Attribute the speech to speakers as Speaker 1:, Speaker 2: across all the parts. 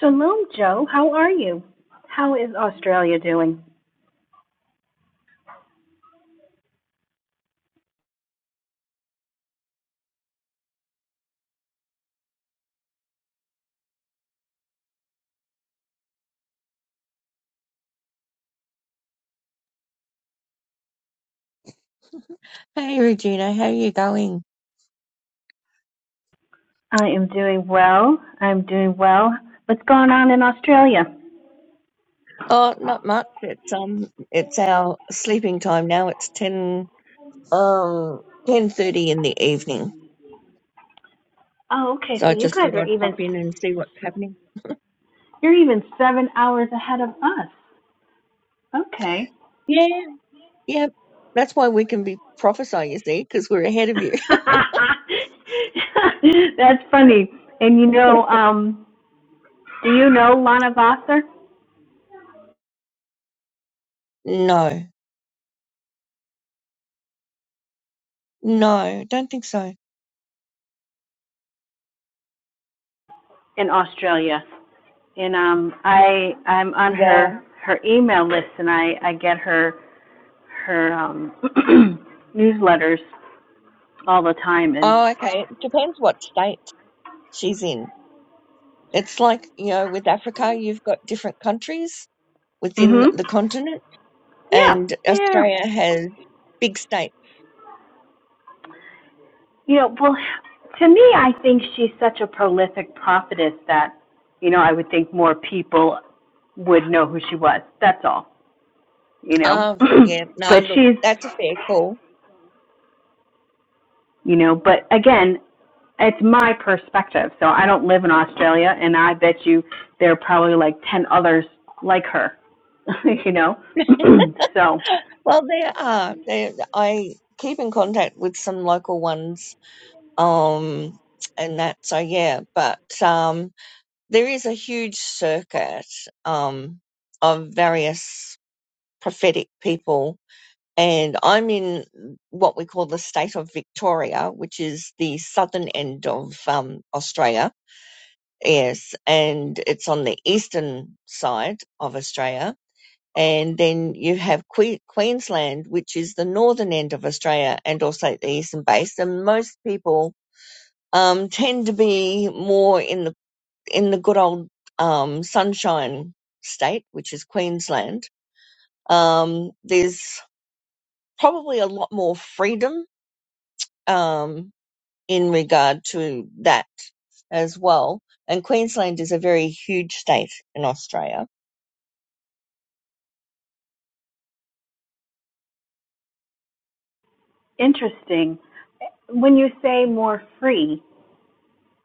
Speaker 1: Shalom, Joe. How are you? How is Australia doing?
Speaker 2: Hey Regina, how are you going?
Speaker 1: I am doing well. I'm doing well. What's going on in Australia?
Speaker 2: Oh, not much. It's um, it's our sleeping time now. It's ten um ten thirty in the evening.
Speaker 1: Oh, okay.
Speaker 2: So
Speaker 1: So
Speaker 2: I
Speaker 1: you
Speaker 2: just
Speaker 1: guys
Speaker 2: thought
Speaker 1: are
Speaker 2: I'd pop
Speaker 1: even
Speaker 2: in and see what's happening.
Speaker 1: you're even seven hours ahead of us. Okay.
Speaker 2: Yeah, yeah. That's why we can be prophesy, you see, because we're ahead of you.
Speaker 1: That's funny. And you know, um, do you know Lana Vassar
Speaker 2: No, no, don't think so.
Speaker 1: in Australia? And um, I I'm on
Speaker 2: Yeah.
Speaker 1: her her email list, and I I get her her um newsletters all the time and
Speaker 2: Oh, okay. It depends what state she's in. It's like you know, with Africa, you've got different countries within
Speaker 1: mhm.
Speaker 2: the continent.
Speaker 1: Yeah.
Speaker 2: and
Speaker 1: Yeah.
Speaker 2: Australia has big states.
Speaker 1: You know, well to me I think she's such a prolific prophetess that you know, I would think more people would know who she was. That's all. You know.
Speaker 2: Ah, yeah, no,
Speaker 1: but
Speaker 2: look,
Speaker 1: she's,
Speaker 2: that's a fair call.
Speaker 1: you know, but again, it's my perspective. So I don't live in Australia and I bet you there are probably like 10 others like her. you know. so,
Speaker 2: Well, there are. There, I keep in contact with some local ones, um, and that. So yeah, but um, there is a huge circuit um of various prophetic people. And I'm in what we call the state of Victoria, which is the southern end of um, Australia Yes, and it's on the eastern side of Australia. And then you have que- Queensland, which is the northern end of Australia and also the eastern base. And most people um, tend to be more in the in the good old um, sunshine state, which is Queensland. Um, there's probably a lot more freedom um, in regard to that as well. And Queensland is a very huge state in Australia
Speaker 1: interesting When you say more free,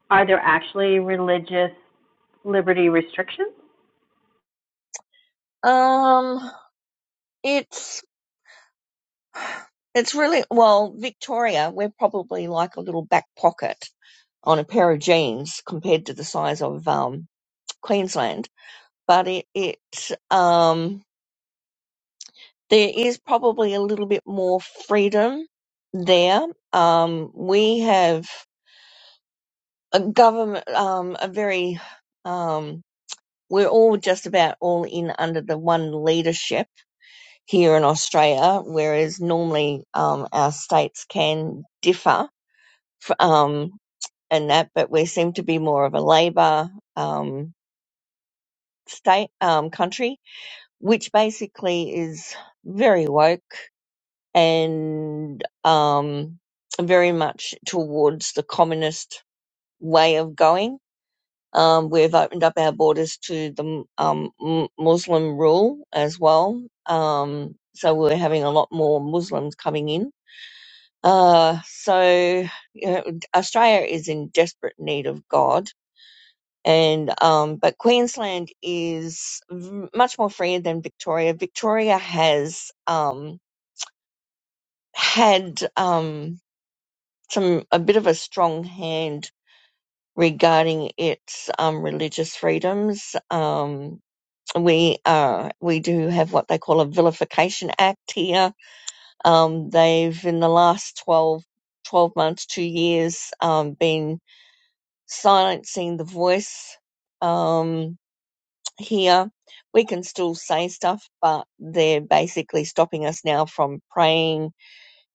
Speaker 1: are there actually religious liberty restrictions?
Speaker 2: Um, it's it's really well, Victoria, we're probably like a little back pocket on a pair of jeans compared to the size of um Queensland, but it it um there is probably a little bit more freedom there. Um, we have a government, um, a very um, we're all just about all in under the one leadership here in Australia, whereas normally um, our states can differ f- um, in that, but we seem to be more of a Labor um, state um, country, which basically is very woke and um, very much towards the communist way of going. Um, we've opened up our borders to the um, m- Muslim rule as well. Um, so we're having a lot more Muslims coming in Uh, so you know, Australia is in desperate need of God, and um, but Queensland is v- much more freer than Victoria. Victoria has um, had um, some a bit of a strong hand regarding its um, religious freedoms. Um, we uh, we do have what they call a vilification act here. Um, they've in the last 12 12 months, two years, um, been silencing the voice um, here. We can still say stuff, but they're basically stopping us now from praying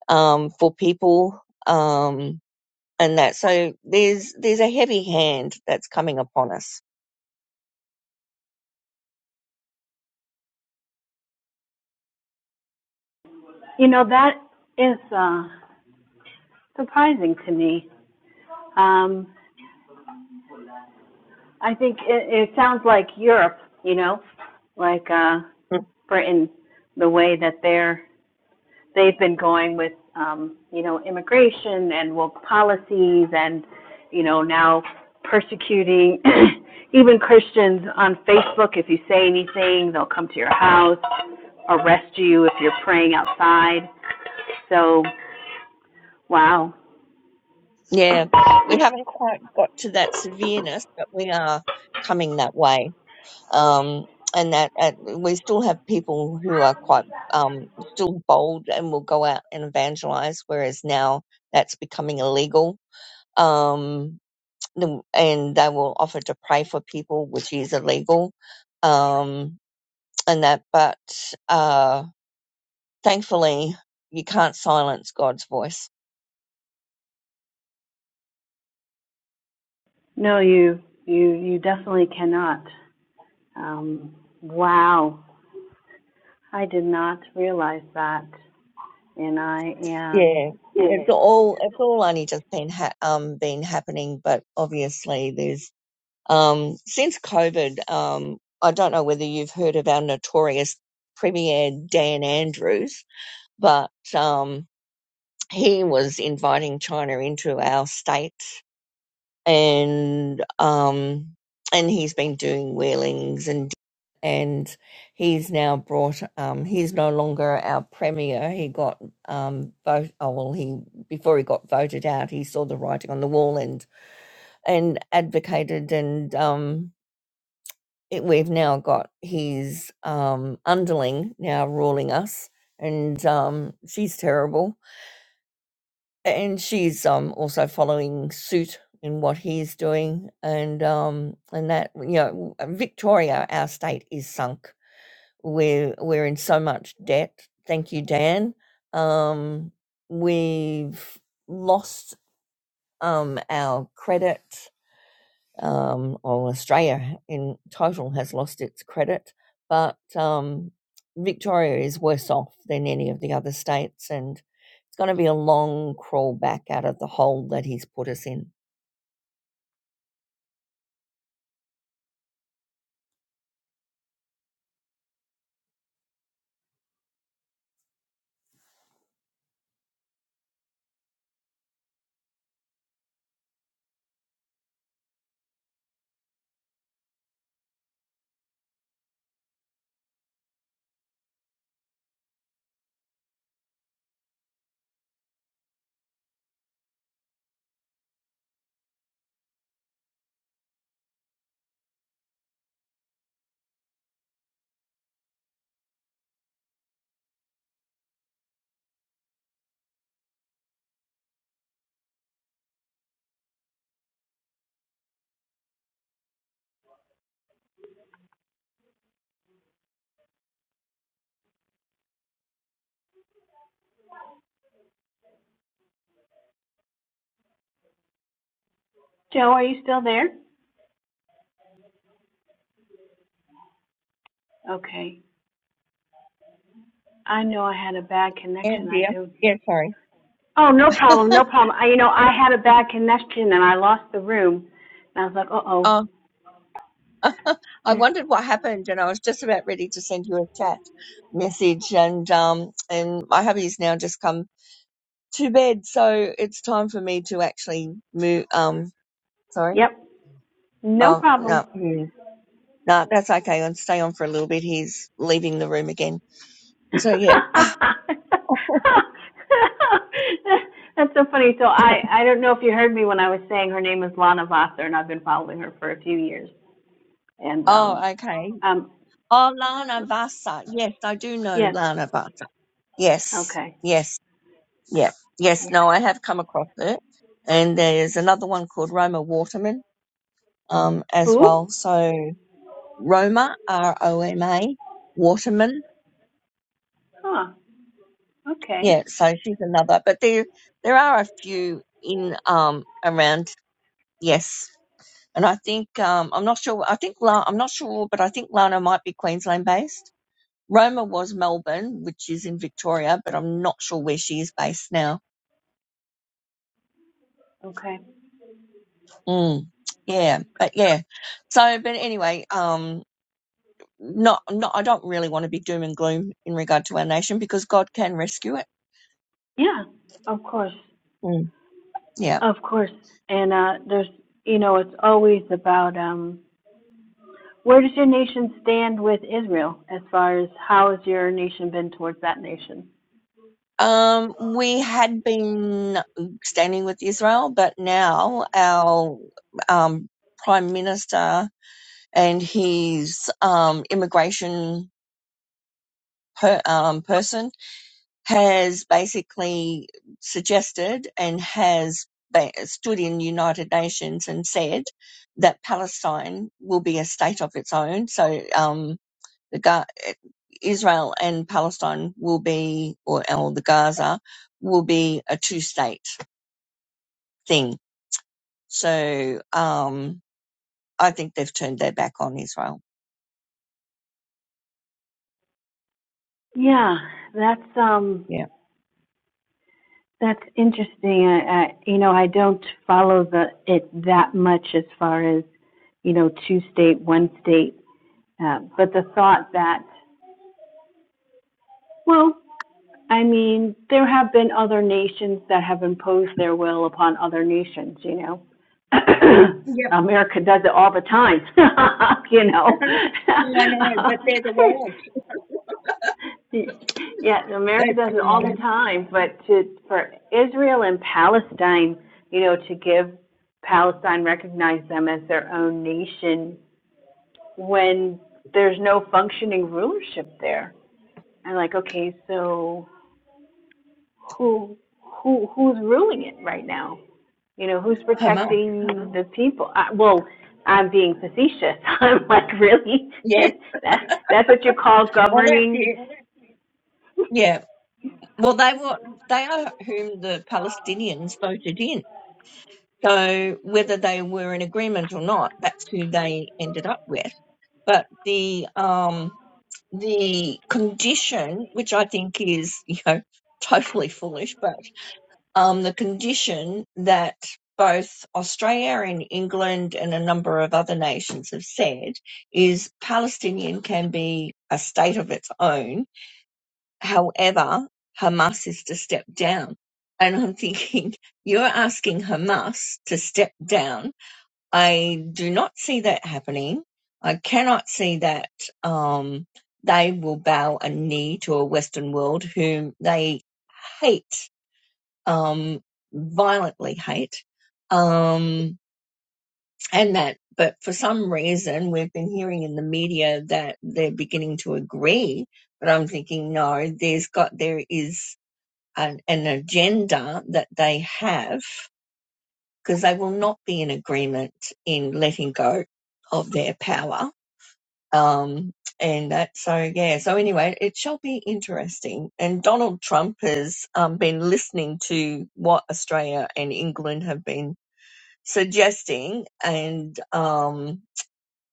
Speaker 2: um, for people um, and that. So there's there's a heavy hand that's coming upon us.
Speaker 1: You know, that is uh, surprising to me. Um, I think it, it sounds like Europe, you know, like uh,
Speaker 2: Mm.
Speaker 1: Britain, the way that they're they've been going with um, you know immigration and woke policies and you know now persecuting even Christians on Facebook. If you say anything, they'll come to your house. arrest you if you're praying outside. So, wow.
Speaker 2: Yeah, we haven't quite got to that severeness, but we are coming that way. um, and that uh, we still have people who are quite um, still bold and will go out and evangelize, whereas now that's becoming illegal. Um, the- and they will offer to pray for people, which is illegal, um, and that. But uh, thankfully, you can't silence God's voice.
Speaker 1: No, you you you definitely cannot. Um, wow. I did not realize that, and I am.
Speaker 2: Yeah, it's
Speaker 1: Yeah.
Speaker 2: all it's all only just been ha- um been happening, but obviously there's Um, since COVID, um, I don't know whether you've heard of our notorious Premier Dan Andrews, but um, he was inviting China into our state, and um, and he's been doing wheelings and and he's now brought um he's no longer our premier he got um vote oh well he before he got voted out he saw the writing on the wall and and advocated and um it, we've now got his um, underling now ruling us, and um, she's terrible. And she's um, also following suit in what he's doing, and um, and that you know, Victoria, our state is sunk. We're we're in so much debt. Thank you, Dan. Um, we've lost um, our credit. um, or Australia in total has lost its credit, but um, Victoria is worse off than any of the other states, and it's going to be a long crawl back out of the hole that he's put us in.
Speaker 1: Joe, are you still there? Okay. I know I had a bad
Speaker 2: Yeah,
Speaker 1: connection. I
Speaker 2: dear.
Speaker 1: do.
Speaker 2: Yeah, sorry.
Speaker 1: Oh, no problem, no problem. I, you know, I had a bad connection and I lost the room. And I was like, uh oh.
Speaker 2: Um, I
Speaker 1: Yeah.
Speaker 2: wondered what happened, and I was just about ready to send you a chat message. And um, and my hubby's now just come to bed, so it's time for me to actually move. Um, sorry.
Speaker 1: Yep, no
Speaker 2: Oh
Speaker 1: problem.
Speaker 2: no. he's No, that's okay. I'll stay on for a little bit. He's leaving the room again.
Speaker 1: That's
Speaker 2: So yeah.
Speaker 1: so funny. So I, I don't know if you heard me when I was saying her name is Lana Vassar, and I've been following her for a few years. And um,
Speaker 2: Oh, okay.
Speaker 1: um,
Speaker 2: Oh, Lana Vasa. Yes, I do know
Speaker 1: yes,
Speaker 2: Lana Vasa. Yes,
Speaker 1: okay,
Speaker 2: yes, yeah, yes.
Speaker 1: yeah.
Speaker 2: No, I have come across it, and there's another one called Roma Waterman, um, as
Speaker 1: Who?
Speaker 2: well. So Roma, R O M A, Waterman.
Speaker 1: Huh. Okay.
Speaker 2: Yeah, so she's another. But there, there are a few in um around. Yes, and I think um, I'm not sure. I think La- I'm not sure, but I think Lana might be Queensland based. Roma was Melbourne, which is in Victoria, but I'm not sure where she is based now.
Speaker 1: Okay.
Speaker 2: Mm, yeah, but yeah. So, but anyway, um, not not. I don't really want to be doom and gloom in regard to our nation because God can rescue it.
Speaker 1: Yeah. Of course.
Speaker 2: Mm, yeah.
Speaker 1: Of course. And uh, there's, you know, it's always about um, where does your nation stand with Israel as far as how has your nation been towards that nation?
Speaker 2: Um, we had been standing with Israel, but now our um, prime minister and his um, immigration per, um, person has basically suggested and has ba- stood in United Nations and said that Palestine will be a state of its own. So um, the Ga- Israel and Palestine will be, or, or the Gaza will be a two-state thing. So um, I think they've turned their back on Israel.
Speaker 1: Yeah, that's um
Speaker 2: Yeah.
Speaker 1: That's interesting. I, I, you know, I don't follow the it that much as far as, you know, two state, one state. Uh, but the thought that, well, I mean, there have been other nations that have imposed their will upon other nations. You know,
Speaker 2: Yep,
Speaker 1: America does it all the time. you know,
Speaker 2: I know, but they're the world.
Speaker 1: Yeah, America does it all the time, but to for Israel and Palestine, you know, to give Palestine recognize them as their own nation when there's no functioning rulership there. And like, okay, so who who who's ruling it right now? You know, who's
Speaker 2: Hamas.
Speaker 1: protecting mm-hmm. the people? I, well, I'm being facetious. I'm like, really?
Speaker 2: Yeah.
Speaker 1: that that's what you call
Speaker 2: Well, that's
Speaker 1: governing
Speaker 2: it. Yeah. Well, they were they are whom the Palestinians voted in. So whether they were in agreement or not, that's who they ended up with. But the um the condition, which I think is you know totally foolish, but um the condition that both Australia and England and a number of other nations have said is Palestinian can be a state of its own However, Hamas is to step down. And I'm thinking, you're asking Hamas to step down. I do not see that happening. I cannot see that um, they will bow a knee to a Western world whom they hate, um, violently hate. Um, and that, but for some reason, we've been hearing in the media that they're beginning to agree but I'm thinking, no, there's got there is an, an agenda that they have because they will not be in agreement in letting go of their power. Um, and that, so yeah, so anyway, it shall be interesting. And Donald Trump has um, been listening to what Australia and England have been suggesting, and um,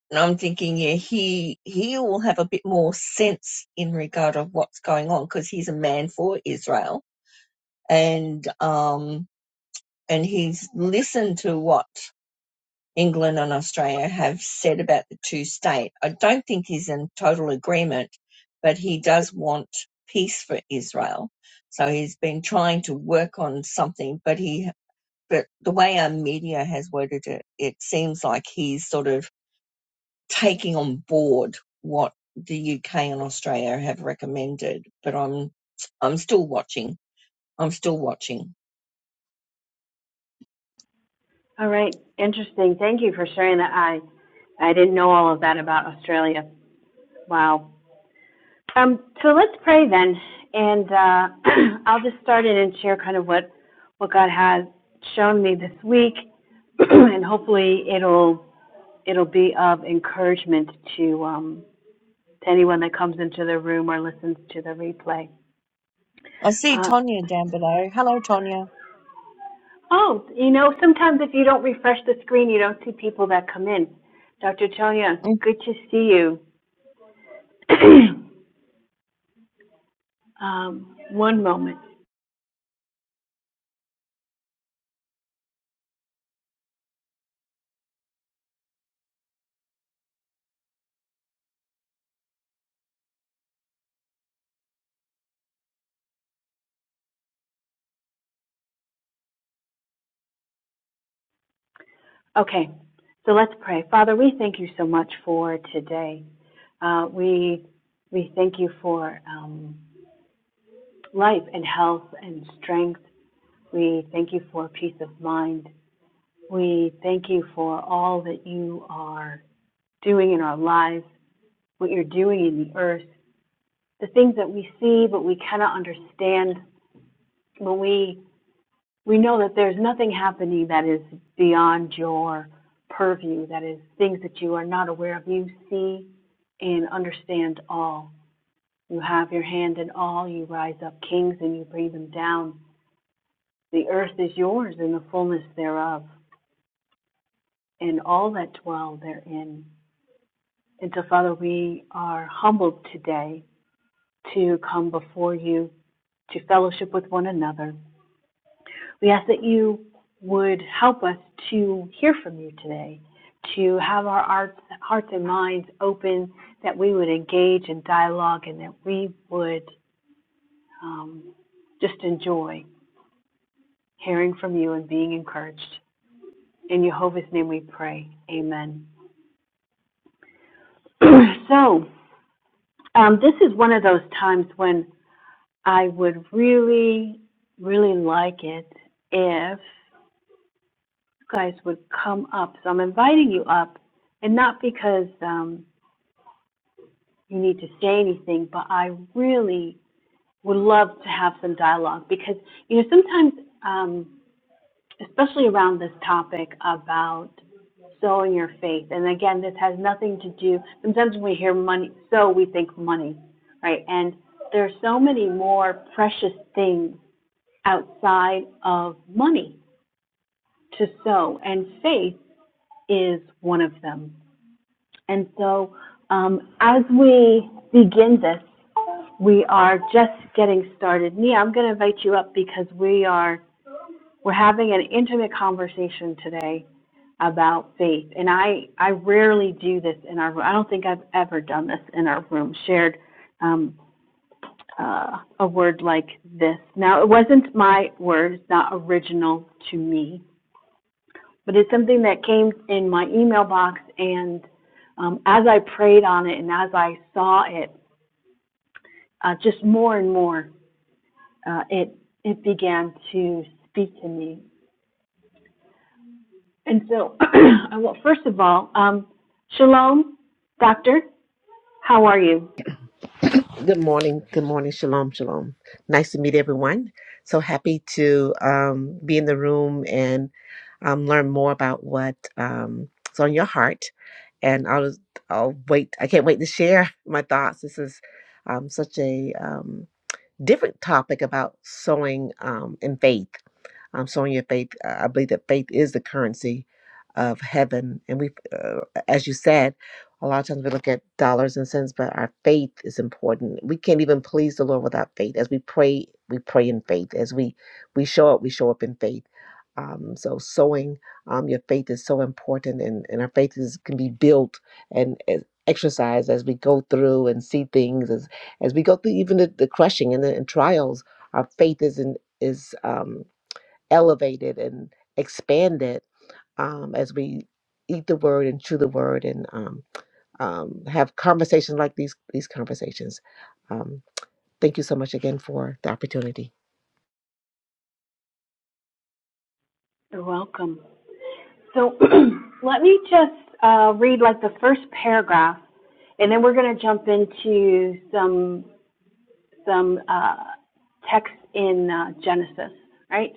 Speaker 2: and I'm thinking, yeah, he he will have a bit more sense in regard of what's going on because he's a man for Israel, and um, and he's listened to what England and Australia have said about the two state. I don't think he's in total agreement, but he does want peace for Israel. So he's been trying to work on something, but he, but the way our media has worded it, it seems like he's sort of taking on board what the UK and Australia have recommended, but I'm, I'm still watching. I'm still watching.
Speaker 1: All right, interesting. Thank you for sharing that. I I didn't know all of that about Australia. Wow. Um, so let's pray then, and uh, I'll just start it and share kind of what what God has shown me this week, and hopefully it'll it'll be of encouragement to um, to anyone that comes into the room or listens to the replay.
Speaker 2: I see
Speaker 1: Uh,
Speaker 2: Tonya down below. Hello, Tonya.
Speaker 1: oh, you know, sometimes if you don't refresh the screen, you don't see people that come in. Dr. Tonya,
Speaker 2: Mm.
Speaker 1: good to see you. Um, One moment. Okay, so let's pray. Father, we thank you so much for today. Uh, we we thank you for um, life and health and strength. We thank you for peace of mind. We thank you for all that you are doing in our lives, what you're doing in the earth, the things that we see but we cannot understand. When we we know that there's nothing happening that is beyond your purview, that is things that you are not aware of. You see and understand all. You have your hand in all. You rise up kings and you bring them down. The earth is yours and the fullness thereof, and all that dwell therein. And so, Father, we are humbled today to come before you to fellowship with one another We ask that you would help us to hear from you today, to have our hearts, hearts and minds open, that we would engage in dialogue, and that we would um, just enjoy hearing from you and being encouraged. In Jehovah's name we pray. Amen. so, um, this is one of those times when I would really, really like it if guys would come up. So I'm inviting you up, and not because um, you need to say anything, but I really would love to have some dialogue because you know sometimes, um, especially around this topic about sowing your faith, and again, this has nothing to do. Sometimes when we hear money, so we think money, right? And there's so many more precious things outside of money to sow, and faith is one of them. And so, um, as we begin this, we are just getting started. Nia, I'm going to invite you up because we are we're having an intimate conversation today about faith. And I I rarely do this in our room. I don't think I've ever done this in our room. Shared um, uh, a word like this. Now, it wasn't my word. It's not original to me. But it's something that came in my email box and, um, as I prayed on it and as I saw it, uh, just more and more, uh, it, it began to speak to me. And so, well, first of all, um, shalom, doctor, how are you?
Speaker 3: Good morning. Good morning. Shalom. Shalom. Nice to meet everyone. So happy to um, be in the room and um, learn more about what's um, is on your heart. And I'll I'll wait. I can't wait to share my thoughts. This is um, such a um, different topic about sowing um, in faith. Um, Sonia, faith, uh, I believe that faith is the currency of heaven. And we, uh, as you said, a lot of times we look at dollars and cents, but our faith is important. We can't even please the Lord without faith. As we pray, we pray in faith. As we we show up, we show up in faith. Um, so sowing um, your faith is so important, and, and our faith is can be built and and exercised as we go through and see things as as we go through even the, the crushing and the and trials. Our faith is in, is um, elevated and expanded um, as we eat the word and chew the word and um, um, have conversations like these these conversations. Um, thank you so much again for the opportunity.
Speaker 1: You're welcome. So, let me just, uh, read like the first paragraph and then we're going to jump into some some uh, text in uh, Genesis, right?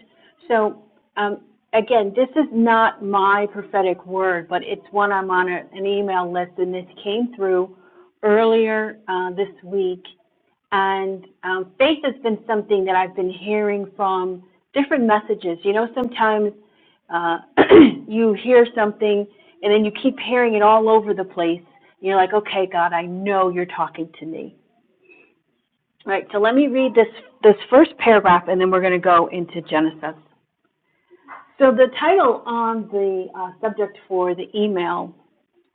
Speaker 1: So um, again, this is not my prophetic word, but it's one I'm on a- an email list, and this came through earlier uh, this week. And um, faith has been something that I've been hearing from different messages. You know, sometimes uh, you hear something and then you keep hearing it all over the place. You're like, okay, God, I know you're talking to me. All right, so let me read this, this first paragraph, and then we're going to go into Genesis. So the title on the uh, subject for the email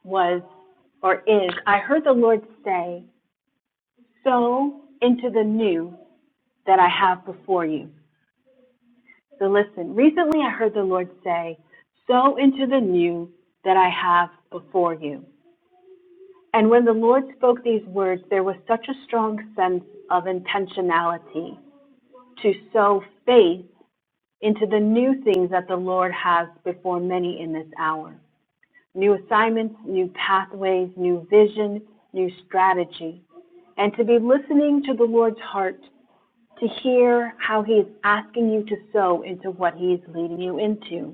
Speaker 1: was, or is, I heard the Lord say, Sow into the new that I have before you. So listen, recently I heard the Lord say, Sow into the new that I have before you. And when the Lord spoke these words, there was such a strong sense of intentionality to sow faith into the new things that the Lord has before many in this hour new assignments, new pathways, new vision, new strategy, and to be listening to the Lord's heart to hear how He is asking you to sow into what He is leading you into.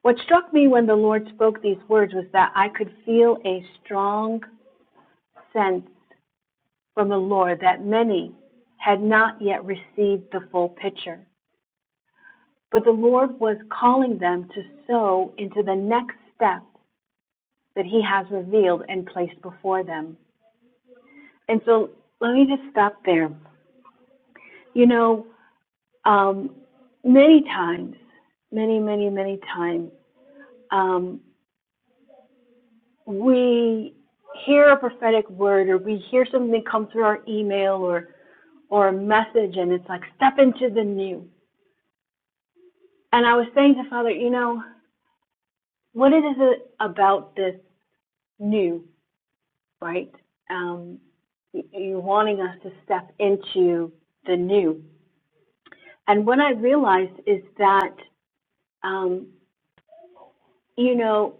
Speaker 1: What struck me when the Lord spoke these words was that I could feel a strong sense from the Lord that many had not yet received the full picture. But the Lord was calling them to sow into the next step that He has revealed and placed before them. And so let me just stop there. You know, um, many times, many, many, many times, um, we hear a prophetic word or we hear something come through our email or, or a message and it's like, step into the new. And I was saying to Father, you know, what is it about this new? right? Um, you're wanting us to step into the new. And what I realized is that, um, you know,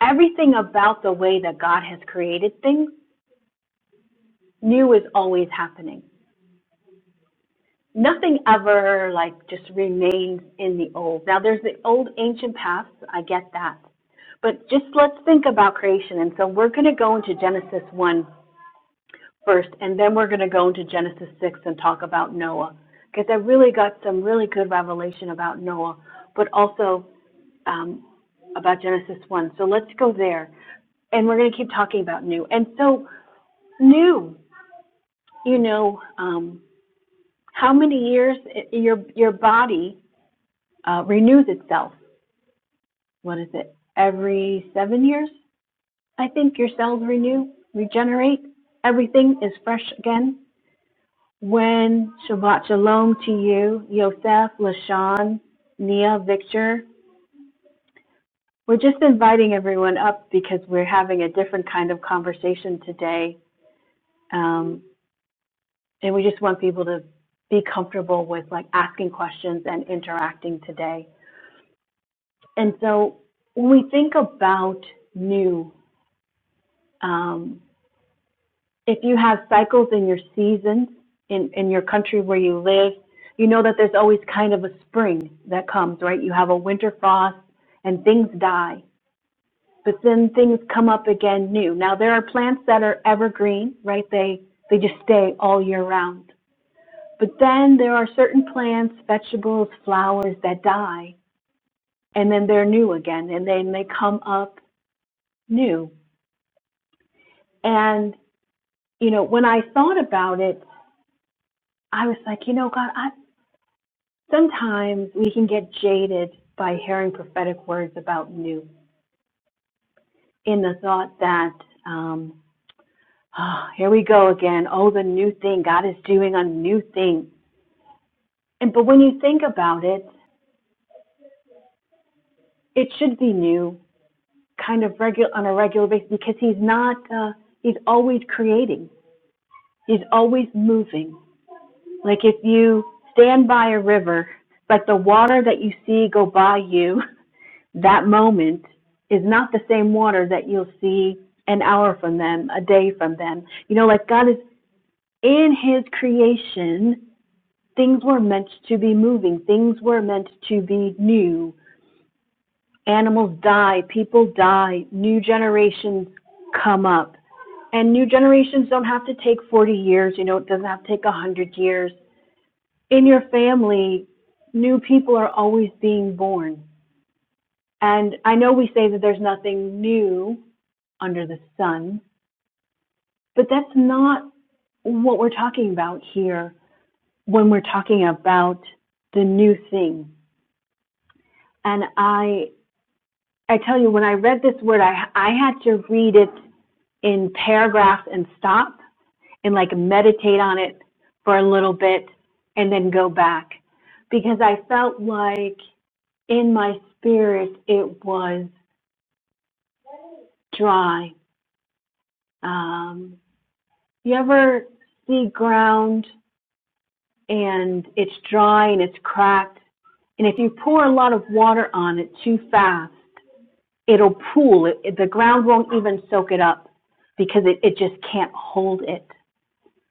Speaker 1: everything about the way that God has created things, new is always happening. Nothing ever like just remains in the old. Now there's the old ancient past. I get that. But just let's think about creation. And so we're going to go into Genesis 1 first, and then we're going to go into Genesis 6 and talk about Noah. Because I really got some really good revelation about Noah, but also um, about Genesis 1. So let's go there. And we're going to keep talking about new. And so, new, you know, um, how many years i- your, your body uh, renews itself? What is it? Every seven years, I think your cells renew, regenerate. Everything is fresh again. Wen, Shabbat Shalom to you, Yosef, LaShawn, Nia, Victor. We're just inviting everyone up because we're having a different kind of conversation today. Um, and we just want people to be comfortable with like asking questions and interacting today. And so when we think about new, um, if you have cycles in your seasons in, in your country where you live, you know that there's always kind of a spring that comes, right? You have a winter frost and things die, but then things come up again new. Now there are plants that are evergreen, right? They they just stay all year round. But then there are certain plants, vegetables, flowers that die and then they're new again and then they come up new. And you know, when I thought about it, I was like, you know, God, I, Sometimes we can get jaded by hearing prophetic words about new in the thought that, um, "Ah, here we go again. Oh, the new thing. God is doing a new thing. And but when you think about it, it should be new, kind of regular on a regular basis, because He's not. Uh, he's always creating. He's always moving. Like if you stand by a river, like the water that you see go by you that moment is not the same water that you'll see an hour from them, a day from them. You know, like God is in His creation, things were meant to be moving, things were meant to be new. Animals die, people die, new generations come up. And new generations don't have to take 40 years, you know, it doesn't have to take 100 years. In your family, new people are always being born. And I know we say that there's nothing new under the sun. But that's not what we're talking about here when we're talking about the new thing. And I, I tell you, when I read this word, I, I had to read it in paragraphs and stop and like meditate on it for a little bit and then go back because I felt like in my spirit it was dry. Um, you ever see ground and it's dry and it's cracked. And if you pour a lot of water on it too fast, it'll pool. It, the ground won't even soak it up because it, it just can't hold it.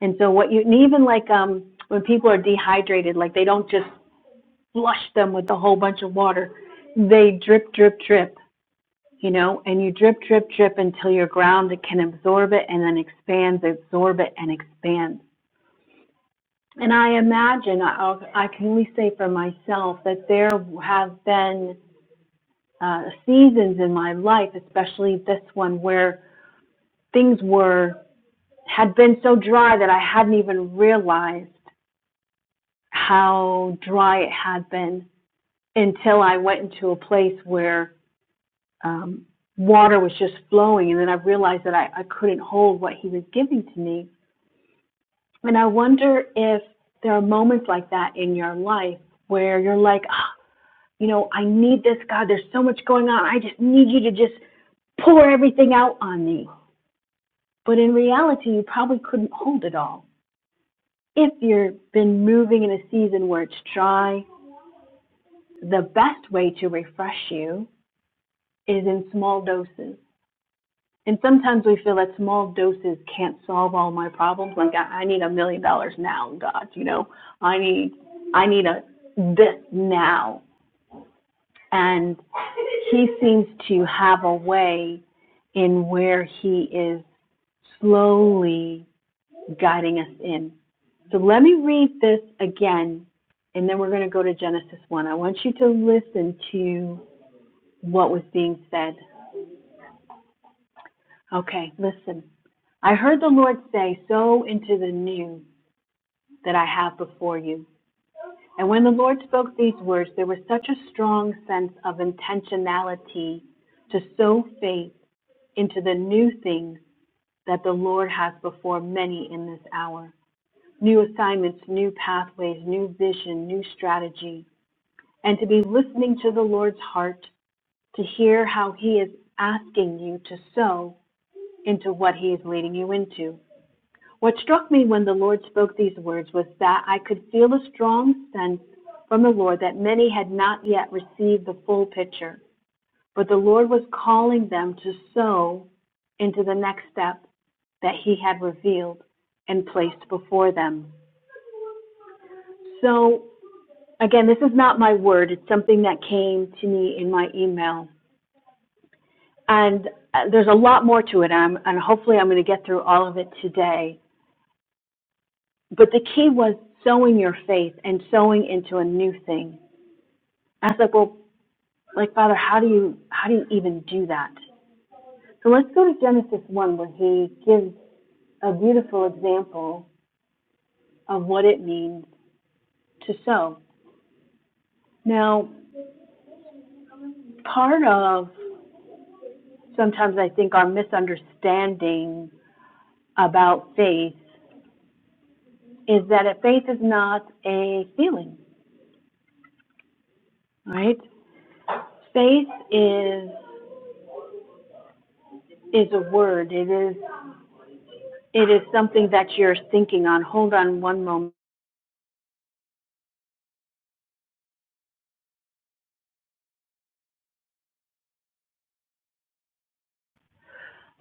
Speaker 1: And so what you, and even like um, when people are dehydrated, like they don't just flush them with a whole bunch of water. They drip, drip, drip, you know, and you drip, drip, drip until your ground can absorb it and then expands, absorb it and expands. And I imagine, I'll, I can only say for myself, that there have been uh, seasons in my life, especially this one, where things were had been so dry that I hadn't even realized how dry it had been until I went into a place where um, water was just flowing, and then I realized that I, I couldn't hold what He was giving to me. And I wonder if there are moments like that in your life where you're like, oh, you know, I need this, God, there's so much going on. I just need you to just pour everything out on me. But in reality, you probably couldn't hold it all. If you've been moving in a season where it's dry, the best way to refresh you is in small doses. And sometimes we feel that small doses can't solve all my problems. Like I I need a million dollars now, God, you know. I need I need a this now. And he seems to have a way in where he is slowly guiding us in. So let me read this again, and then we're going to go to Genesis 1. I want you to listen to what was being said. Okay, listen. I heard the Lord say, Sow into the new that I have before you. And when the Lord spoke these words, there was such a strong sense of intentionality to sow faith into the new things that the Lord has before many in this hour. New assignments, new pathways, new vision, new strategy. And to be listening to the Lord's heart to hear how He is asking you to sow into what He is leading you into. What struck me when the Lord spoke these words was that I could feel a strong sense from the Lord that many had not yet received the full picture but the Lord was calling them to sow into the next step that He had revealed and placed before them. So, again, this is not my word, it's something that came to me in my email. And uh, there's a lot more to it, and, I'm, and hopefully, I'm going to get through all of it today. But the key was sowing your faith and sowing into a new thing. I was like, well, like Father, how do you how do you even do that? So let's go to Genesis one where he gives a beautiful example of what it means to sow. Now, part of sometimes I think our misunderstanding about faith is that faith is not a feeling, right? Faith is is a word. It is it is something that you're thinking on. Hold on one moment.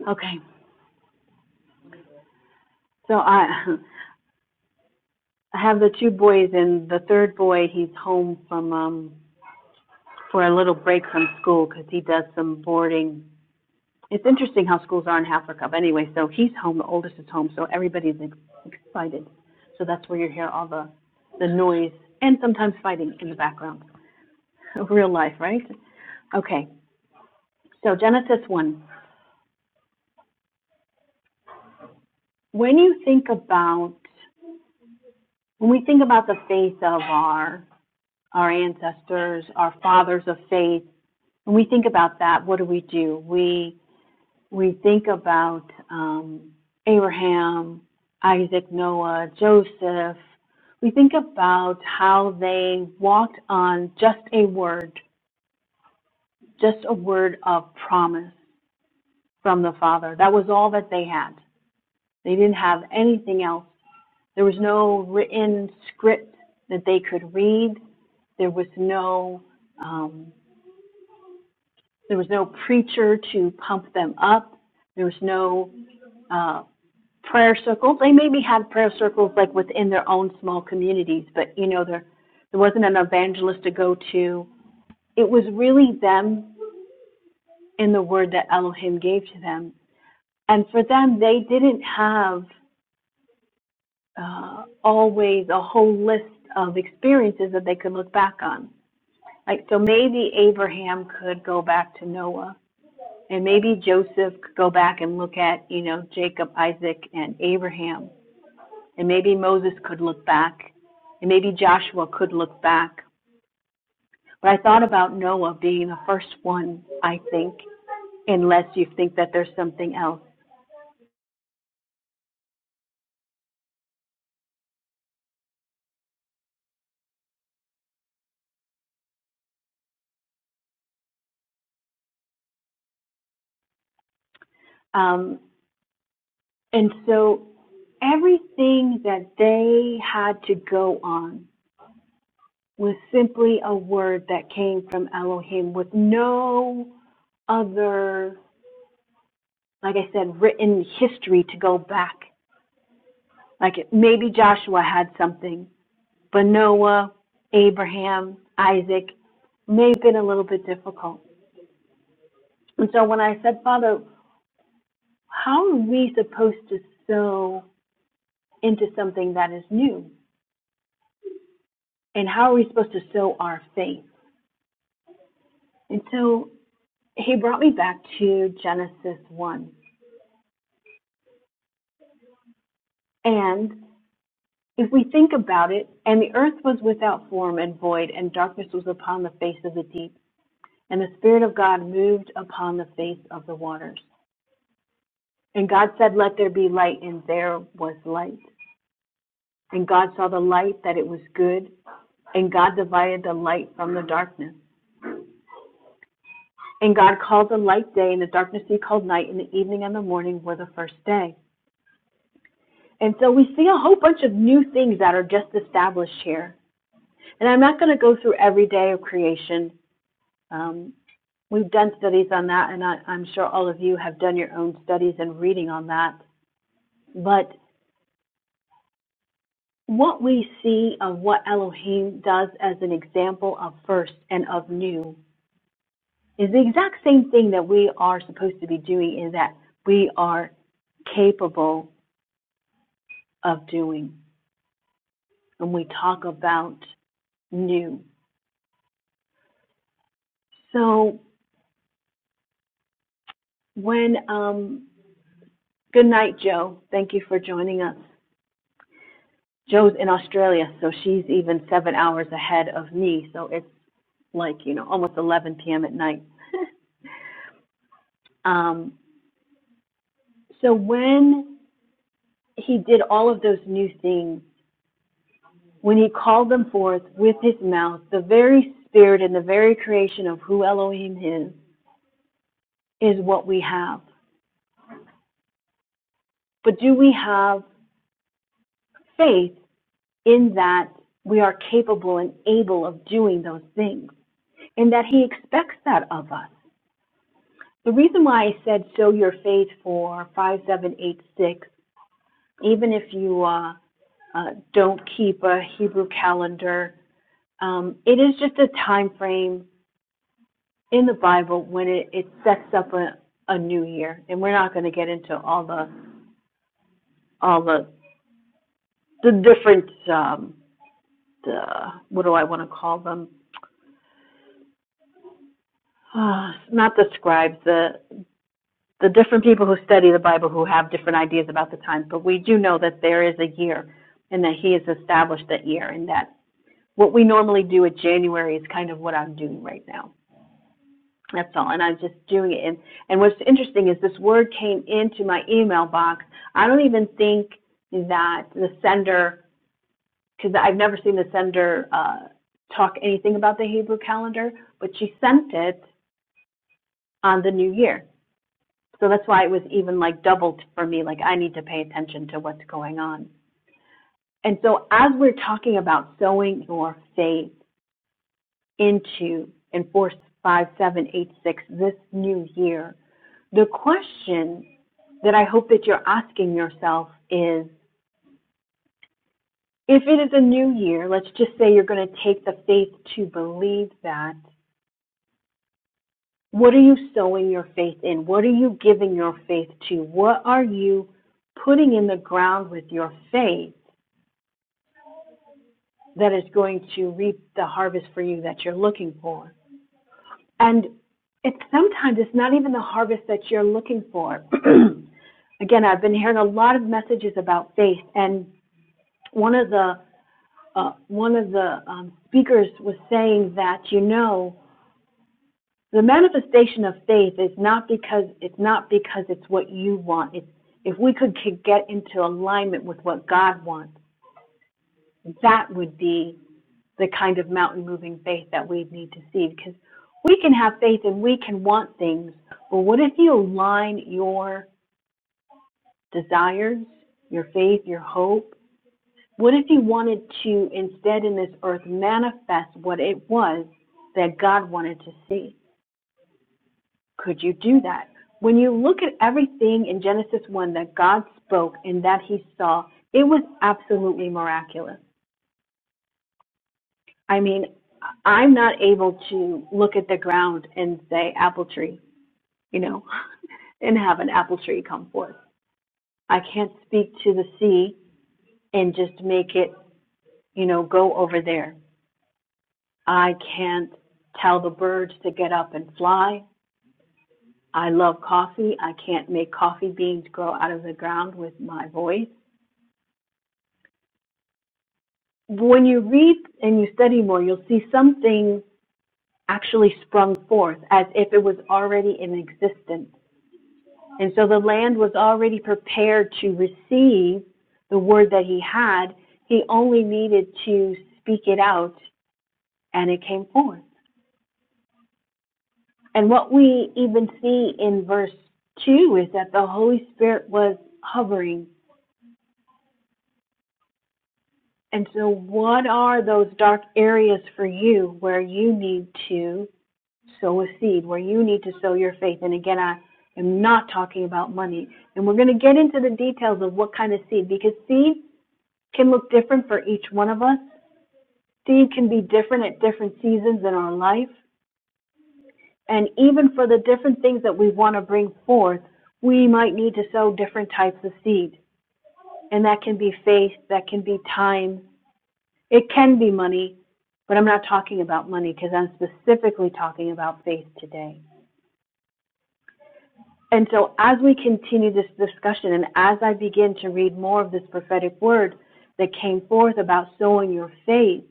Speaker 1: Okay. So I I have the two boys and the third boy he's home from um for a little break from school cuz he does some boarding it's interesting how schools are in Half are Cup anyway, so he's home, the oldest is home, so everybody's excited. So that's where you hear all the, the noise and sometimes fighting in the background of real life, right? Okay, so Genesis 1. When you think about, when we think about the faith of our, our ancestors, our fathers of faith, when we think about that, what do we do? We we think about um, Abraham, Isaac, Noah, Joseph, we think about how they walked on just a word, just a word of promise from the Father. That was all that they had. They didn't have anything else. There was no written script that they could read. There was no um, there was no preacher to pump them up. There was no uh, prayer circles. They maybe had prayer circles like within their own small communities, but you know, there there wasn't an evangelist to go to. It was really them in the word that Elohim gave to them. And for them, they didn't have uh, always a whole list of experiences that they could look back on. Like, so maybe Abraham could go back to Noah, and maybe Joseph could go back and look at, you know, Jacob, Isaac, and Abraham. And maybe Moses could look back. And maybe Joshua could look back. But I thought about Noah being the first one, I think, unless you think that there's something else. Um, and so everything that they had to go on was simply a word that came from Elohim with no other, like I said, written history to go back. Like it, maybe Joshua had something, But Noah, Abraham, Isaac may have been a little bit difficult. And so when I said, Father, how are we supposed to sow into something that is new? And how are we supposed to sow our faith? And so he brought me back to Genesis 1. And if we think about it, and the earth was without form and void, and darkness was upon the face of the deep, and the Spirit of God moved upon the face of the waters. And God said, Let there be light, and there was light. And God saw the light that it was good, and God divided the light from the darkness. And God called the light day, and the darkness he called night, and the evening and the morning were the first day. And so we see a whole bunch of new things that are just established here. And I'm not going to go through every day of creation. Um, we've done studies on that, and I, I'm sure all of you have done your own studies and reading on that. But What we see of what Elohim does as an example of first and of new is the exact same thing that we are supposed to be doing, in that we are capable of doing when we talk about new. So when um, good night, Joe. Thank you for joining us. Joe's in Australia, so she's even seven hours ahead of me. So it's like you know almost 11 p.m. at night. um, so when he did all of those new things when he called them forth with his mouth. The very spirit and the very creation of who Elohim is, is what we have. But do we have faith in that we are capable and able of doing those things and that he expects that of us? The reason why I said show your faith for 5786, even if you uh, uh, don't keep a Hebrew calendar, um, it is just a time frame in the Bible when it, it sets up a, a new year. And we're not going to get into all the all the the different um, the what do I want to call them? Uh, not the scribes, the the different people who study the Bible who have different ideas about the times. But we do know that there is a year, and that He has established that year, and that what we normally do at January is kind of what I'm doing right now. That's all, and I'm just doing it. And, and what's interesting is this word came into my email box. I don't even think that the sender, because I've never seen the sender uh, talk anything about the Hebrew calendar, but she sent it on the new year. So that's why it was even like doubled for me. Like I need to pay attention to what's going on. And so as we're talking about sowing your faith into in four, five, seven, eight, six, this new year, the question that I hope that you're asking yourself is if it is a new year, let's just say you're going to take the faith to believe that. What are you sowing your faith in? What are you giving your faith to? What are you putting in the ground with your faith that is going to reap the harvest for you that you're looking for? And it, sometimes it's not even the harvest that you're looking for. Again, I've been hearing a lot of messages about faith, and one of the uh, one of the um, speakers was saying that you know the manifestation of faith is not because it's not because it's what you want. It's if we could get into alignment with what God wants, that would be the kind of mountain moving faith that we need to see because we can have faith and we can want things, but what if you align your desires, your faith, your hope What if you wanted to instead in this earth manifest what it was that God wanted to see? Could you do that? When you look at everything in Genesis 1 that God spoke and that he saw, it was absolutely miraculous. I mean, I'm not able to look at the ground and say, apple tree, you know, and have an apple tree come forth. I can't speak to the sea and just make it, you know, go over there. I can't tell the birds to get up and fly. I love coffee. I can't make coffee beans grow out of the ground with my voice. When you read and you study more, you'll see something actually sprung forth as if it was already in existence. And so the land was already prepared to receive the word that he had. He only needed to speak it out and it came forth. And what we even see in verse 2 is that the Holy Spirit was hovering. And so, what are those dark areas for you where you need to sow a seed, where you need to sow your faith? And again, I am not talking about money. And we're going to get into the details of what kind of seed, because seed can look different for each one of us. Seed can be different at different seasons in our life. And even for the different things that we want to bring forth, we might need to sow different types of seed. And that can be faith, that can be time, it can be money, but I'm not talking about money because I'm specifically talking about faith today. And so as we continue this discussion and as I begin to read more of this prophetic word that came forth about sowing your faith,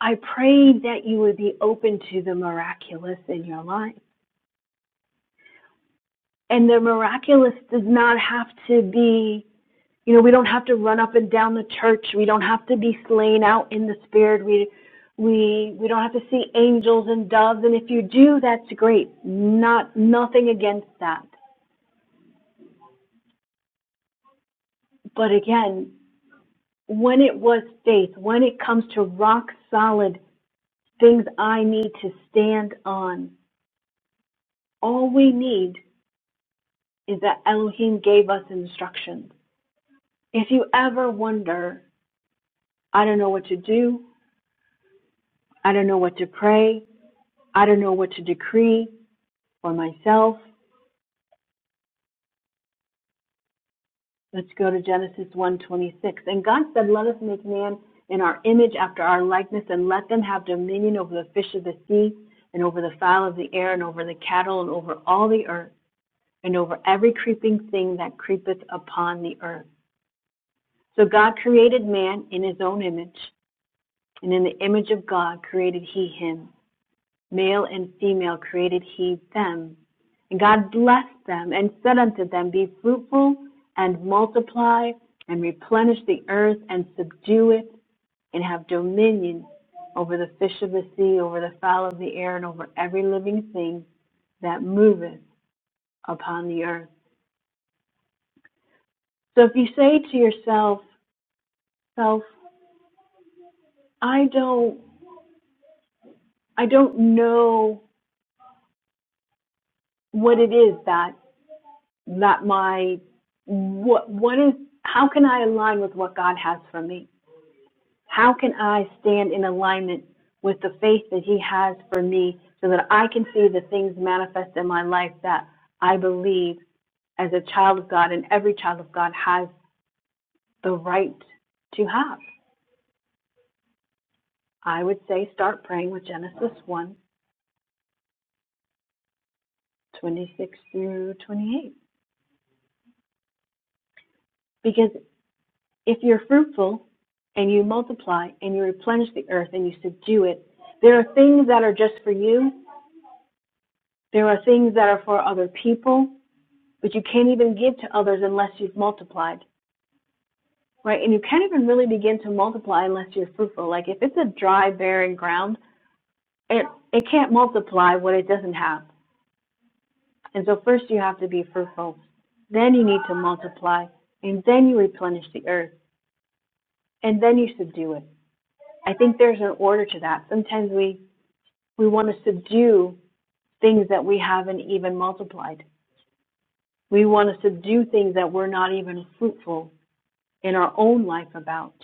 Speaker 1: I pray that you would be open to the miraculous in your life. And the miraculous does not have to be You know, we don't have to run up and down the church. We don't have to be slain out in the spirit. We we we don't have to see angels and doves. And if you do, that's great. Not nothing against that. But again, when it was faith, when it comes to rock solid things I need to stand on, all we need is that Elohim gave us instructions. If you ever wonder, I don't know what to do, I don't know what to pray, I don't know what to decree, for myself. Let's go to Genesis 1:26. And God said, "Let us make man in our image after our likeness and let them have dominion over the fish of the sea and over the fowl of the air and over the cattle and over all the earth and over every creeping thing that creepeth upon the earth." So God created man in his own image, and in the image of God created he him. Male and female created he them. And God blessed them and said unto them, Be fruitful and multiply and replenish the earth and subdue it and have dominion over the fish of the sea, over the fowl of the air, and over every living thing that moveth upon the earth. So if you say to yourself, self, I don't I don't know what it is that that my what what is how can I align with what God has for me? How can I stand in alignment with the faith that He has for me so that I can see the things manifest in my life that I believe as a child of God and every child of God has the right to have? I would say start praying with Genesis one 26 through 28 because. If you're fruitful and you multiply and you replenish the earth and you subdue it, there are things that are just for you. There are things that are for other people, but you can't even give to others unless you've multiplied, right? And you can't even really begin to multiply unless you're fruitful. Like if it's a dry, barren ground, it, it can't multiply what it doesn't have. And so first you have to be fruitful. Then you need to multiply. And then you replenish the earth. And then you subdue it. I think there's an order to that. Sometimes we We want to subdue things that we haven't even multiplied. We want to subdue things that we're not even fruitful in our own life about.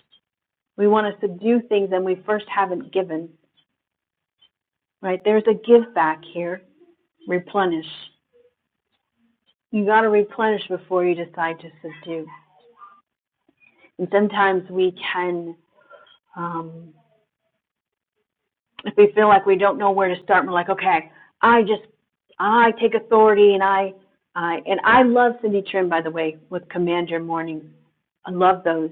Speaker 1: We want to subdue things that we first haven't given, right? There's a give back here. Replenish. You got to replenish before you decide to subdue. And sometimes we can um, if we feel like we don't know where to start, we're like, okay, I just, I take authority and I, I, and I love Cindy Trim, by the way, with Command Your Mornings. I love those.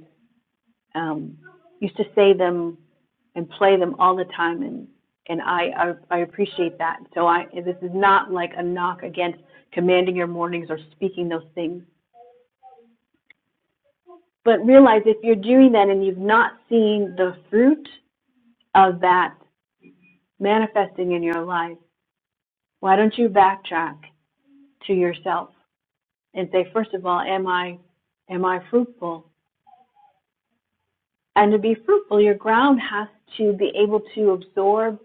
Speaker 1: Um, used to say them and play them all the time and, and I, I, I appreciate that. So I, this is not like a knock against commanding your mornings or speaking those things. But realize if you're doing that and you've not seen the fruit of that manifesting in your life, why don't you backtrack to yourself and say, first of all, am I am I fruitful? And to be fruitful, your ground has to be able to absorb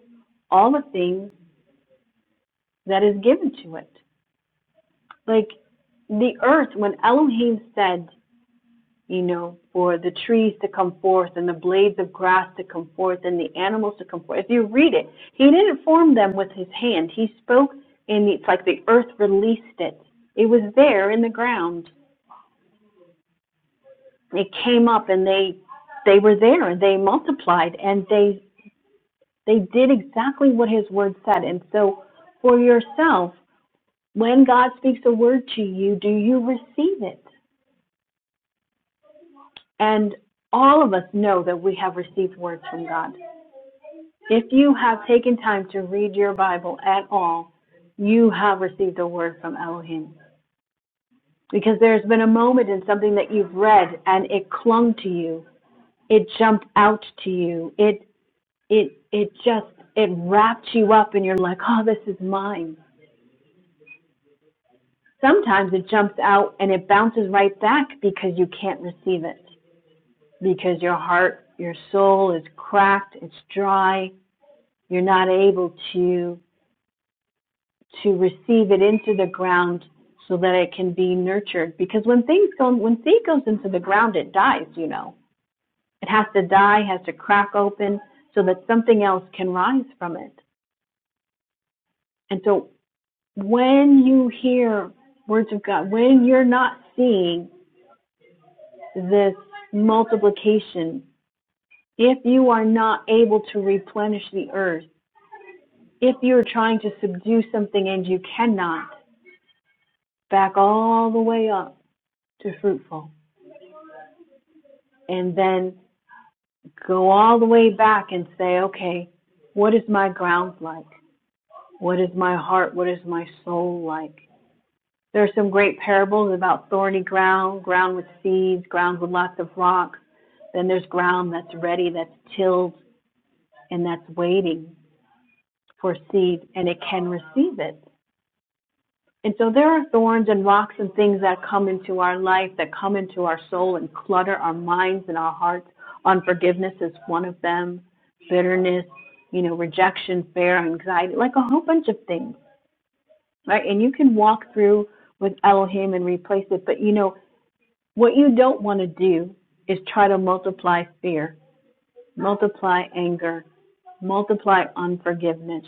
Speaker 1: all the things that is given to it. Like the earth, when Elohim said, you know, for the trees to come forth and the blades of grass to come forth and the animals to come forth, if you read it, he didn't form them with his hand. He spoke, and it's like the earth released it. It was there in the ground it came up and they they were there and they multiplied and they they did exactly what his word said and so for yourself when god speaks a word to you do you receive it and all of us know that we have received words from god if you have taken time to read your bible at all you have received a word from elohim because there's been a moment in something that you've read and it clung to you it jumped out to you it it it just it wraps you up and you're like oh this is mine sometimes it jumps out and it bounces right back because you can't receive it because your heart your soul is cracked it's dry you're not able to to receive it into the ground so that it can be nurtured because when things go when seed goes into the ground it dies you know it has to die has to crack open so that something else can rise from it and so when you hear words of God, when you're not seeing this multiplication, if you are not able to replenish the earth, if you're trying to subdue something and you cannot, back all the way up to fruitful and then go all the way back and say, okay, what is my ground like? What is my heart? What is my soul like? There are some great parables about thorny ground, ground with seeds, ground with lots of rocks. Then there's ground that's ready, that's tilled, and that's waiting for seed, and it can receive it. And so there are thorns and rocks and things that come into our life, that come into our soul and clutter our minds and our hearts. Unforgiveness is one of them, bitterness, you know, rejection, fear, anxiety, like a whole bunch of things, right? And you can walk through with Elohim and replace it. But, you know, What you don't want to do is try to multiply fear, multiply anger, multiply unforgiveness.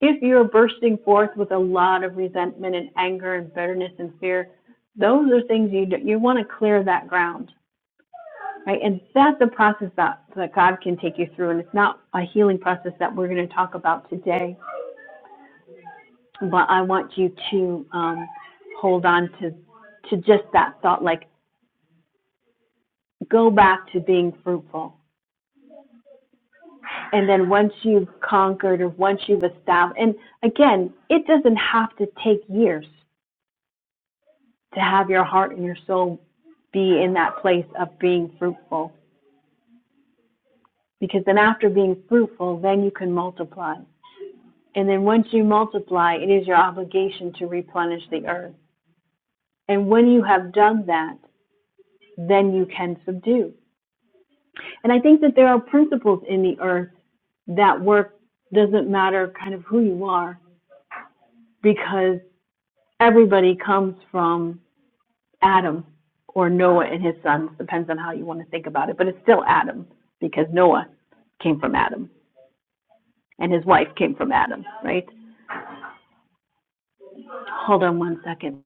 Speaker 1: If you're bursting forth with a lot of resentment and anger and bitterness and fear, those are things you do, you want to clear that ground, right? And that's a process that, that God can take you through, and it's not a healing process that we're going to talk about today. But I want you to um, hold on to to just that thought, like go back to being fruitful and then once you've conquered or once you've established and again it doesn't have to take years to have your heart and your soul be in that place of being fruitful because then after being fruitful then you can multiply and then once you multiply it is your obligation to replenish the earth and when you have done that then you can subdue and i think that there are principles in the earth that work doesn't matter kind of who you are because everybody comes from Adam or Noah and his sons, depends on how you want to think about it, but it's still Adam because Noah came from Adam and his wife came from Adam, right? Hold on one second.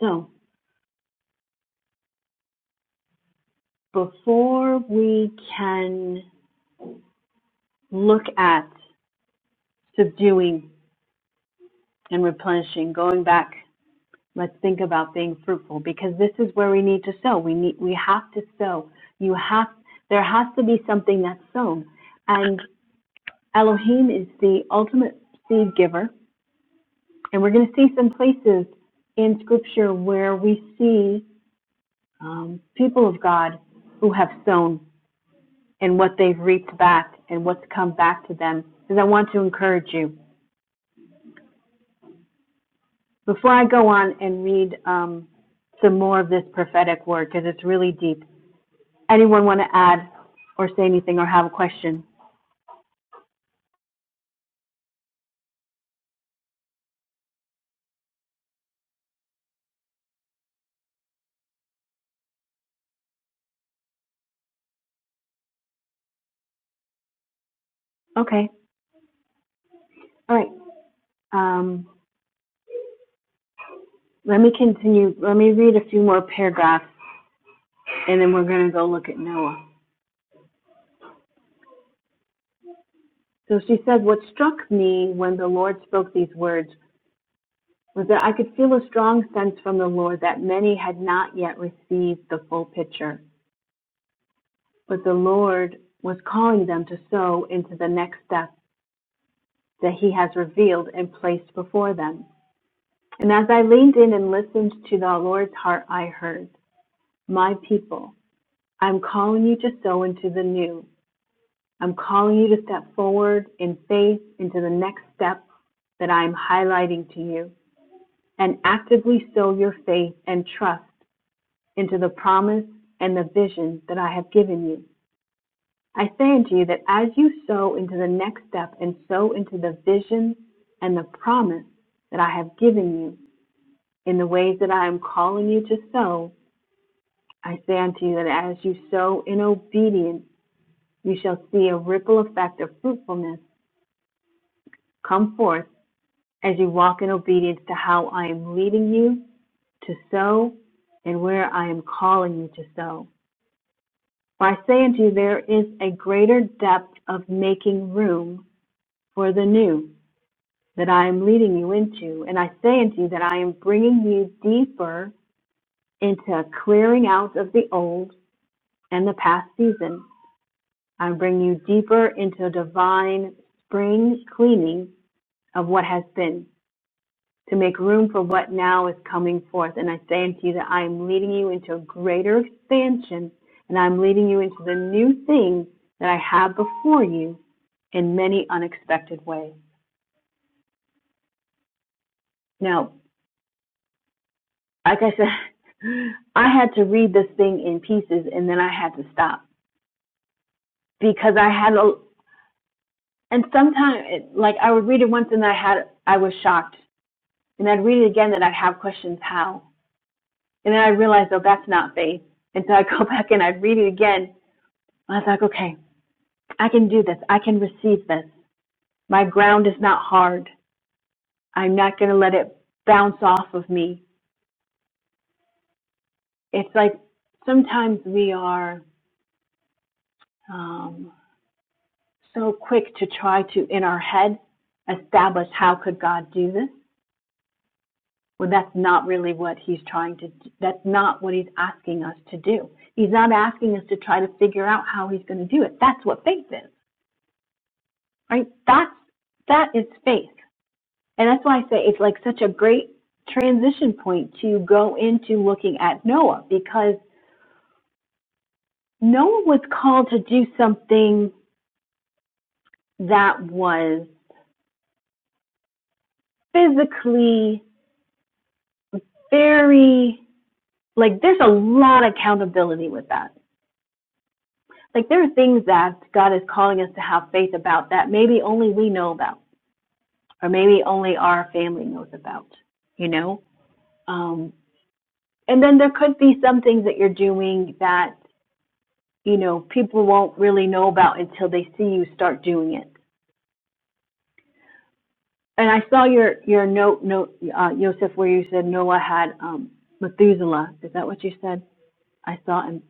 Speaker 1: So before we can look at subduing and replenishing, going back, let's think about being fruitful because this is where we need to sow. We need we have to sow. You have there has to be something that's sown. And Elohim is the ultimate seed giver And we're going to see some places in Scripture where we see um, people of God who have sown and what they've reaped back and what's come back to them. Because I want to encourage you. Before I go on and read um, some more of this prophetic word, because it's really deep, anyone want to add or say anything or have a question? Okay. All right. Um, let me continue. Let me read a few more paragraphs and then we're going to go look at Noah. So she said, What struck me when the Lord spoke these words was that I could feel a strong sense from the Lord that many had not yet received the full picture, but the Lord was calling them to sow into the next step that He has revealed and placed before them. And as I leaned in and listened to the Lord's heart, I heard, My people, I'm calling you to sow into the new. I'm calling you to step forward in faith into the next step that I'm highlighting to you. and actively sow your faith and trust into the promise and the vision that I have given you. I say unto you that as you sow into the next step and sow into the vision and the promise that I have given you in the ways that I am calling you to sow, I say unto you that as you sow in obedience, you shall see a ripple effect of fruitfulness come forth as you walk in obedience to how I am leading you to sow and where I am calling you to sow. For I say unto you, there is a greater depth of making room for the new that I am leading you into. And I say unto you that I am bringing you deeper into a clearing out of the old and the past season. I bring you deeper into a divine spring cleaning of what has been to make room for what now is coming forth. And I say unto you that I am leading you into a greater expansion and I'm leading you into the new things that I have before you in many unexpected ways. Now, like I said, I had to read this thing in pieces and then I had to stop because I had a, and sometimes, it- like I would read it once and I had, I was shocked. And I'd read it again and I'd have questions how. And then I realized, oh, that's not faith. And so I'd go back and I'd read it again. I was like, okay, I can do this. I can receive this. My ground is not hard. I'm not going to let it bounce off of me. It's like sometimes we are, um, so quick to try to, in our head, establish how could God do this, when that's not really what he's trying to, do. that's not what he's asking us to do. He's not asking us to try to figure out how he's going to do it. That's what faith is, right? That's, that is faith. And that's why I say it's like such a great transition point to go into looking at Noah because Noah was called to do something that was physically very like there's a lot of accountability with that. Like there are things that God is calling us to have faith about that maybe only we know about, or maybe only our family knows about, you know? Um, and then there could be some things that you're doing that, you know, people won't really know about until they see you start doing it. And I saw your, your note, note, uh, Joseph, where you said Noah had, um, Methuselah. Is that what you said? I saw, and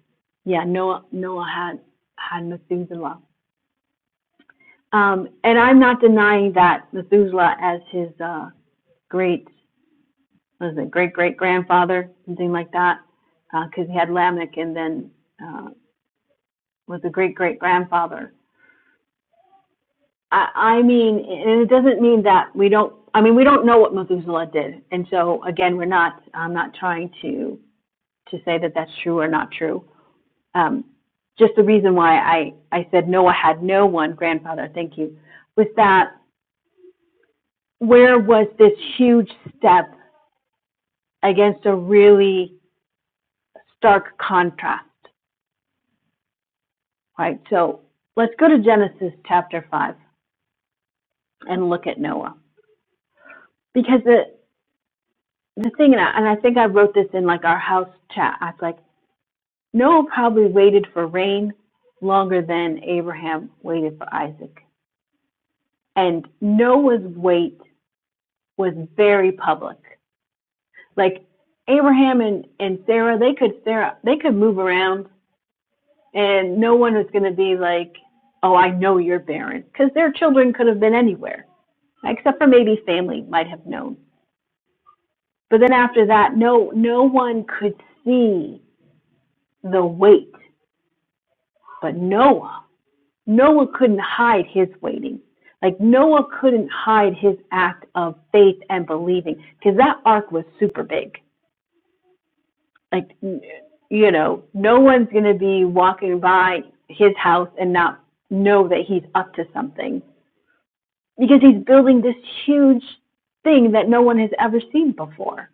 Speaker 1: yeah, Noah, Noah had, had Methuselah Um, and I'm not denying that Methuselah as his uh, great, what is it, great great grandfather, something like that, because uh, he had Lamech and then uh, was a great great grandfather. I, I mean, and it doesn't mean that we don't. I mean, we don't know what Methuselah did, and so again, we're not. I'm not trying to to say that that's true or not true. Um, just the reason why I I said Noah had no one grandfather. Thank you. Was that where was this huge step against a really stark contrast, right? So let's go to Genesis chapter 5 and look at Noah. Because the, the thing, and I, and I think I wrote this in like our house chat, I was like, Noah probably waited for rain longer than Abraham waited for Isaac. And Noah's wait was very public. Like Abraham and, and Sarah, they could Sarah they could move around and no one is going to be like, "Oh, I know you're barren," because their children could have been anywhere, except for maybe family might have known. But then after that, no, no one could see the weight. But Noah, Noah couldn't hide his waiting. Like Noah couldn't hide his act of faith and believing because that ark was super big. Like, you know, no one's going to be walking by his house and not know that he's up to something because he's building this huge thing that no one has ever seen before.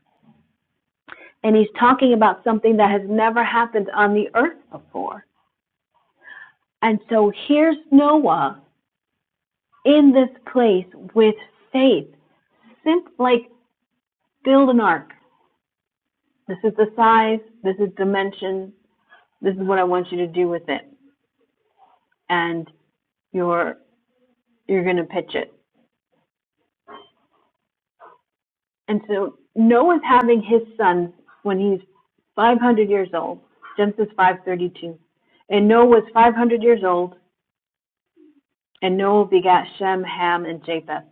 Speaker 1: And he's talking about something that has never happened on the earth before. And so here's Noah in this place with faith, simp- like build an ark. This is the size, this is dimension, this is what I want you to do with it. And you're you're gonna pitch it. And so Noah's having his sons when he's 500 years old, Genesis 5:32. And Noah was 500 years old, and Noah begat Shem, Ham, and Japheth.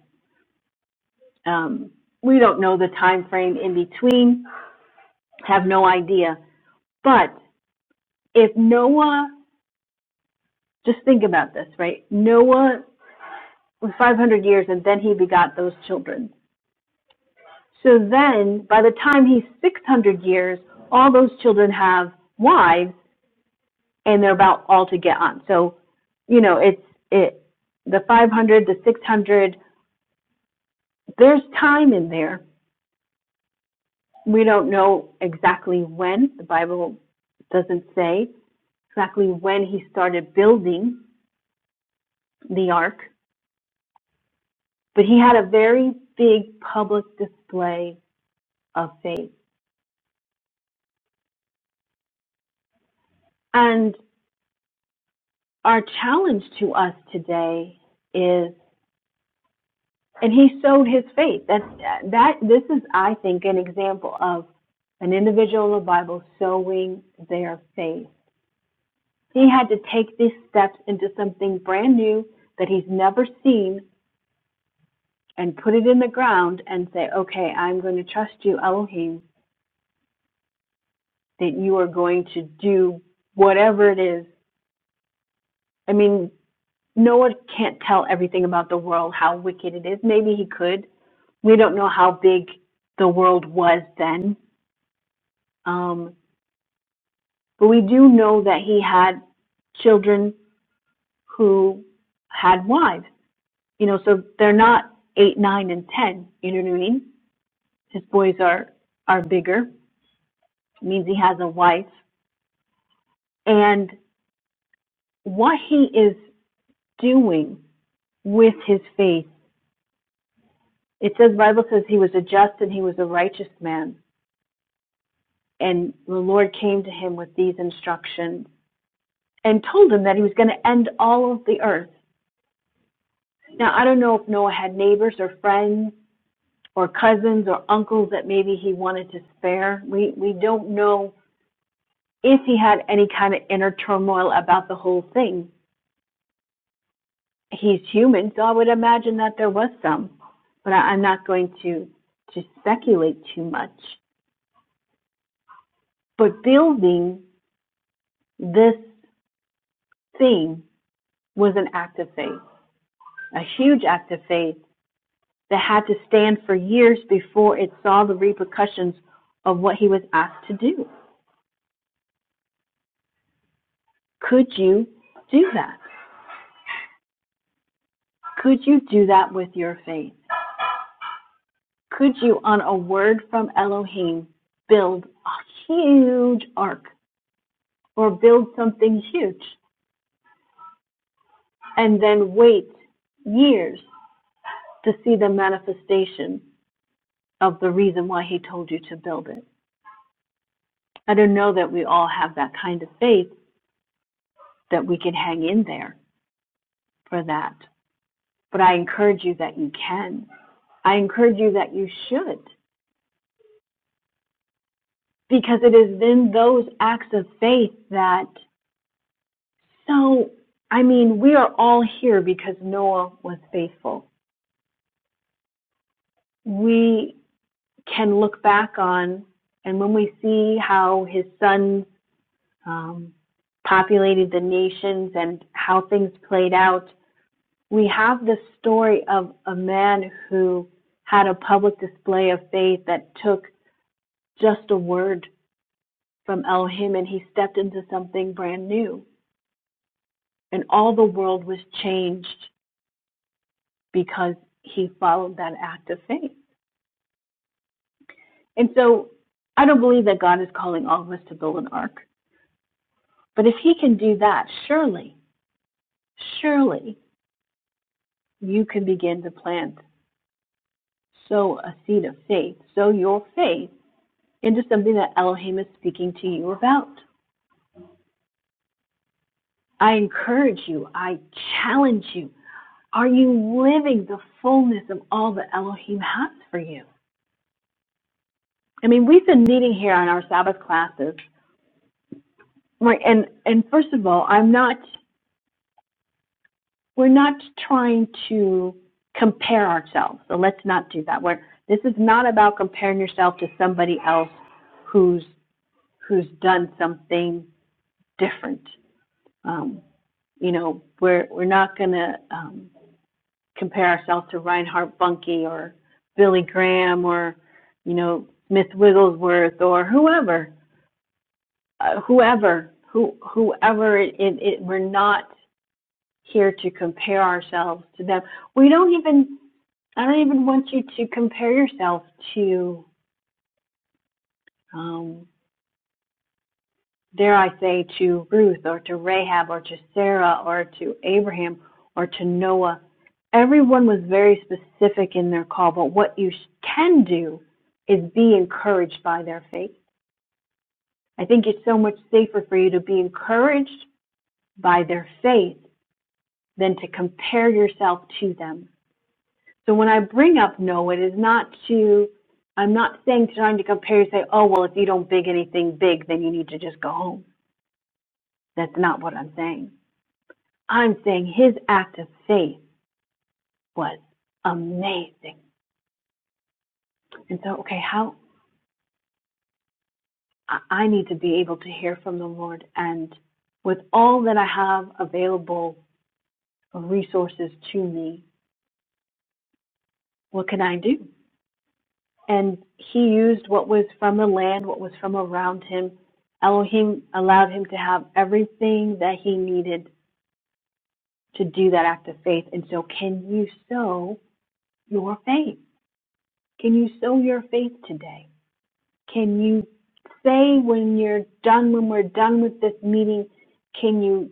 Speaker 1: Um, we don't know the time frame in between, have no idea. But if Noah, just think about this, right? Noah was 500 years, and then he begot those children. So then, by the time he's 600 years, all those children have wives and they're about all to get on. So, you know, it's it the 500, the 600. There's time in there. We don't know exactly when. The Bible doesn't say exactly when he started building the ark, but he had a very big public display of faith. And our challenge to us today is and he sowed his faith. That's that. This is, I think, an example of an individual in the Bible sowing their faith. He had to take these steps into something brand new that he's never seen and put it in the ground and say, "Okay, I'm going to trust you, Elohim, that you are going to do whatever it is." I mean, Noah can't tell everything about the world, how wicked it is. Maybe he could. We don't know how big the world was then. Um, But we do know that he had children who had wives. You know, so they're not eight, nine, and ten. You know what I mean? His boys are are bigger. Means he has a wife. And what he is doing with his faith, it says Bible says he was a just and he was a righteous man. And the Lord came to him with these instructions and told him that he was going to end all of the earth. Now I don't know if Noah had neighbors or friends or cousins or uncles that maybe he wanted to spare. We we don't know if he had any kind of inner turmoil about the whole thing. He's human, so I would imagine that there was some, but I, I'm not going to to speculate too much. But building this thing was an act of faith, a huge act of faith that had to stand for years before it saw the repercussions of what he was asked to do. Could you do that? Could you do that with your faith? Could you, on a word from Elohim, build a huge ark or build something huge and then wait years to see the manifestation of the reason why he told you to build it? I don't know that we all have that kind of faith that we can hang in there for that, but I encourage you that you can. I encourage you that you should, because it is in those acts of faith that So, I mean, we are all here because Noah was faithful. We can look back on, and when we see how his sons um, populated the nations and how things played out, we have the story of a man who had a public display of faith that took just a word from Elohim and he stepped into something brand new. And all the world was changed because he followed that act of faith. And so I don't believe that God is calling all of us to build an ark. But if He can do that, surely, surely you can begin to plant, sow a seed of faith, sow your faith into something that Elohim is speaking to you about. I encourage you, I challenge you. Are you living the fullness of all that Elohim has for you? I mean, we've been meeting here on our Sabbath classes, right? And and first of all, I'm not. we're not trying to compare ourselves. So let's not do that. We're, this is not about comparing yourself to somebody else who's who's done something different. Um, you know, we're we're not going to um, compare ourselves to Reinhard Bunke or Billy Graham or you know Smith Wigglesworth or whoever, uh, whoever, who whoever. It, it, it we're not here to compare ourselves to them. We don't even I don't even want you to compare yourself to, um, dare I say, to Ruth or to Rahab or to Sarah or to Abraham or to Noah. Everyone was very specific in their call, but what you can do is be encouraged by their faith. I think it's so much safer for you to be encouraged by their faith than to compare yourself to them. So when I bring up no, it is not to, I'm not saying trying to compare and say, oh, well, if you don't big anything big, then you need to just go home. That's not what I'm saying. I'm saying his act of faith was amazing. And so, okay, how I I need to be able to hear from the Lord and with all that I have available resources to me, what can I do? and he used what was from the land, what was from around him. Elohim allowed him to have everything that he needed to do that act of faith. And so, can you sow your faith? Can you sow your faith today? Can you say when you're done, when we're done with this meeting, can you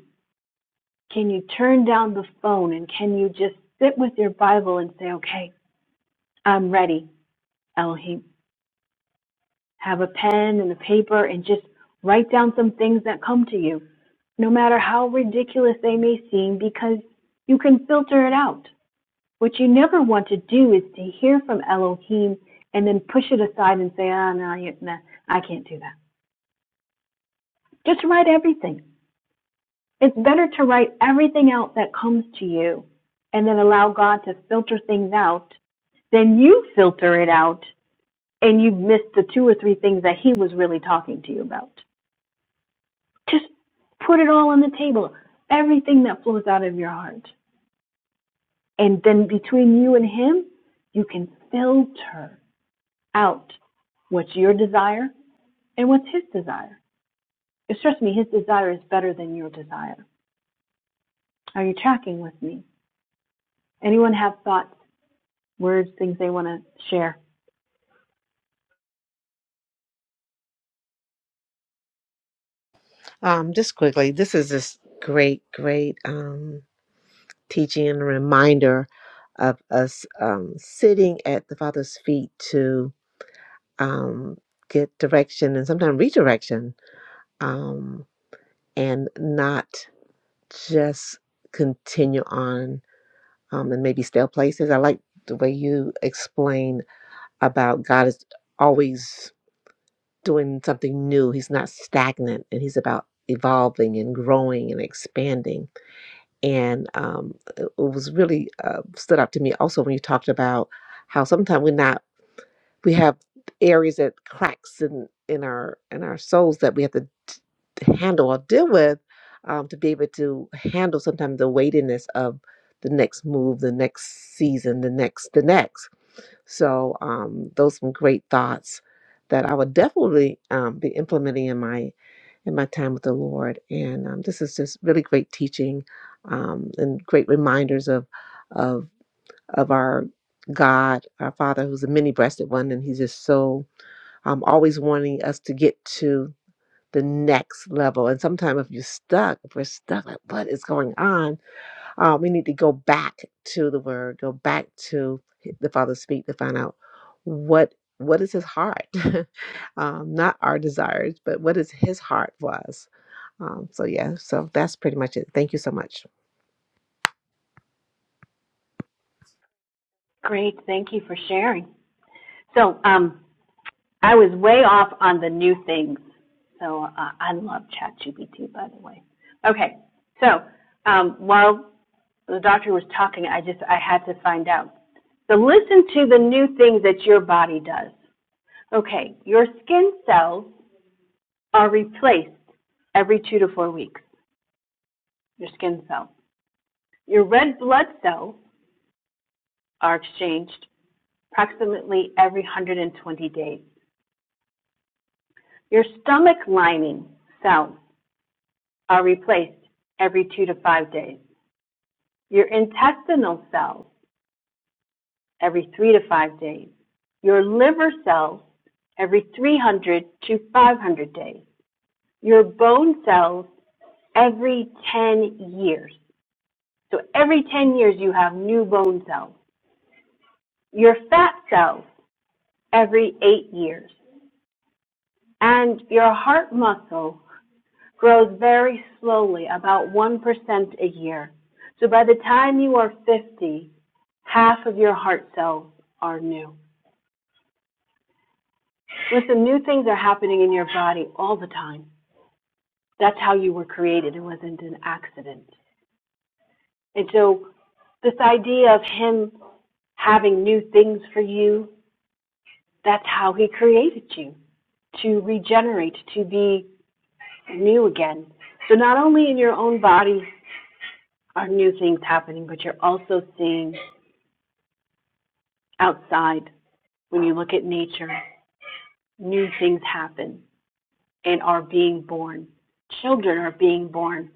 Speaker 1: can you turn down the phone and can you just sit with your Bible and say, okay, I'm ready, Elohim. Have a pen and a paper and just write down some things that come to you, no matter how ridiculous they may seem, because you can filter it out. What you never want to do is to hear from Elohim and then push it aside and say, ah, no, you, nah, I can't do that. Just write everything. It's better to write everything out that comes to you and then allow God to filter things out than you filter it out and you've missed the two or three things that He was really talking to you about. Just put it all on the table. Everything that flows out of your heart. And then between you and Him, you can filter out what's your desire and what's His desire. Because trust me, His desire is better than your desire. Are you tracking with me? Anyone have thoughts, words, things they want to share?
Speaker 3: Um, just quickly, this is this great, great um, teaching and reminder of us um, sitting at the Father's feet to um, get direction and sometimes redirection um, and not just continue on um, and maybe stale places. I like the way you explain about God is always doing something new. He's not stagnant, and He's about evolving and growing and expanding. And um, it it was really uh, stood out to me also when you talked about how sometimes we're not we have areas that cracks in in our in our souls that we have to t- handle or deal with um, to be able to handle sometimes the weightiness of the next move the next season the next the next so um, those some great thoughts that i would definitely um, be implementing in my in my time with the lord and um, this is just really great teaching um, and great reminders of of of our god our father who's a many-breasted one and he's just so I'm always wanting us to get to the next level. And sometimes if you're stuck, if we're stuck, like what is going on? Uh, we need to go back to the word, go back to the Father speak to find out what what is his heart, um, not our desires, but what is his heart for us. Um, so yeah, so that's pretty much it. Thank you so much.
Speaker 1: Great. Thank you for sharing. So um, I was way off on the new things. So uh, I love ChatGPT, by the way. Okay. So um, while the doctor was talking, I just, I had to find out. So listen to the new things that your body does. Okay, your skin cells are replaced every two to four weeks, your skin cells. Your red blood cells are exchanged approximately every 120 days. Your stomach lining cells are replaced every two to five days. Your intestinal cells every three to five days, your liver cells every 300 to 500 days, your bone cells every 10 years. So every 10 years you have new bone cells, your fat cells every eight years, and your heart muscle grows very slowly, about 1% a year. So by the time you are 50, half of your heart cells are new. Listen, new things are happening in your body all the time. That's how you were created. It wasn't an accident. And so, this idea of Him having new things for you, that's how He created you to regenerate, to be new again. So, not only in your own body are new things happening, but you're also seeing outside when you look at nature, new things happen and are being born. Children are being born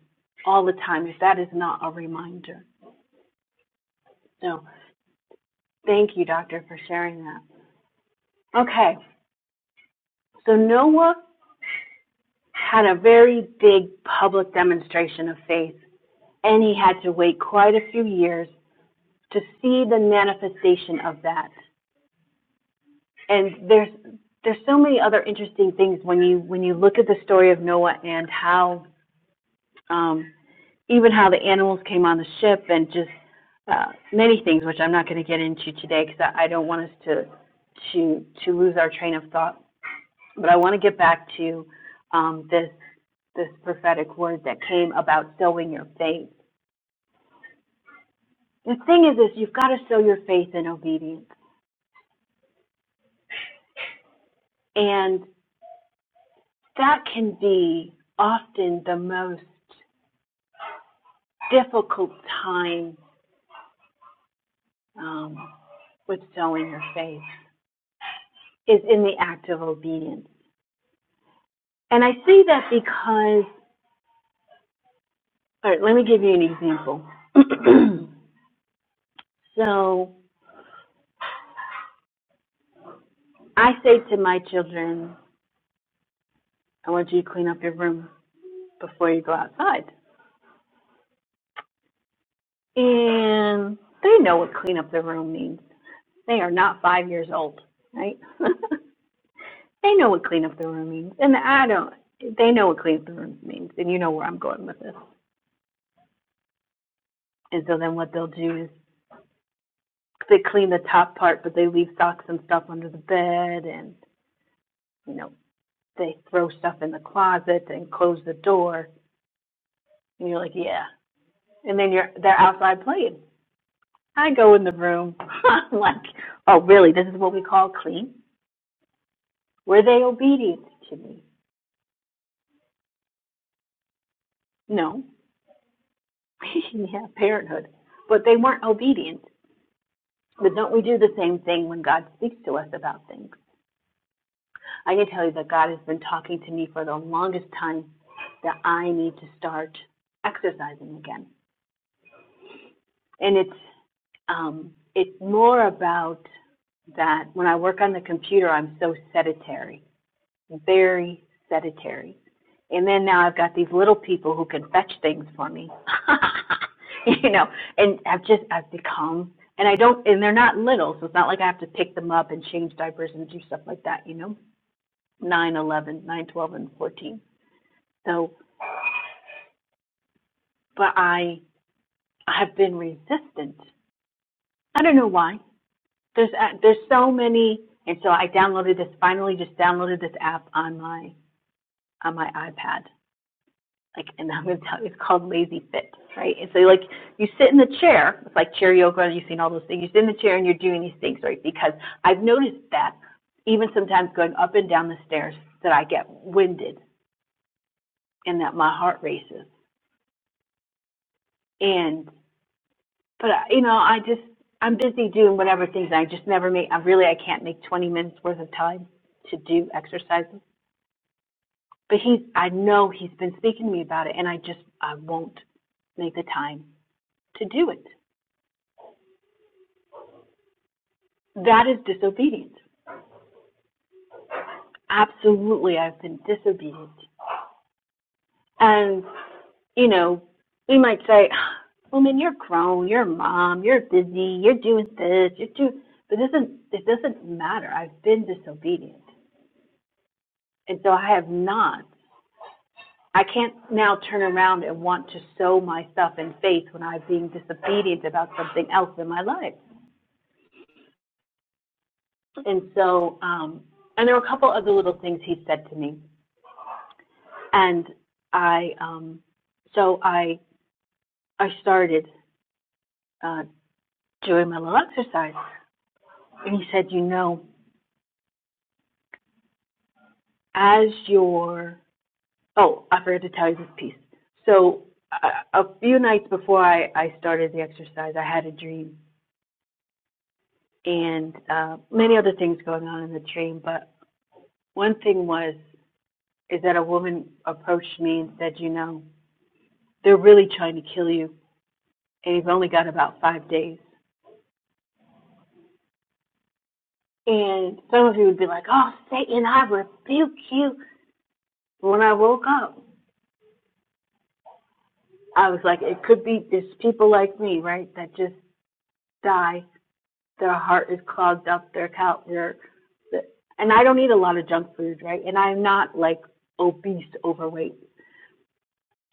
Speaker 1: all the time, if that is not a reminder. So, thank you, Doctor, for sharing that. Okay, so Noah had a very big public demonstration of faith, and he had to wait quite a few years to see the manifestation of that. And there's there's so many other interesting things when you when you look at the story of Noah and how um, even how the animals came on the ship and just uh, many things which I'm not going to get into today because I, I don't want us to to to lose our train of thought. But I want to get back to um, this this prophetic word that came about sowing your faith. The thing is, is you've got to sow your faith in obedience, and that can be often the most difficult time um, with sowing your faith is in the act of obedience. And I say that because, all right, let me give you an example. so I say to my children, I want you to clean up your room before you go outside. and they know what clean up the room means. They are not five years old, right? they know what clean up the room means, and I don't. They know what clean up the room means, and you know where I'm going with this. And so then what they'll do is they clean the top part, but they leave socks and stuff under the bed, and you know they throw stuff in the closet and close the door. And you're like, yeah. And then you're they're outside playing. I go in the room. I'm like, oh really? This is what we call clean? Were they obedient to me? No. yeah, parenthood. But they weren't obedient. But don't we do the same thing when God speaks to us about things? I can tell you that God has been talking to me for the longest time that I need to start exercising again. And it's um it's more about that when I work on the computer I'm so sedentary very sedentary. And then now I've got these little people who can fetch things for me. you know, and I've just I've become and I don't and they're not little, so it's not like I have to pick them up and change diapers and do stuff like that, you know. nine, eleven, nine, twelve, and 14. So, but I I have been resistant. I don't know why. There's uh, there's so many and so I downloaded this finally just downloaded this app on my on my iPad like, and I'm gonna tell you, it's called lazy fit, right? And so like, you sit in the chair, it's like chair yoga, you've seen all those things, you sit in the chair and you're doing these things, right? Because I've noticed that even sometimes going up and down the stairs that I get winded and that my heart races. And, but uh, you know, I just, I'm busy doing whatever things and I just never make, I really, I can't make 20 minutes worth of time to do exercises. But he's, I know he's been speaking to me about it and I just, I won't make the time to do it. That is disobedient. Absolutely, I've been disobedient. And, you know, we might say, woman, you're grown, you're a mom, you're busy, you're doing this, you're doing, but it doesn't, it doesn't matter. I've been disobedient. And so I have not, I can't now turn around and want to sow myself in faith when I'm being disobedient about something else in my life. And so, um, and there were a couple other little things he said to me. And I, um, so I, I started uh, doing my little exercise. And he said, you know, as your, oh, I forgot to tell you this piece. So uh, a few nights before I, I started the exercise, I had a dream and uh, many other things going on in the dream. But one thing was, is that a woman approached me and said, you know, they're really trying to kill you and you've only got about five days. And some of you would be like, oh, Satan, I rebuke you. When I woke up, I was like, it could be there's people like me, right, that just die. Their heart is clogged up. Their cal- their, and I don't eat a lot of junk food, right? And I'm not like obese, overweight.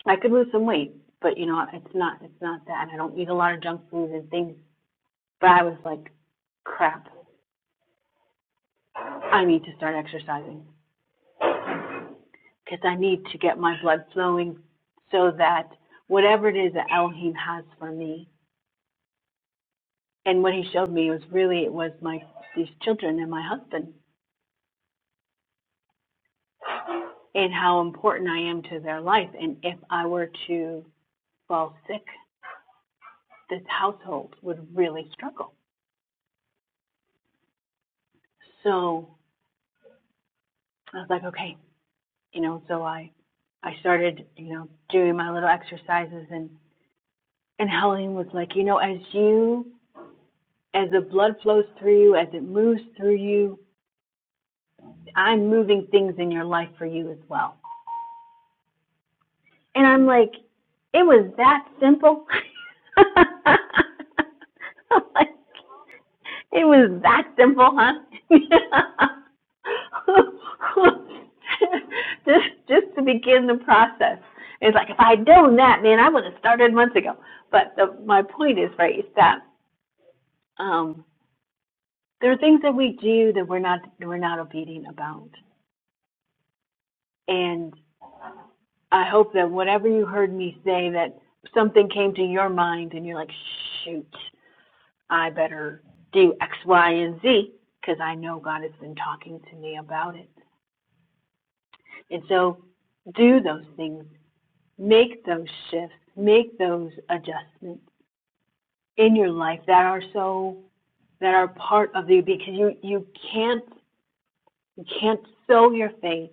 Speaker 1: I could lose some weight, but you know, it's not it's not that. And I don't eat a lot of junk food and things. But I was like, crap, I need to start exercising because I need to get my blood flowing so that whatever it is that Elohim has for me, and what he showed me was really it was my these children and my husband and how important I am to their life. And if I were to fall sick, this household would really struggle. So I was like, okay, you know. So I I started, you know, doing my little exercises and and Helen was like, you know, as you as the blood flows through you, as it moves through you, I'm moving things in your life for you as well And I'm like, it was that simple. I'm like, it was that simple, huh? just just to begin the process. It's like if I'd known that, man, I would have started months ago. But the, my point is, right, is that um, there are things that we do that we're not that we're not obedient about. And I hope that whatever you heard me say, that something came to your mind, and you're like, shoot, I better do X, Y, and Z because I know God has been talking to me about it. And so do those things, make those shifts, make those adjustments in your life that are so that are part of you because you you can't you can't sow your faith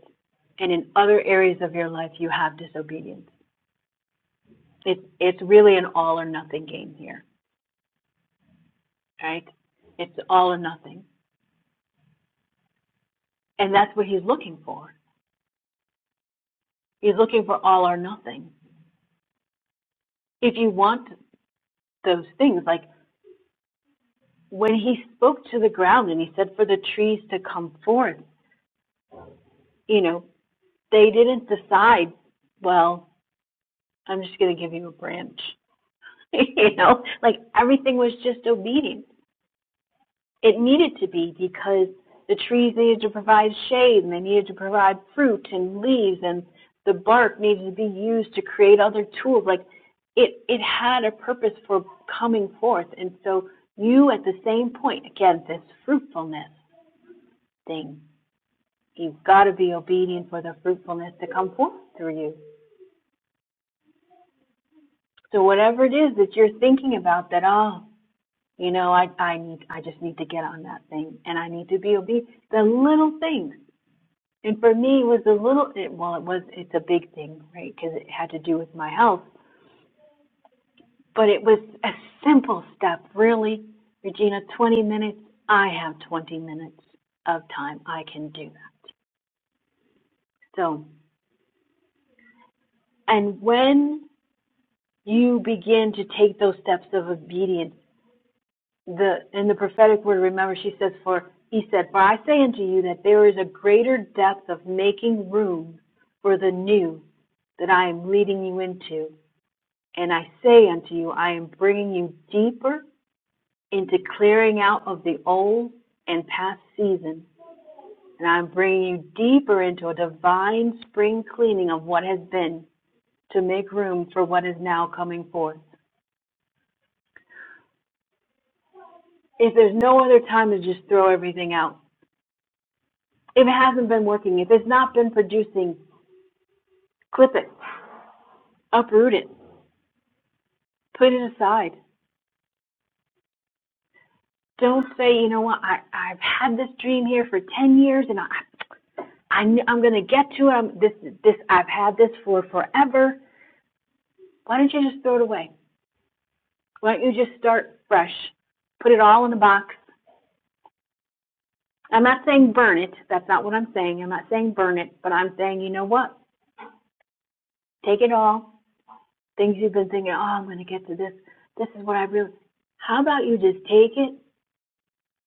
Speaker 1: and in other areas of your life you have disobedience. It's it's really an all or nothing game here, right? It's all or nothing. And that's what he's looking for. He's looking for all or nothing. if you want those things, like when he spoke to the ground and he said for the trees to come forth, you know, they didn't decide, well, I'm just going to give you a branch. you know, like everything was just obedient. it needed to be because the trees needed to provide shade and they needed to provide fruit and leaves and the bark needed to be used to create other tools like it it had a purpose for coming forth and so you at the same point again this fruitfulness thing you've got to be obedient for the fruitfulness to come forth through you so whatever it is that you're thinking about that oh you know i i need i just need to get on that thing and i need to be obedient the little things And for me, it was a little, it, well, it was, it's a big thing, right? Because it had to do with my health. But it was a simple step, really. Regina, 20 minutes. I have 20 minutes of time. I can do that. So, and when you begin to take those steps of obedience, the in the prophetic word, remember, she says, "For he said, for I say unto you that there is a greater depth of making room for the new that I am leading you into." And I say unto you, I am bringing you deeper into clearing out of the old and past season. And I'm bringing you deeper into a divine spring cleaning of what has been to make room for what is now coming forth. If there's no other time to just throw everything out, if it hasn't been working, if it's not been producing, clip it, uproot it, put it aside. Don't say, you know what, I, I've had this dream here for 10 years and I, I'm, I'm going to get to it. I'm, this, this, I've had this for forever. Why don't you just throw it away? Why don't you just start fresh? Put it all in a box. I'm not saying burn it. That's not what I'm saying. I'm not saying burn it, but I'm saying, you know what? Take it all. Things you've been thinking, oh, I'm going to get to this. This is what I really. How about you just take it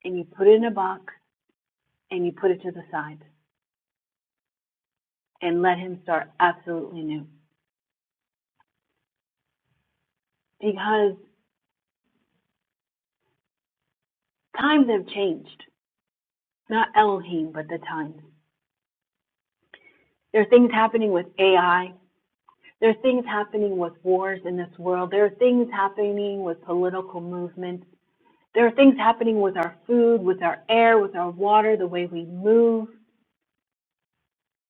Speaker 1: and you put it in a box and you put it to the side and let him start absolutely new? Because times have changed. Not Elohim, but the times. There are things happening with AI. There are things happening with wars in this world. There are things happening with political movements. There are things happening with our food, with our air, with our water, the way we move.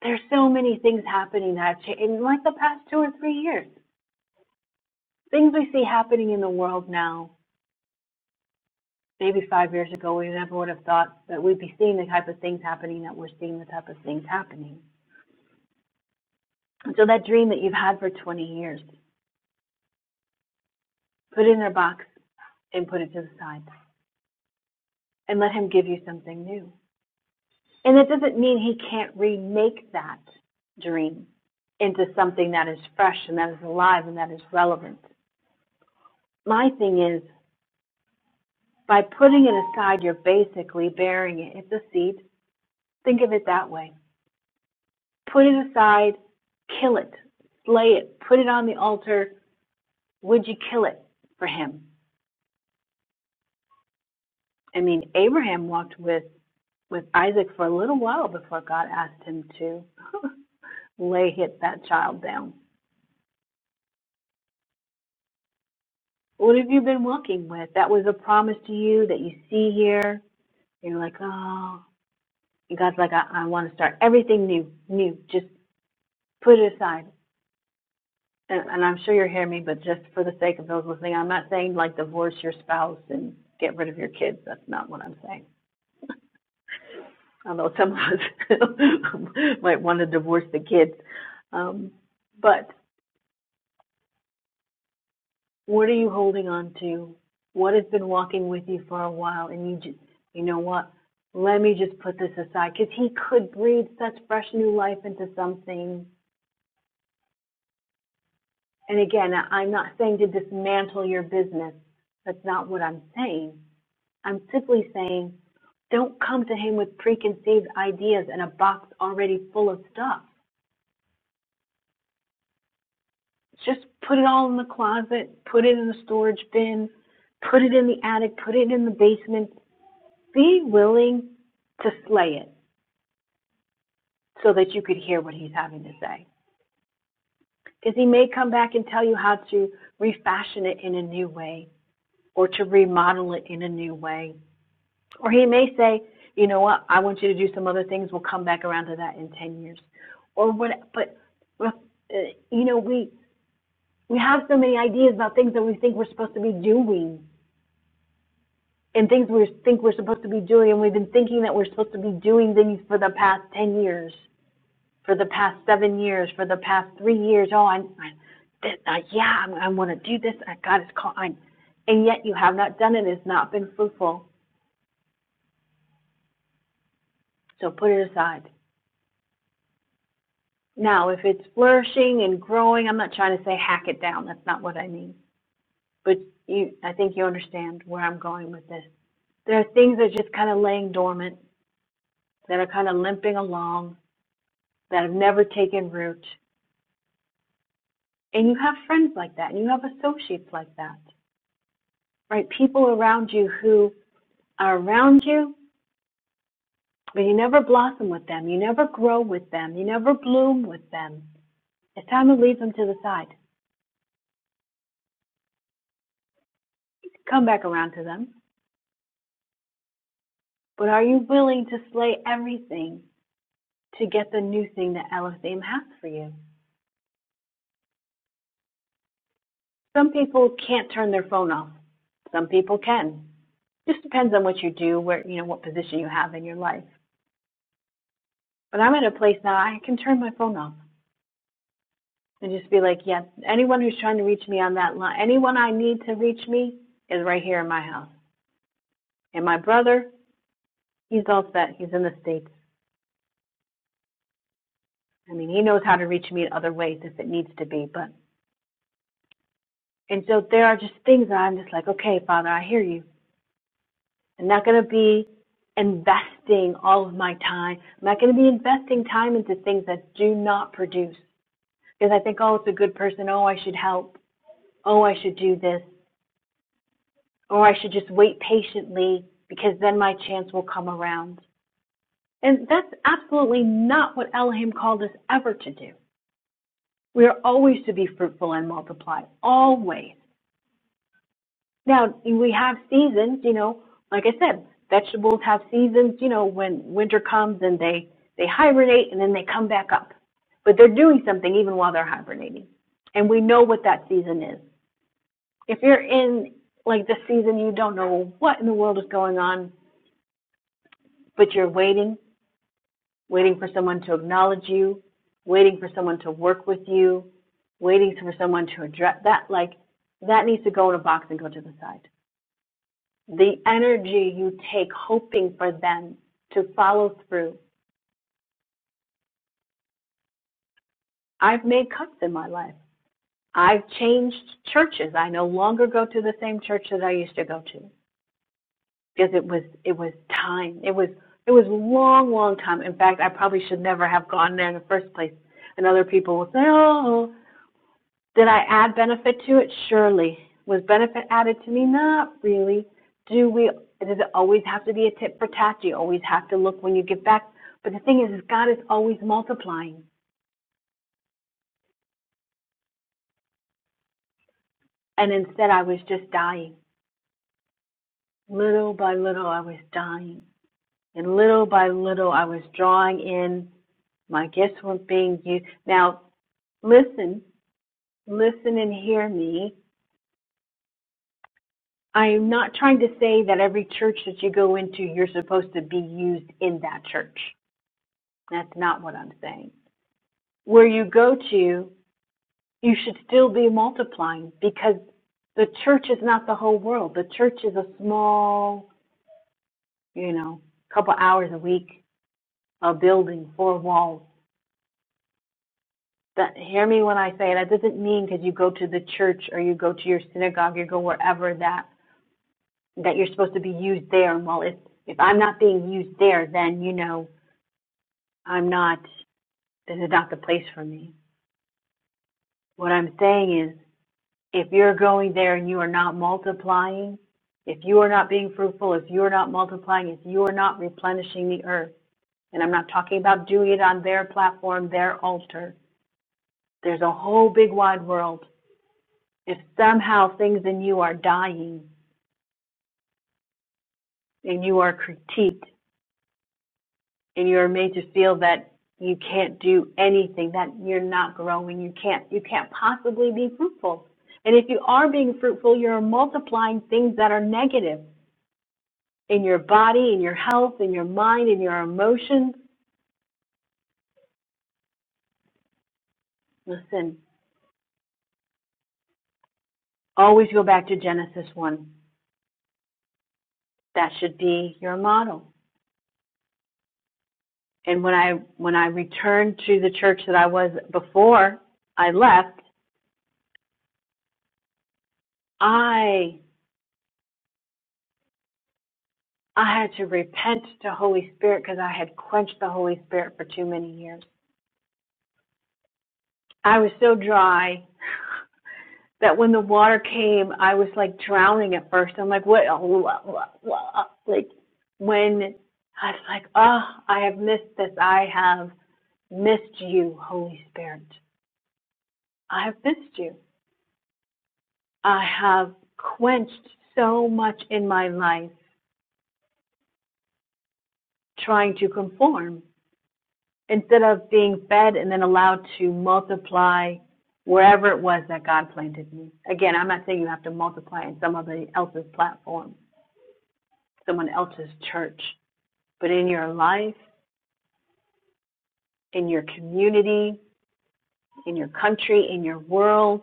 Speaker 1: There's so many things happening that have changed in like the past two or three years. Things we see happening in the world now, maybe five years ago, we never would have thought that we'd be seeing the type of things happening that we're seeing the type of things happening. And so that dream that you've had for 20 years, put it in a box and put it to the side. and let Him give you something new. And that doesn't mean He can't remake that dream into something that is fresh and that is alive and that is relevant. My thing is, by putting it aside, you're basically burying it. It's a seed. Think of it that way. Put it aside, kill it, slay it, put it on the altar. Would you kill it for him? I mean, Abraham walked with, with Isaac for a little while before God asked him to lay hit that child down. What have you been walking with? That was a promise to you that you see here. You're like, oh, and God's like, I, I want to start everything new, new. Just put it aside. And, and I'm sure you're hearing me, but just for the sake of those listening, I'm not saying like divorce your spouse and get rid of your kids. That's not what I'm saying. Although some of us might want to divorce the kids. Um, but What are you holding on to? What has been walking with you for a while? And you just, you know what? Let me just put this aside because he could breathe such fresh new life into something. And again, I- am not saying to dismantle your business. That's not what I'm saying. I'm simply saying don't come to him with preconceived ideas and a box already full of stuff. Just put it all in the closet, put it in the storage bin, put it in the attic, put it in the basement, be willing to slay it so that you could hear what he's having to say. Because he may come back and tell you how to refashion it in a new way or to remodel it in a new way. Or he may say, you know what, I want you to do some other things. We'll come back around to that in 10 years. Or what, but, uh, you know, we, we have so many ideas about things that we think we're supposed to be doing and things we think we're supposed to be doing. And we've been thinking that we're supposed to be doing things for the past 10 years for the past seven years, for the past three years, oh, I'm, I'm uh, yeah, I'm, I want to do this. I, God is calling. I'm, and yet you have not done it. It's not been fruitful. So put it aside. Now, if it's flourishing and growing, I'm not trying to say hack it down. That's not what I mean. But you, I think you understand where I'm going with this. There are things that are just kind of laying dormant, that are kind of limping along, that have never taken root. And you have friends like that, and you have associates like that, right? People around you who are around you, but you never blossom with them. You never grow with them. You never bloom with them. It's time to leave them to the side. Come back around to them. But are you willing to slay everything to get the new thing that Elohim has for you? Some people can't turn their phone off. Some people can. Just depends on what you do, where you know what position you have in your life. But I'm at a place now I can turn my phone off and just be like, yeah, anyone who's trying to reach me on that line, anyone I need to reach me is right here in my house. And my brother, he's all set. He's in the States. I mean, he knows how to reach me in other ways if it needs to be. But and so there are just things that I'm just like, okay, Father, I hear you. I'm not going to be investing all of my time. I'm not going to be investing time into things that do not produce. Because I think, oh, it's a good person. Oh, I should help. Oh, I should do this. Or I should just wait patiently because then my chance will come around. And that's absolutely not what Elohim called us ever to do. We are always to be fruitful and multiply, always. Now, we have seasons, you know, like I said, vegetables have seasons, you know, when winter comes and they, they hibernate and then they come back up. But they're doing something even while they're hibernating. And we know what that season is. If you're in like this season, you don't know what in the world is going on, but you're waiting. waiting for someone to acknowledge you, waiting for someone to work with you, waiting for someone to address that like that needs to go in a box and go to the side. The energy you take hoping for them to follow through. I've made cuts in my life. I've changed churches. I no longer go to the same church that I used to go to because it was it was time. It was it was long, long time. In fact, I probably should never have gone there in the first place. And other people will say, "Oh, Did I add benefit to it? Surely. Was benefit added to me? Not really. Do we, does it always have to be a tit for tat? Do you always have to look when you give back? But the thing is, is God is always multiplying. And instead, I was just dying. Little by little, I was dying. And little by little, I was drawing in. My gifts were not being used. Now, listen, listen and hear me. I am not trying to say that every church that you go into, you're supposed to be used in that church. That's not what I'm saying. Where you go to, you should still be multiplying because the church is not the whole world. The church is a small, you know, couple hours a week, a building, four walls. That, hear me when I say that doesn't mean because you go to the church or you go to your synagogue, you go wherever that that you're supposed to be used there. And well, if if I'm not being used there, then you know I'm not. This is not the place for me. What I'm saying is if you're going there and you are not multiplying, if you are not being fruitful, if you are not multiplying, if you are not replenishing the earth, and I'm not talking about doing it on their platform, their altar, there's a whole big wide world. If somehow things in you are dying and you are critiqued and you're made to feel that you can't do anything, that you're not growing, you can't, you can't possibly be fruitful. And if you are being fruitful, you're multiplying things that are negative. in your body, in your health, in your mind, in your emotions. Listen, always go back to Genesis 1. That should be your model. And when I when I returned to the church that I was before I left, I I had to repent to Holy Spirit because I had quenched the Holy Spirit for too many years. I was so dry that when the water came, I was like drowning at first. I'm like, what? Like when I was like, oh, I have missed this. I have missed you, Holy Spirit. I have missed you. I have quenched so much in my life trying to conform instead of being fed and then allowed to multiply wherever it was that God planted me. Again, I'm not saying you have to multiply in someone else's platform, someone else's church. But in your life, in your community, in your country, in your world,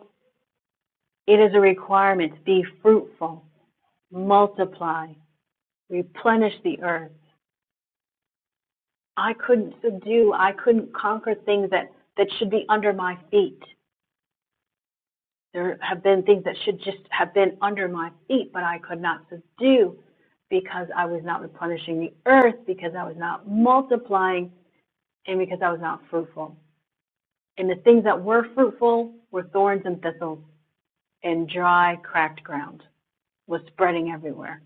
Speaker 1: it is a requirement to be fruitful, multiply, replenish the earth. I couldn't subdue, I couldn't conquer things that, that should be under my feet. There have been things that should just have been under my feet, but I could not subdue because I was not replenishing the earth, because I was not multiplying, and because I was not fruitful. And the things that were fruitful were thorns and thistles. and dry, cracked ground was spreading everywhere.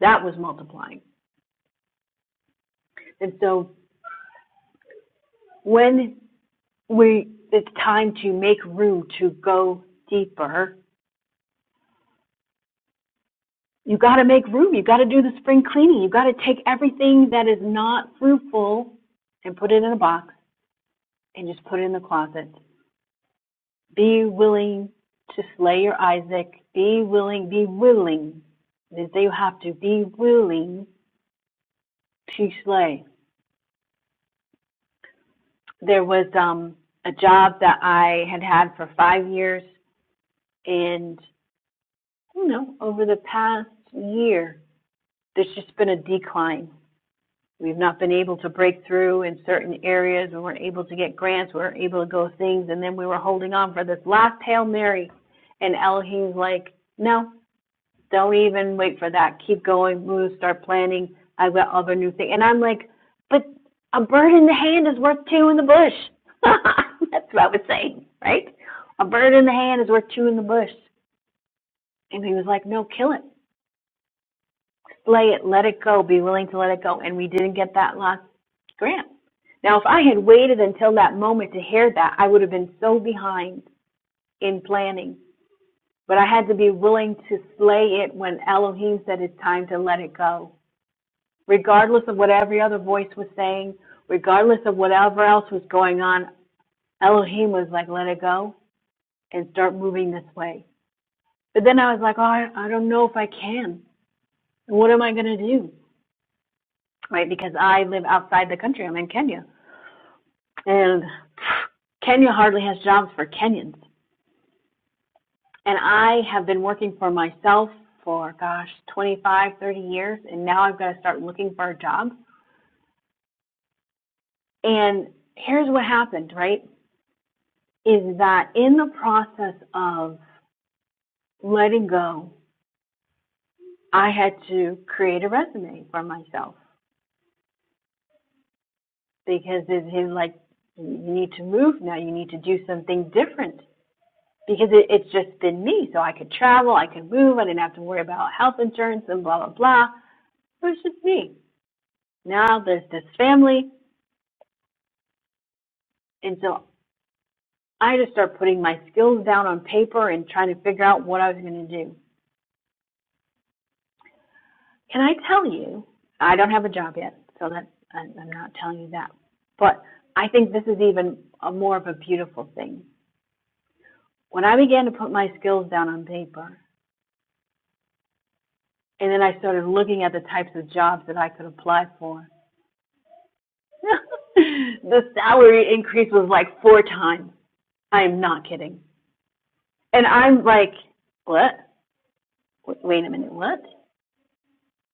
Speaker 1: That was multiplying. And so when we it's time to make room to go deeper, you got to make room. You got to do the spring cleaning. You got to take everything that is not fruitful and put it in a box and just put it in the closet. Be willing to slay your Isaac. Be willing, be willing. It did you have to. Be willing to slay there was um, a job that I had had for five years, and you know, over the past year, there's just been a decline. We've not been able to break through in certain areas. We weren't able to get grants. We weren't able to go things, and then we were holding on for this last hail mary, and Elohim's like, "No, don't even wait for that. Keep going. Move. start planning. I've got other new things. And I'm like, but a bird in the hand is worth two in the bush. That's what I was saying, right? A bird in the hand is worth two in the bush. And he was like, no, kill it. Slay it. Let it go. Be willing to let it go. And we didn't get that last grant. Now, if I had waited until that moment to hear that, I would have been so behind in planning. But I had to be willing to slay it when Elohim said it's time to let it go. regardless of what every other voice was saying, regardless of whatever else was going on, Elohim was like, let it go and start moving this way. But then I was like, oh, I, I don't know if I can. What am I going to do? Right? Because I live outside the country. I'm in Kenya. And Kenya hardly has jobs for Kenyans. And I have been working for myself for, gosh, 25, 30 years. And now I've got to start looking for a job. And here's what happened, right? Is that in the process of letting go, I had to create a resume for myself because it was like, you need to move now. You need to do something different because it, it's just been me. So I could travel, I could move, I didn't have to worry about health insurance and blah, blah, blah. It was just me. Now there's this family. And so I just started putting my skills down on paper and trying to figure out what I was going to do. Can I tell you? I don't have a job yet, so that I'm not telling you that. But I think this is even a more of a beautiful thing. When I began to put my skills down on paper, and then I started looking at the types of jobs that I could apply for, the salary increase was like four times. I am not kidding. And I'm like, what? Wait a minute, what?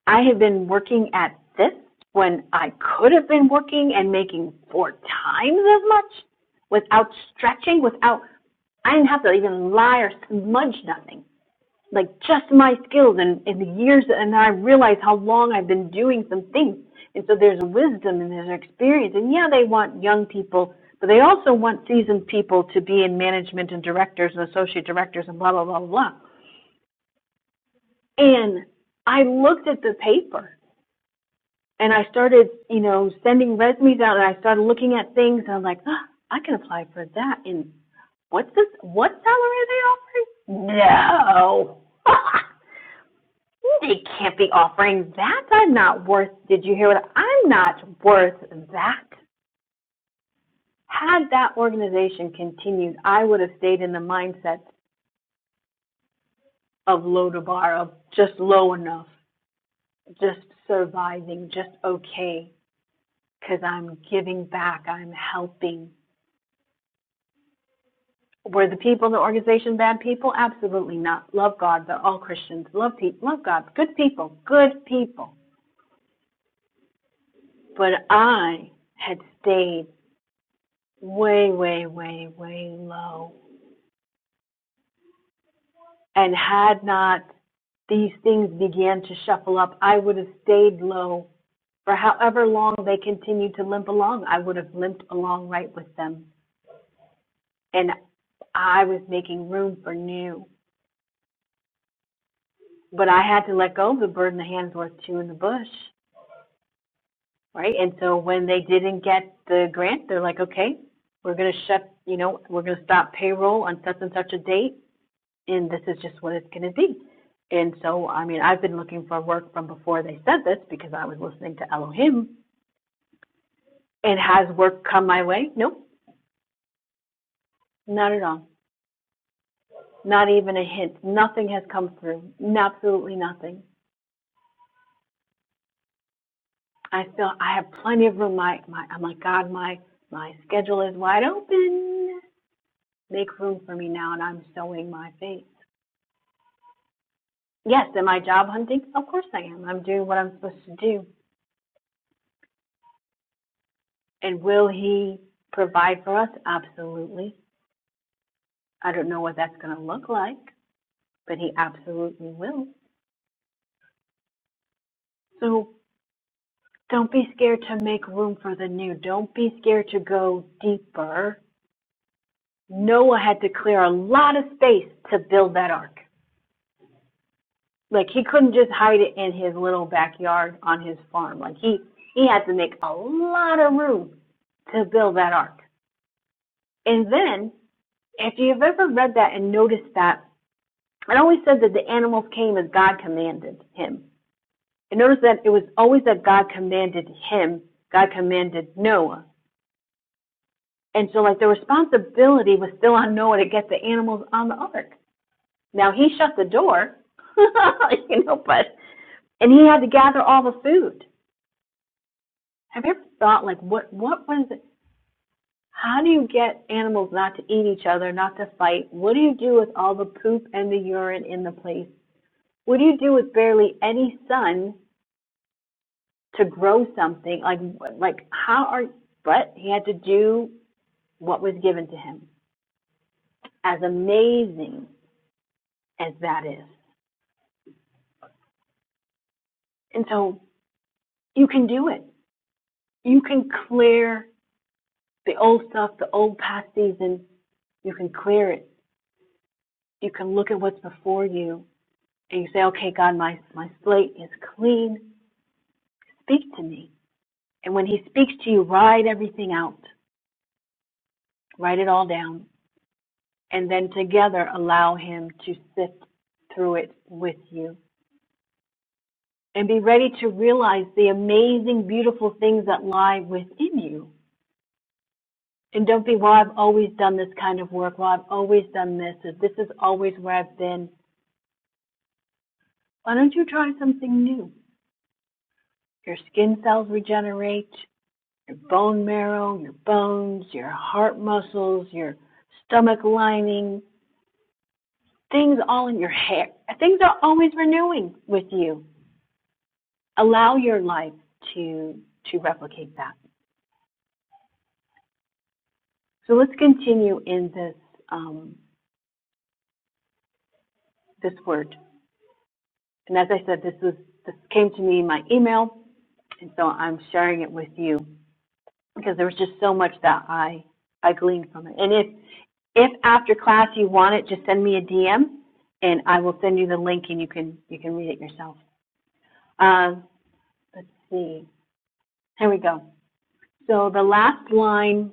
Speaker 1: I have been working at this when I could have been working and making four times as much without stretching, without, I didn't have to even lie or smudge nothing. Like just my skills and, and the years, and then I realized how long I've been doing some things. And so there's wisdom and there's experience. And yeah, they want young people, but they also want seasoned people to be in management and directors and associate directors and blah, blah, blah, blah. And I looked at the paper and I started, you know, sending resumes out, and I started looking at things, and I'm like, "Ah, I can apply for that. And what's this? What salary are they offering? No, they can't be offering that. I'm not worth. Did you hear what? I'm not worth that. Had that organization continued, I would have stayed in the mindset of low to bar, of just low enough, just surviving, just okay, because I'm giving back, I'm helping Were the people in the organization bad people? Absolutely not. Love God, but all Christians love people. Love God, good people, good people. But I had stayed way, way, way, way low, and had not these things began to shuffle up, I would have stayed low for however long they continued to limp along. I would have limped along right with them, and I was making room for new. But I had to let go of the bird in the hand's worth two in the bush right? And so when they didn't get the grant, they're like, okay, we're going to shut, you know, we're going to stop payroll on such and such a date, and this is just what it's going to be. And so, I mean, I've been looking for work from before they said this because I was listening to Elohim. And has work come my way? Nope, not at all. Not even a hint. Nothing has come through. Absolutely nothing. I feel I have plenty of room. My, my, I'm like, God, my, my schedule is wide open. Make room for me now, and I'm sowing my faith. Yes, am I job hunting? Of course I am. I'm doing what I'm supposed to do. And will he provide for us? Absolutely. I don't know what that's going to look like, but he absolutely will. So don't be scared to make room for the new. Don't be scared to go deeper. Noah had to clear a lot of space to build that ark. Like he couldn't just hide it in his little backyard on his farm. Like he he had to make a lot of room to build that ark. And then If you've ever read that and noticed that, it always said that the animals came as God commanded him. And notice that it was always that God commanded him, God commanded Noah. And so, like, the responsibility was still on Noah to get the animals on the ark. Now, he shut the door, you know, but, and he had to gather all the food. Have you ever thought, like, what, what was, it? how do you get animals not to eat each other, not to fight? What do you do with all the poop and the urine in the place? what do you do with barely any sun to grow something like like how are but he had to do what was given to him as amazing as that is and so you can do it you can clear the old stuff the old past season you can clear it you can look at what's before you and you say okay god my my slate is clean speak to me and when he speaks to you write everything out write it all down and then together allow Him to sift through it with you and be ready to realize the amazing, beautiful things that lie within you. And don't be, well, I've always done this kind of work. Well, I've always done this. Or this is always where I've been. Why don't you try something new? Your skin cells regenerate, your bone marrow, your bones, your heart muscles, your stomach lining, things all in your hair. Things are always renewing with you allow your life to to replicate that. So let's continue in this um, this word. And as I said, this was this came to me in my email, and so I'm sharing it with you because there was just so much that I I gleaned from it. And if if after class you want it, just send me a DM, and I will send you the link, and you can you can read it yourself. Uh, let's see. Here we go. So the last line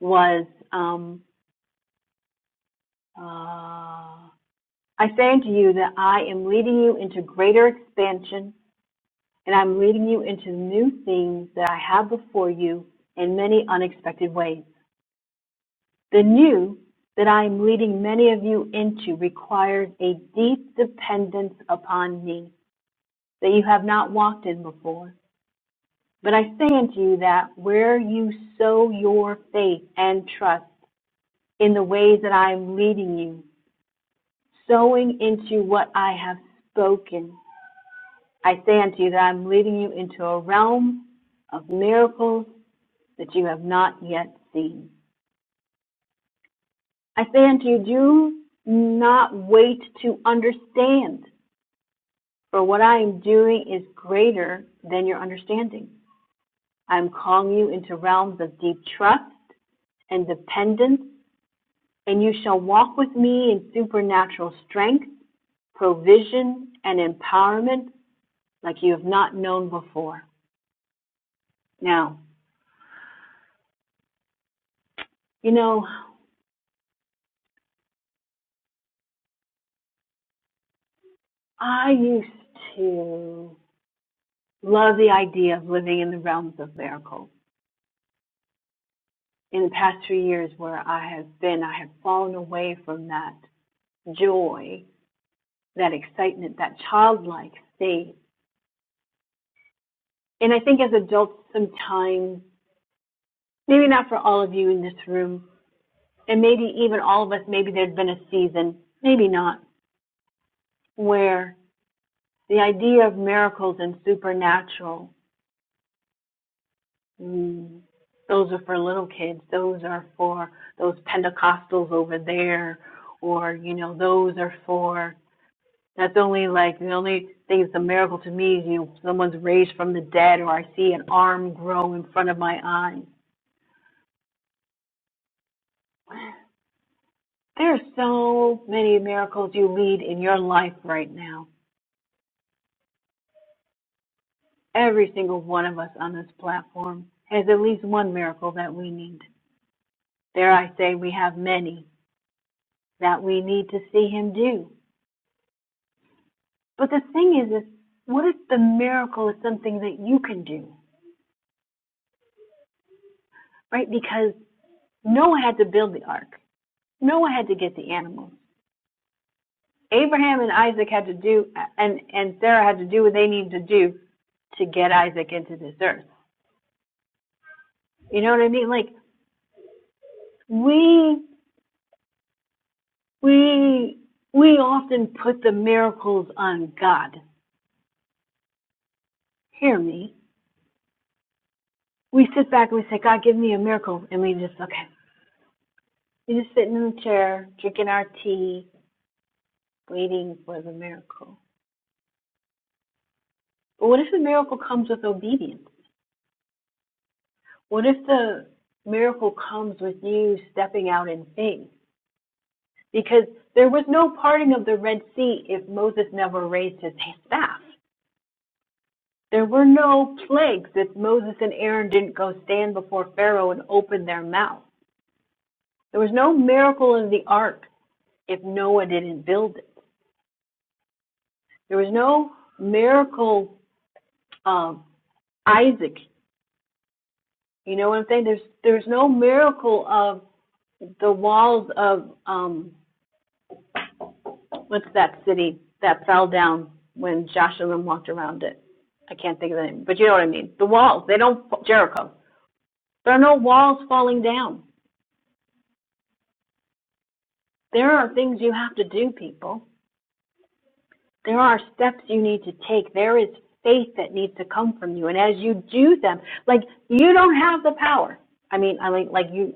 Speaker 1: was um, uh, I say unto you that I am leading you into greater expansion, and I'm leading you into new things that I have before you in many unexpected ways. The new that I am leading many of you into requires a deep dependence upon me that you have not walked in before. But I say unto you that where you sow your faith and trust in the ways that I am leading you, sowing into what I have spoken, I say unto you that I'm leading you into a realm of miracles that you have not yet seen. I say unto you, do not wait to understand, for what I am doing is greater than your understanding. I am calling you into realms of deep trust and dependence, and you shall walk with me in supernatural strength, provision, and empowerment like you have not known before. Now, you know, I used to love the idea of living in the realms of miracles. In the past three years where I have been, I have fallen away from that joy, that excitement, that childlike state. And I think as adults, sometimes, maybe not for all of you in this room, and maybe even all of us, maybe there's been a season, maybe not, where the idea of miracles and supernatural Mm. Those are for little kids. Those are for those Pentecostals over there, or you know, those are for. That's only like the only thing that's a miracle to me is you know someone's raised from the dead, or I see an arm grow in front of my eyes. There are so many miracles you lead in your life right now. Every single one of us on this platform has at least one miracle that we need. Dare I say we have many that we need to see him do. But the thing is, is what if the miracle is something that you can do, right? Because Noah had to build the ark. Noah had to get the animals. Abraham and Isaac had to do, and and Sarah had to do what they needed to do to get Isaac into this earth. You know what I mean? Like we we we often put the miracles on God. Hear me. We sit back and we say, God, give me a miracle, and we just okay. We're just sitting in the chair, drinking our tea, waiting for the miracle. But what if the miracle comes with obedience? What if the miracle comes with you stepping out in faith? Because there was no parting of the Red Sea if Moses never raised his staff. There were no plagues if Moses and Aaron didn't go stand before Pharaoh and open their mouth. There was no miracle in the ark if Noah didn't build it. There was no miracle of Isaac. You know what I'm saying? There's there's no miracle of the walls of um, What's that city that fell down when Josh and them walked around it? I can't think of the name, but you know what I mean. The walls, they don't, Jericho. There are no walls falling down. There are things you have to do, people. There are steps you need to take. There is faith that needs to come from you. And as you do them, like you don't have the power. I mean, I like, like you,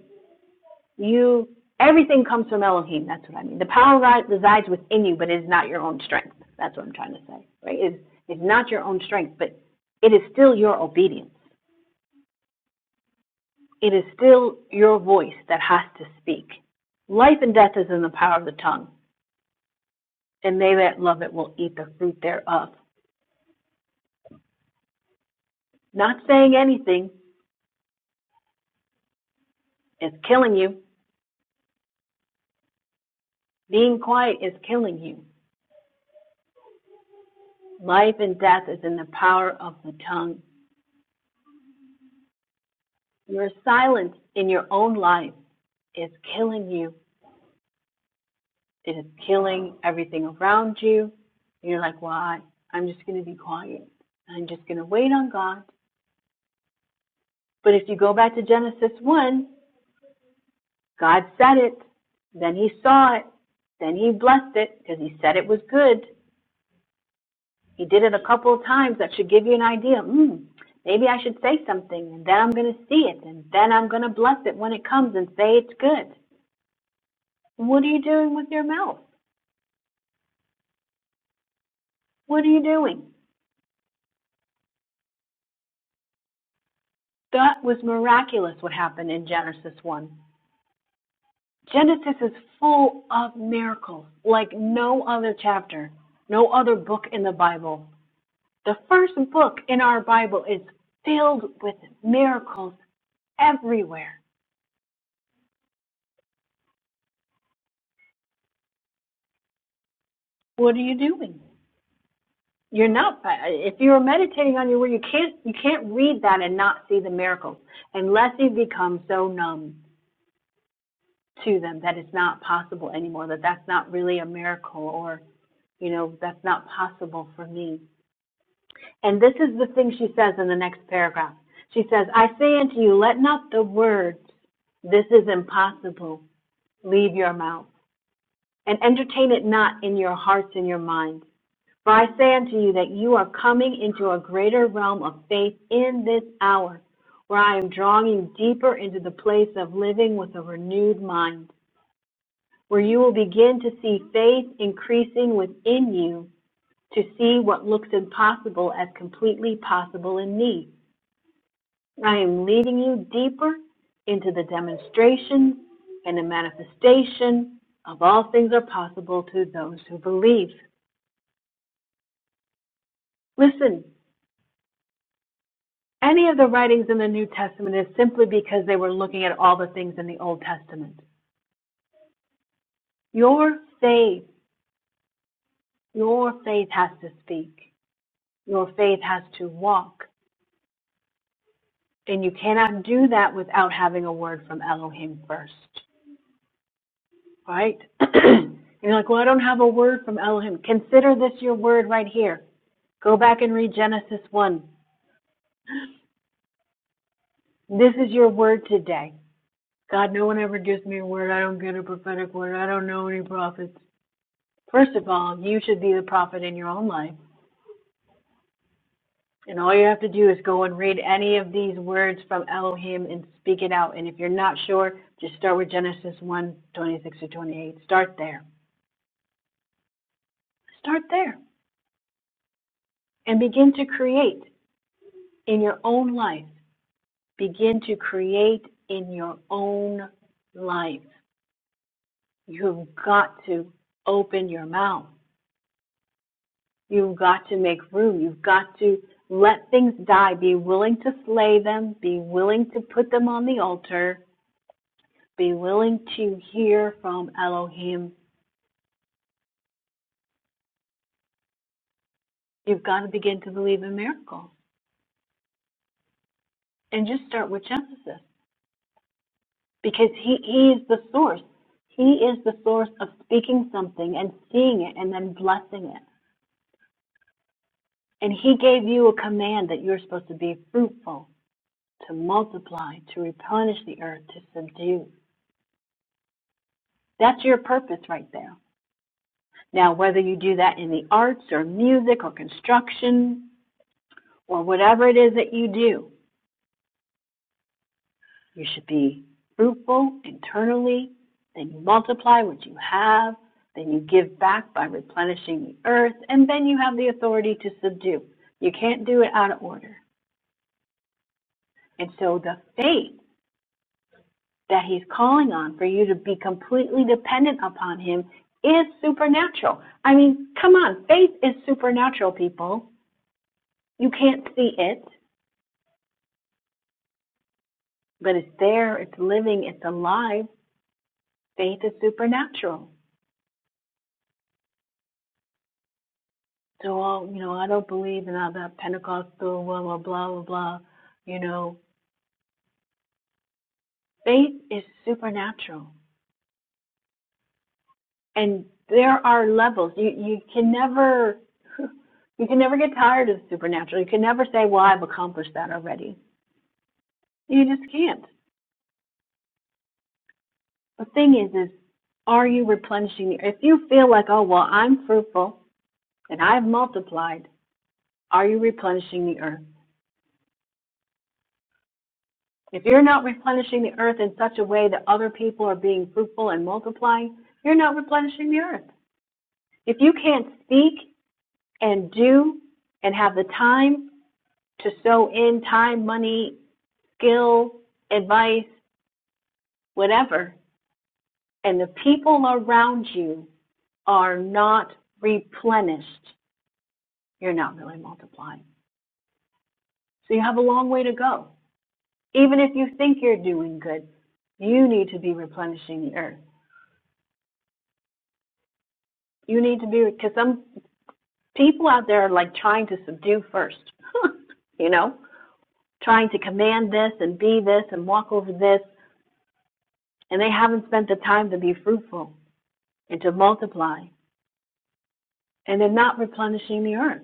Speaker 1: you everything comes from Elohim. That's what I mean. The power resides within you, but it is not your own strength. That's what I'm trying to say. Right? It's, it's not your own strength, but it is still your obedience. It is still your voice that has to speak. Life and death is in the power of the tongue, and they that love it will eat the fruit thereof. Not saying anything is killing you. Being quiet is killing you. Life and death is in the power of the tongue. Your silence in your own life is killing you It is killing everything around you. And you're like, why? I'm just going to be quiet. I'm just going to wait on God. But if you go back to Genesis 1, God said it. Then he saw it. Then he blessed it because he said it was good. He did it a couple of times. That should give you an idea. Mm, maybe I should say something and then I'm going to see it and then I'm going to bless it when it comes and say it's good. What are you doing with your mouth? What are you doing? That was miraculous what happened in Genesis 1. Genesis is full of miracles like no other chapter, no other book in the Bible. The first book in our Bible is filled with miracles everywhere. What are you doing? You're not if you're meditating on your word, you can't you can't read that and not see the miracles unless you become so numb to them that it's not possible anymore that that's not really a miracle or you know that's not possible for me And this is the thing she says in the next paragraph. She says, I say unto you, let not the words, this is impossible, leave your mouth, and entertain it not in your hearts and your minds. For I say unto you that you are coming into a greater realm of faith in this hour, where I am drawing you deeper into the place of living with a renewed mind, where you will begin to see faith increasing within you to see what looks impossible as completely possible in me I am leading you deeper into the demonstration and the manifestation of all things are possible to those who believe. Listen, any of the writings in the New Testament is simply because they were looking at all the things in the Old Testament. Your faith, your faith has to speak. Your faith has to walk. And you cannot do that without having a word from Elohim first, right? and you're like, well, I don't have a word from Elohim. Consider this your word right here. Go back and read Genesis 1. This is your word today. God, no one ever gives me a word. I don't get a prophetic word. I don't know any prophets. First of all, you should be the prophet in your own life. And all you have to do is go and read any of these words from Elohim and speak it out. And if you're not sure, just start with Genesis one twenty-six 26 to 28. Start there. Start there. And begin to create in your own life. Begin to create in your own life. You've got to open your mouth. You've got to make room. You've got to let things die. Be willing to slay them. Be willing to put them on the altar. Be willing to hear from Elohim. You've got to begin to believe in miracles and just start with Genesis because he, he is the source. He is the source of speaking something and seeing it and then blessing it. And he gave you a command that you're supposed to be fruitful to multiply, to replenish the earth, to subdue. That's your purpose right there. Now, whether you do that in the arts or music or construction or whatever it is that you do, you should be fruitful internally. Then you multiply what you have. Then you give back by replenishing the earth. And then you have the authority to subdue. You can't do it out of order. And so the faith that He's calling on for you to be completely dependent upon Him is supernatural. I mean, come on, faith is supernatural, people. You can't see it, but it's there, it's living, it's alive. Faith is supernatural. So, all, you know, I don't believe in all that Pentecostal, blah, blah, blah, blah, blah. You know, faith is supernatural. And there are levels. You, you can never, you can never get tired of supernatural. You can never say, well, I've accomplished that already You just can't. The thing is, is are you replenishing? If you feel like, oh well, I'm fruitful and I've multiplied, are you replenishing the earth? If you're not replenishing the earth in such a way that other people are being fruitful and multiplying, you're not replenishing the earth. If you can't speak and do and have the time to sow in time, money, skill, advice, whatever, and the people around you are not replenished, you're not really multiplying. So you have a long way to go. Even if you think you're doing good, you need to be replenishing the earth. You need to be, because some people out there are like trying to subdue first, you know, trying to command this and be this and walk over this, and they haven't spent the time to be fruitful and to multiply, and they're not replenishing the earth.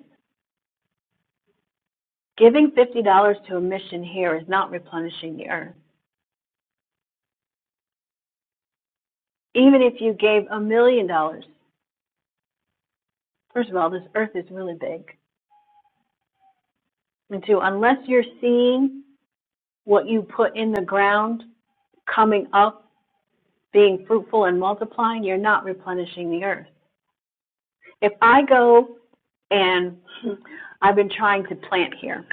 Speaker 1: Giving $50 to a mission here is not replenishing the earth. Even if you gave a million dollars, first of all, this earth is really big. And two, unless you're seeing what you put in the ground coming up, being fruitful and multiplying, you're not replenishing the earth. If I go and I've been trying to plant here,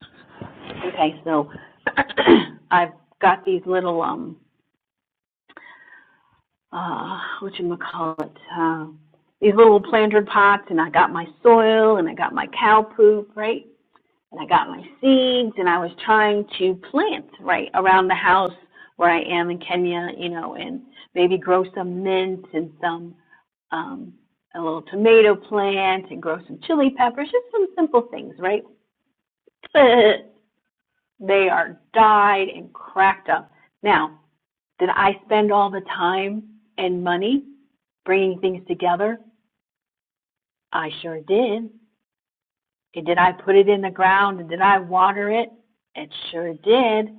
Speaker 1: okay, so I've got these little um uh what you call it uh, these little planter pots, and I got my soil and I got my cow poop, right? and I got my seeds and I was trying to plant right around the house where I am in Kenya, you know, and maybe grow some mint and some um a little tomato plant and grow some chili peppers, just some simple things, right? But they are dyed and cracked up. Now, did I spend all the time and money bringing things together? I sure did. And did I put it in the ground and did I water it? It sure did.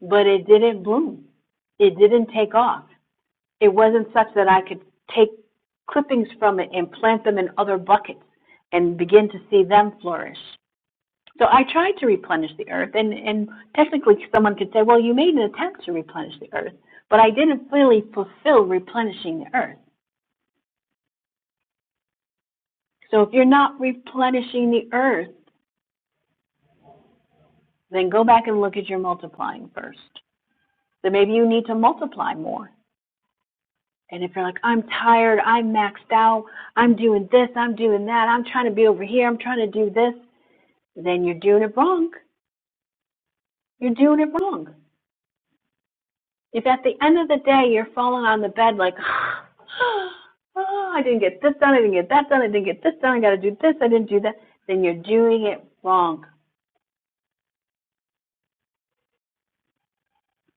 Speaker 1: but it didn't bloom. It didn't take off. It wasn't such that I could take clippings from it and plant them in other buckets and begin to see them flourish. So I tried to replenish the earth, and, and technically someone could say, well, you made an attempt to replenish the earth, but I didn't really fulfill replenishing the earth. So if you're not replenishing the earth, then go back and look at your multiplying first. So maybe you need to multiply more And if you're like, I'm tired, I'm maxed out, I'm doing this, I'm doing that, I'm trying to be over here, I'm trying to do this, then you're doing it wrong. You're doing it wrong. If at the end of the day you're falling on the bed like, oh, I didn't get this done, I didn't get that done, I didn't get this done, I got to do this, I didn't do that, then you're doing it wrong.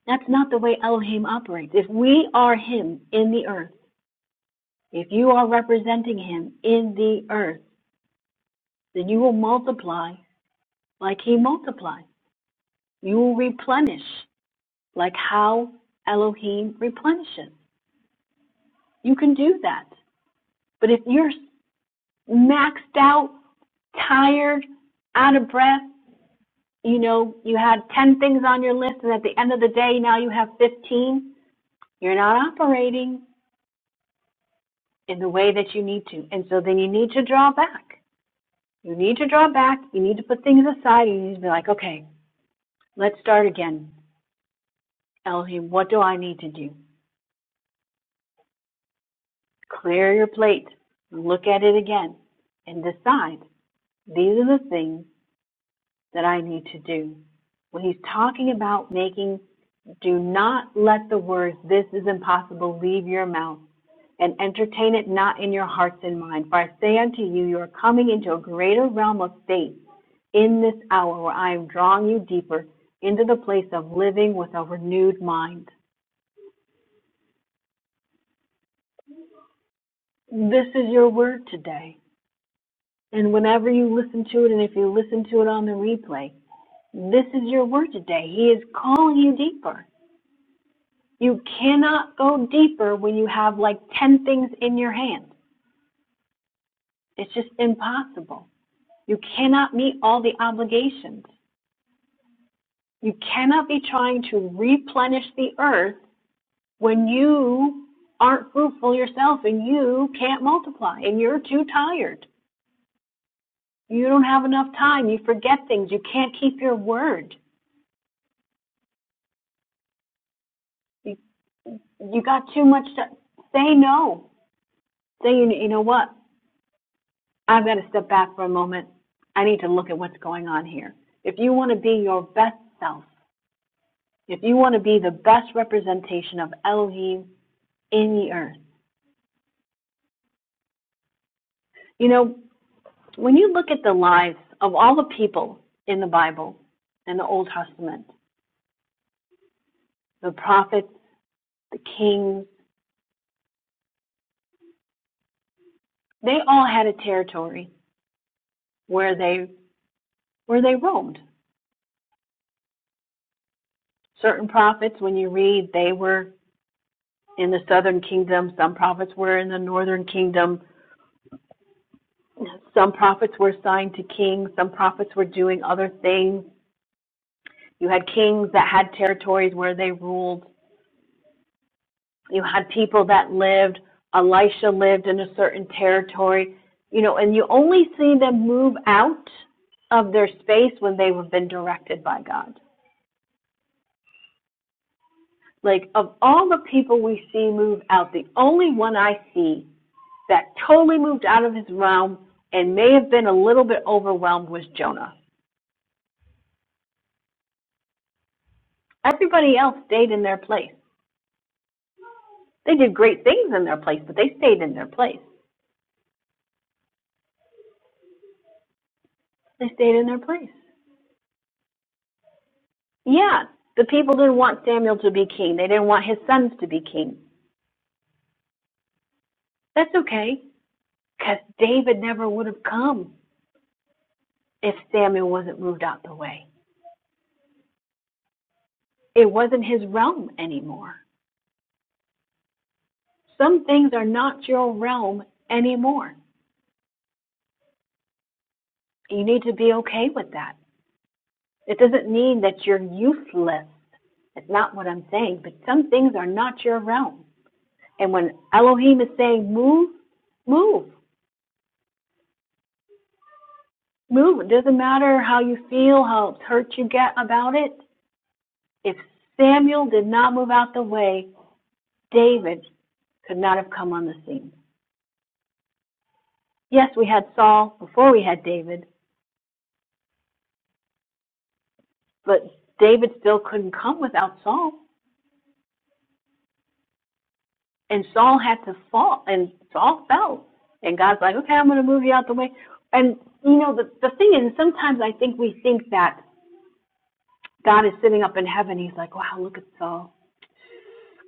Speaker 1: That's not the way Elohim operates. If we are Him in the earth, if you are representing Him in the earth, then you will multiply like He multiplies. You replenish like how Elohim replenishes. You can do that. But if you're maxed out, tired, out of breath, you know, you had 10 things on your list, and at the end of the day, now you have 15, you're not operating in the way that you need to. And so then you need to draw back. You need to draw back. You need to put things aside. You need to be like, okay, let's start again. Elohim, what do I need to do? Clear your plate, look at it again, and decide these are the things that I need to do. When he's talking about making, do not let the words, this is impossible, leave your mouth and entertain it not in your hearts and mind. For I say unto you, you are coming into a greater realm of faith in this hour where I am drawing you deeper into the place of living with a renewed mind. This is your word today. And whenever you listen to it, and if you listen to it on the replay, this is your word today. He is calling you deeper. You cannot go deeper when you have like 10 things in your hand. It's just impossible. You cannot meet all the obligations. You cannot be trying to replenish the earth when you aren't fruitful yourself and you can't multiply and you're too tired. You don't have enough time. You forget things. You can't keep your word. you got too much to say no. Say you, you know what? I've got to step back for a moment. I need to look at what's going on here. If you want to be your best self, if you want to be the best representation of Elohim in the earth, you know, when you look at the lives of all the people in the Bible and the Old Testament, the prophets, the kings, they all had a territory where they where they roamed. Certain prophets, when you read, they were in the southern kingdom, some prophets were in the northern kingdom, some prophets were assigned to kings, some prophets were doing other things. You had kings that had territories where they ruled, you had people that lived. Elisha lived in a certain territory, you know, and you only see them move out of their space when they have been directed by God. Like, of all the people we see move out, the only one I see that totally moved out of his realm and may have been a little bit overwhelmed was Jonah. Everybody else stayed in their place. They did great things in their place, but they stayed in their place. They stayed in their place. Yeah, the people didn't want Samuel to be king. They didn't want his sons to be king. That's okay, because David never would have come if Samuel wasn't moved out the way. It wasn't his realm anymore. Some things are not your realm anymore. You need to be okay with that. It doesn't mean that you're useless. It's not what I'm saying, but some things are not your realm. And when Elohim is saying move, move, move. It doesn't matter how you feel, how hurt you get about it. If Samuel did not move out the way, David could not have come on the scene. Yes, we had Saul before we had David, but David still couldn't come without Saul. And Saul had to fall, and Saul fell. And God's like, okay, I'm going to move you out the way. And, you know, the, the thing is, sometimes I think we think that God is sitting up in heaven. He's like, wow, look at Saul.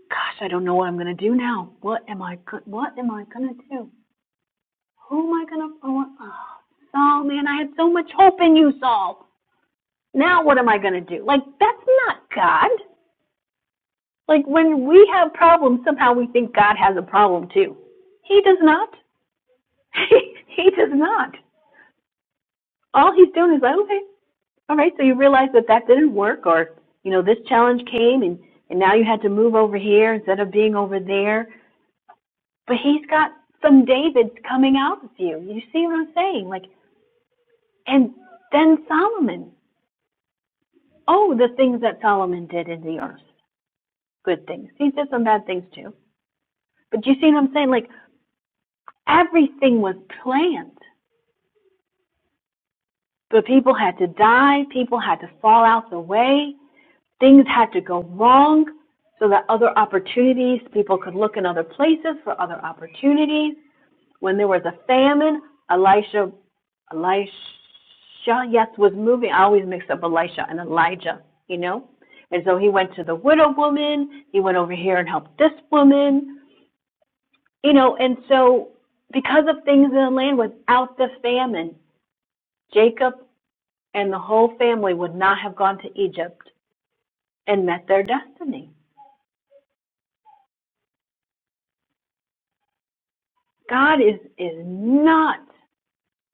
Speaker 1: Gosh, I don't know what I'm going to do now. What am I, what am I going to do? Who am I going to, oh, oh, Saul, man, I had so much hope in you, Saul. Now what am I going to do? Like, that's not God. Like, when we have problems, somehow we think God has a problem too. He does not. he does not. all he's doing is like, okay, all right, so you realize that that didn't work, or you know, this challenge came, and and now you had to move over here instead of being over there. But he's got some David coming out with you. You see what I'm saying? Like, and then Solomon. Oh, the things that Solomon did in the earth, good things. He did some bad things too. But you see what I'm saying? Like everything was planned, but people had to die, people had to fall out the way, things had to go wrong so that other opportunities, people could look in other places for other opportunities. When there was a famine, Elisha, Elisha, yes, was moving. I always mix up Elisha and Elijah, you know? And so he went to the widow woman, he went over here and helped this woman, you know? And so, because of things in the land without the famine, Jacob and the whole family would not have gone to Egypt and met their destiny. God is, is not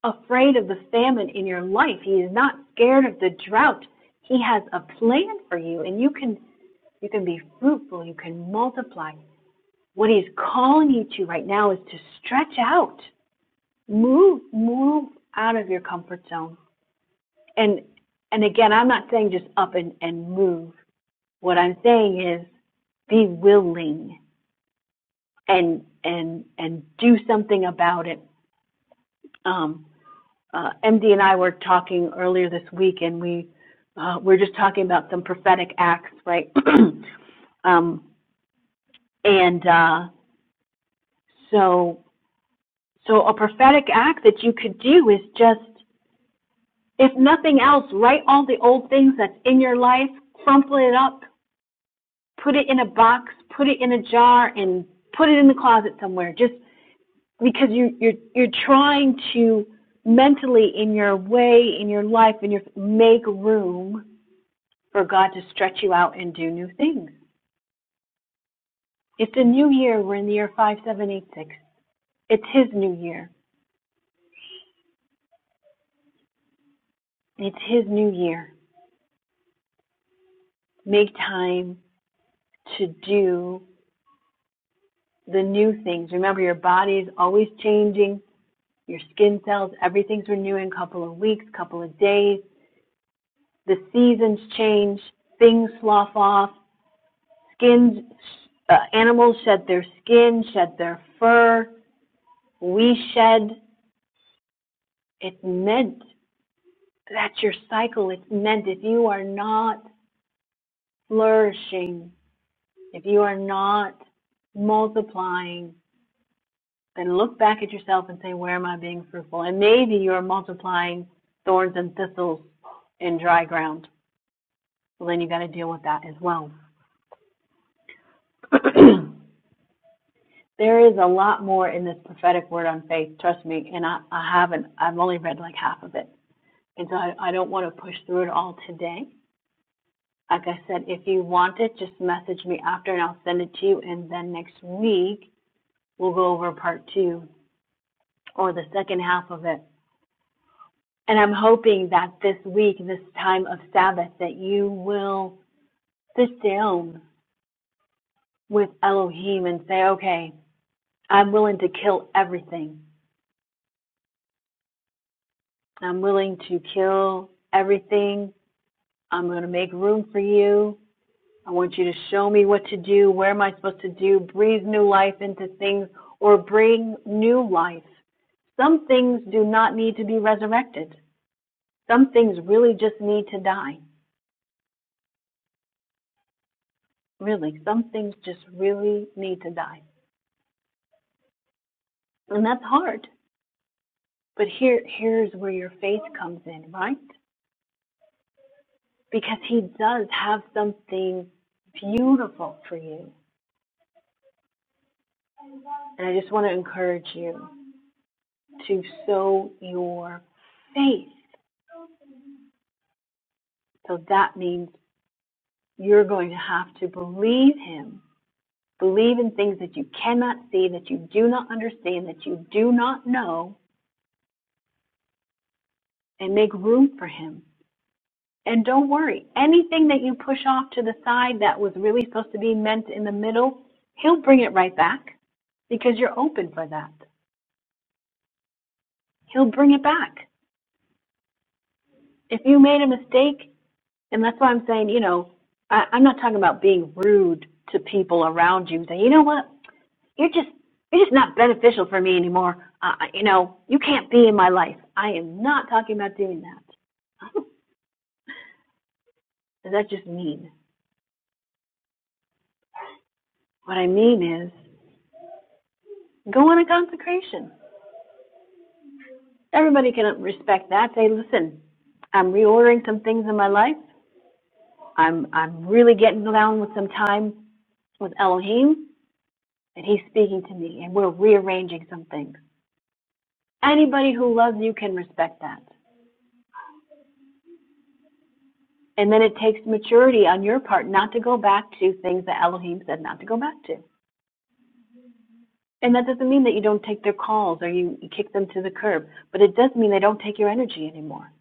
Speaker 1: afraid of the famine in your life. He is not scared of the drought. He has a plan for you and you can you can be fruitful, you can multiply. What he's calling you to right now is to stretch out. Move move out of your comfort zone. And and again, I'm not saying just up and, and move. What I'm saying is be willing and and and do something about it. Um, uh, MD and I were talking earlier this week, and we uh, we are just talking about some prophetic acts, right? um, and uh, so so a prophetic act that you could do is just, if nothing else, write all the old things that's in your life, crumple it up, put it in a box, put it in a jar, and put it in the closet somewhere. Just because you you're you're trying to mentally in your way in your life in your make room for God to stretch you out and do new things. It's a new year. We're in the year 5786. It's His new year. It's His new year. Make time to do the new things. Remember, your body is always changing. Your skin cells, everything's renewing a couple of weeks, couple of days. The seasons change. Things slough off. Skins, uh, animals shed their skin, shed their fur. We shed. It's meant That's your cycle. It's meant if you are not flourishing, if you are not multiplying, then look back at yourself and say, Where am I being fruitful? And maybe you're multiplying thorns and thistles in dry ground. Well, then you got to deal with that as well. there is a lot more in this prophetic word on faith, trust me, and I, I haven't, I've only read like half of it. And so I, I don't want to push through it all today. like I said, if you want it, just message me after and I'll send it to you. And then next week, we'll go over part two or the second half of it. And I'm hoping that this week, this time of Sabbath, that you will sit down with Elohim and say, okay, I'm willing to kill everything. I'm willing to kill everything. I'm going to make room for you. I want you to show me what to do. Where am I supposed to do? Breathe new life into things or bring new life Some things do not need to be resurrected. Some things really just need to die. Really, some things just really need to die. And that's hard. But here here's where your faith comes in, right? Because he does have something beautiful for you. And I just want to encourage you to sow your faith. So that means you're going to have to believe him. Believe in things that you cannot see, that you do not understand, that you do not know, and make room for him. And don't worry, anything that you push off to the side that was really supposed to be meant in the middle, he'll bring it right back because you're open for that. He'll bring it back. If you made a mistake, and that's why I'm saying, you know, I, I'm not talking about being rude to people around you. Say, you know what, you're just you're just not beneficial for me anymore. Uh, uh, you know, you can't be in my life. I am not talking about doing that. Does that just mean? What I mean is Go on a consecration. Everybody can respect that. Say, listen, I'm reordering some things in my life. I'm I'm really getting down with some time with Elohim, and He's speaking to me, and we're rearranging some things. Anybody who loves you can respect that. And then it takes maturity on your part not to go back to things that Elohim said not to go back to. And that doesn't mean that you don't take their calls or you, you kick them to the curb, but it does mean they don't take your energy anymore.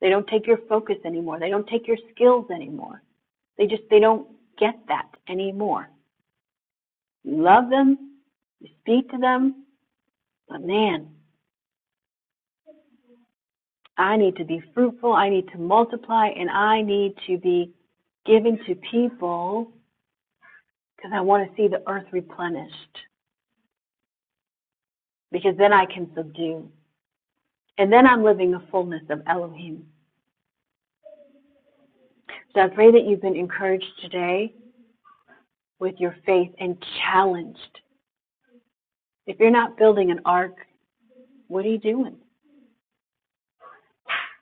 Speaker 1: They don't take your focus anymore. They don't take your skills anymore They just they don't get that anymore. You love them, you speak to them, but man, I need to be fruitful, I need to multiply, and I need to be giving to people because I want to see the earth replenished because then I can subdue. And then I'm living the fullness of Elohim. So I pray that you've been encouraged today with your faith and challenged. If you're not building an ark, what are you doing?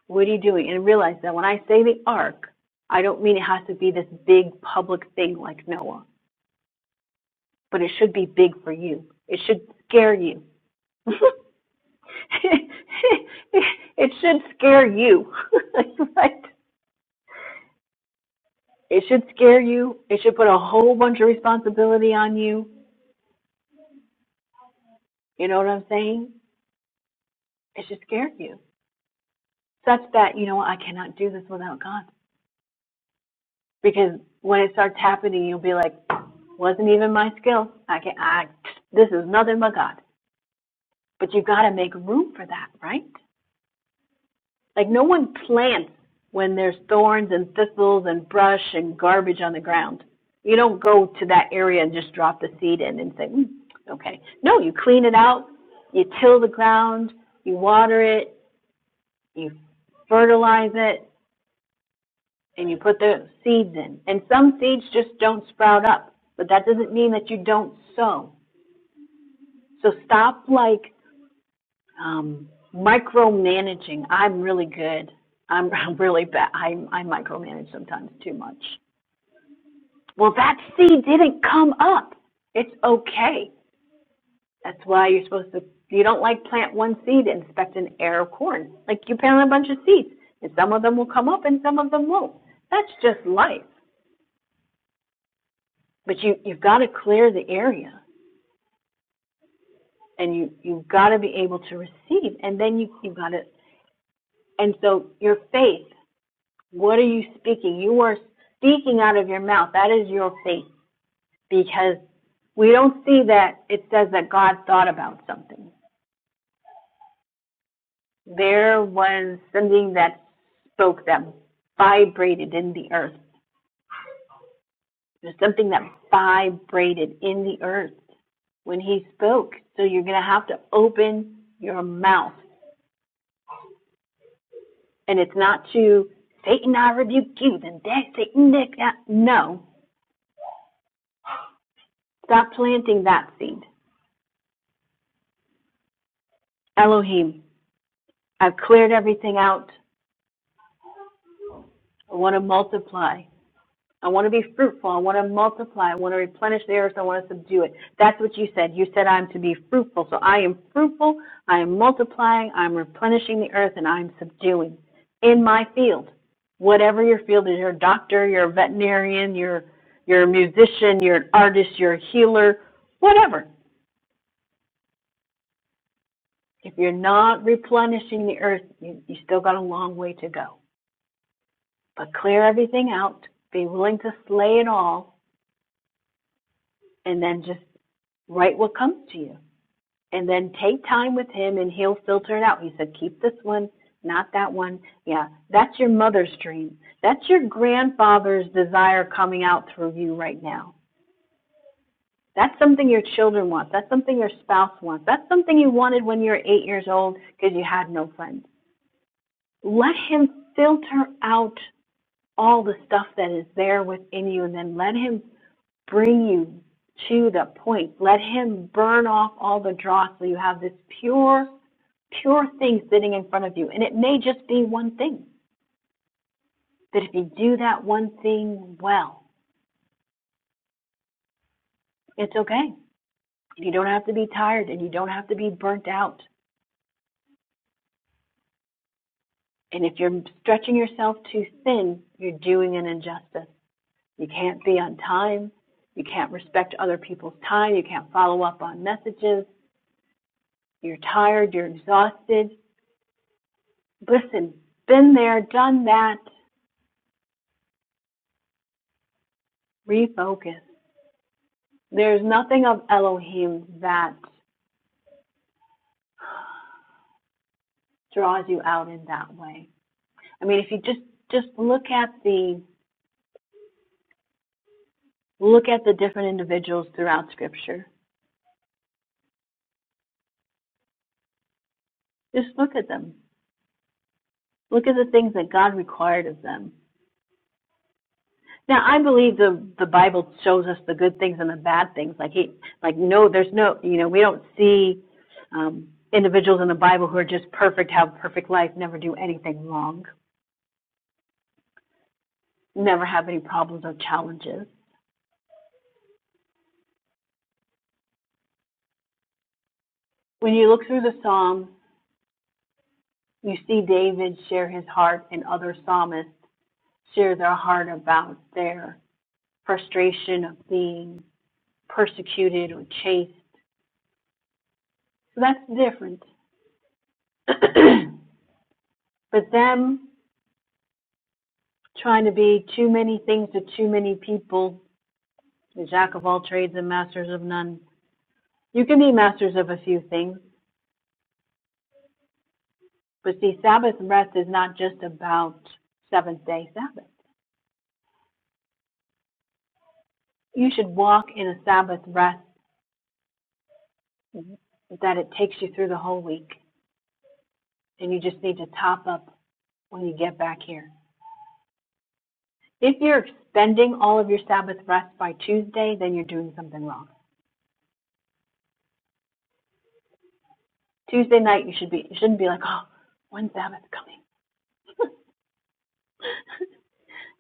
Speaker 1: What are you doing? And realize that when I say the ark, I don't mean it has to be this big public thing like Noah, but it should be big for you. It should scare you. it should scare you, right? It should scare you. It should put a whole bunch of responsibility on you. You know what I'm saying? It should scare you such that, you know what, I cannot do this without God. Because when it starts happening, you'll be like, wasn't even my skill. I can I this is nothing but God. But you got to make room for that, right? Like no one plants when there's thorns and thistles and brush and garbage on the ground. You don't go to that area and just drop the seed in and say, mm, okay. No, you clean it out, you till the ground, you water it, you fertilize it, and you put the seeds in. And some seeds just don't sprout up, but that doesn't mean that you don't sow. So stop like um, micromanaging. I'm really good. I'm, I'm really bad. I, I micromanage sometimes too much. Well, that seed didn't come up. It's okay. That's why you're supposed to, you don't like plant one seed, and expect an ear of corn. Like you plant a bunch of seeds, and some of them will come up and some of them won't. That's just life. But you, you've got to clear the area and you, you've got to be able to receive. And then you, you've got to, and so your faith What are you speaking? You are speaking out of your mouth. That is your faith because we don't see that it says that God thought about something. There was something that spoke that vibrated in the earth. There's something that vibrated in the earth when he spoke. So you're going to have to open your mouth. And it's not to Satan, I rebuke you, then that Satan, No. Stop planting that seed. Elohim. I've cleared everything out. I want to multiply. I want to be fruitful. I want to multiply. I want to replenish the earth. I want to subdue it. That's what you said. You said I'm to be fruitful. So I am fruitful. I am multiplying. I'm replenishing the earth and I'm subduing in my field. Whatever your field is, you're a doctor, you're a veterinarian, you're, you're a musician, you're an artist, you're a healer, whatever. If you're not replenishing the earth, you, you still got a long way to go. But clear everything out, be willing to slay it all, and then just write what comes to you. And then take time with him and he'll filter it out. He said, keep this one, not that one. Yeah, that's your mother's dream. That's your grandfather's desire coming out through you right now. That's something your children want. That's something your spouse wants. That's something you wanted when you were eight years old because you had no friends. Let him filter out all the stuff that is there within you and then let him bring you to the point. Let Him burn off all the dross so you have this pure, pure thing sitting in front of you. And it may just be one thing. But if you do that one thing well, it's okay. You don't have to be tired and you don't have to be burnt out. And if you're stretching yourself too thin, you're doing an injustice. You can't be on time. You can't respect other people's time. You can't follow up on messages. You're tired. You're exhausted. Listen, been there, done that, refocus. There's nothing of Elohim that draws you out in that way. I mean, if you just just look at the look at the different individuals throughout Scripture. Just look at them. Look at the things that God required of them. Now, I believe the the Bible shows us the good things and the bad things. Like he, like no, there's no, you know, we don't see um, individuals in the Bible who are just perfect, have perfect life, never do anything wrong. never have any problems or challenges. When you look through the Psalms, you see David share his heart and other psalmists share their heart about their frustration of being persecuted or chased. So that's different. but them trying to be too many things to too many people, the jack of all trades and masters of none. You can be masters of a few things, but see, Sabbath rest is not just about seventh day Sabbath. You should walk in a Sabbath rest that it takes you through the whole week and you just need to top up when you get back here. If you're expending all of your Sabbath rest by Tuesday, then you're doing something wrong. Tuesday night you should be you shouldn't be like, oh, when Sabbath coming?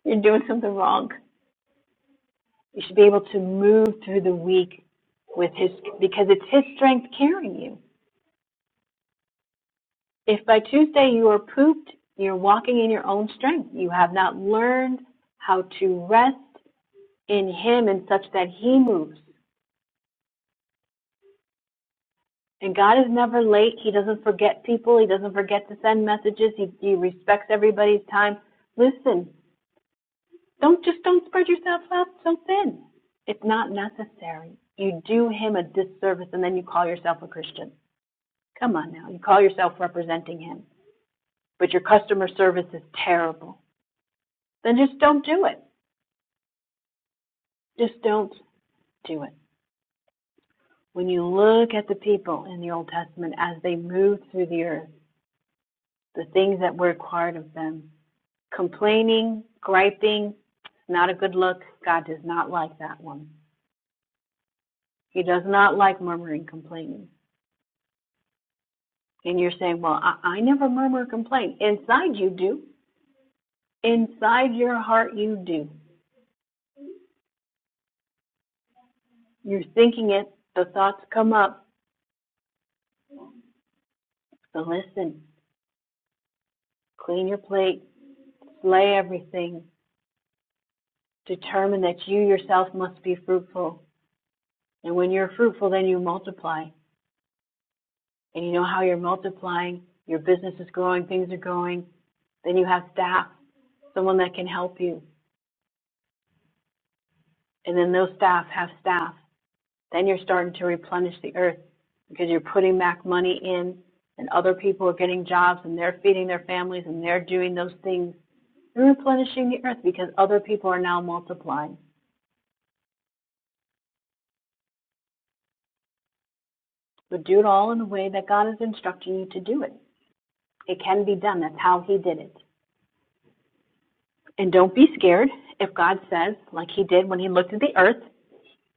Speaker 1: You're doing something wrong. You should be able to move through the week with his because it's his strength carrying you. If by Tuesday you are pooped, you're walking in your own strength. You have not learned how to rest in him in such that he moves. And God is never late. He doesn't forget people. He doesn't forget to send messages. He, he respects everybody's time. Listen, don't just don't spread yourself out so thin. It's not necessary. You do him a disservice and then you call yourself a Christian. Come on now. You call yourself representing him, but your customer service is terrible. Then just don't do it. Just don't do it. When you look at the people in the Old Testament as they moved through the earth, the things that were required of them, complaining, griping, it's not a good look. God does not like that one. He does not like murmuring, complaining. And you're saying, well, I, I never murmur, or complain. Inside you do. Inside your heart you do. You're thinking it. The thoughts come up. So listen, clean your plate, slay everything. Determine that you yourself must be fruitful. And when you're fruitful, then you multiply. And you know how you're multiplying. Your business is growing, things are growing. Then you have staff someone that can help you. And then those staff have staff. Then you're starting to replenish the earth because you're putting back money in and other people are getting jobs and they're feeding their families and they're doing those things. You're replenishing the earth because other people are now multiplying. But do it all in the way that God is instructing you to do it. It can be done. That's how He did it. And don't be scared if God says, like He did when He looked at the earth,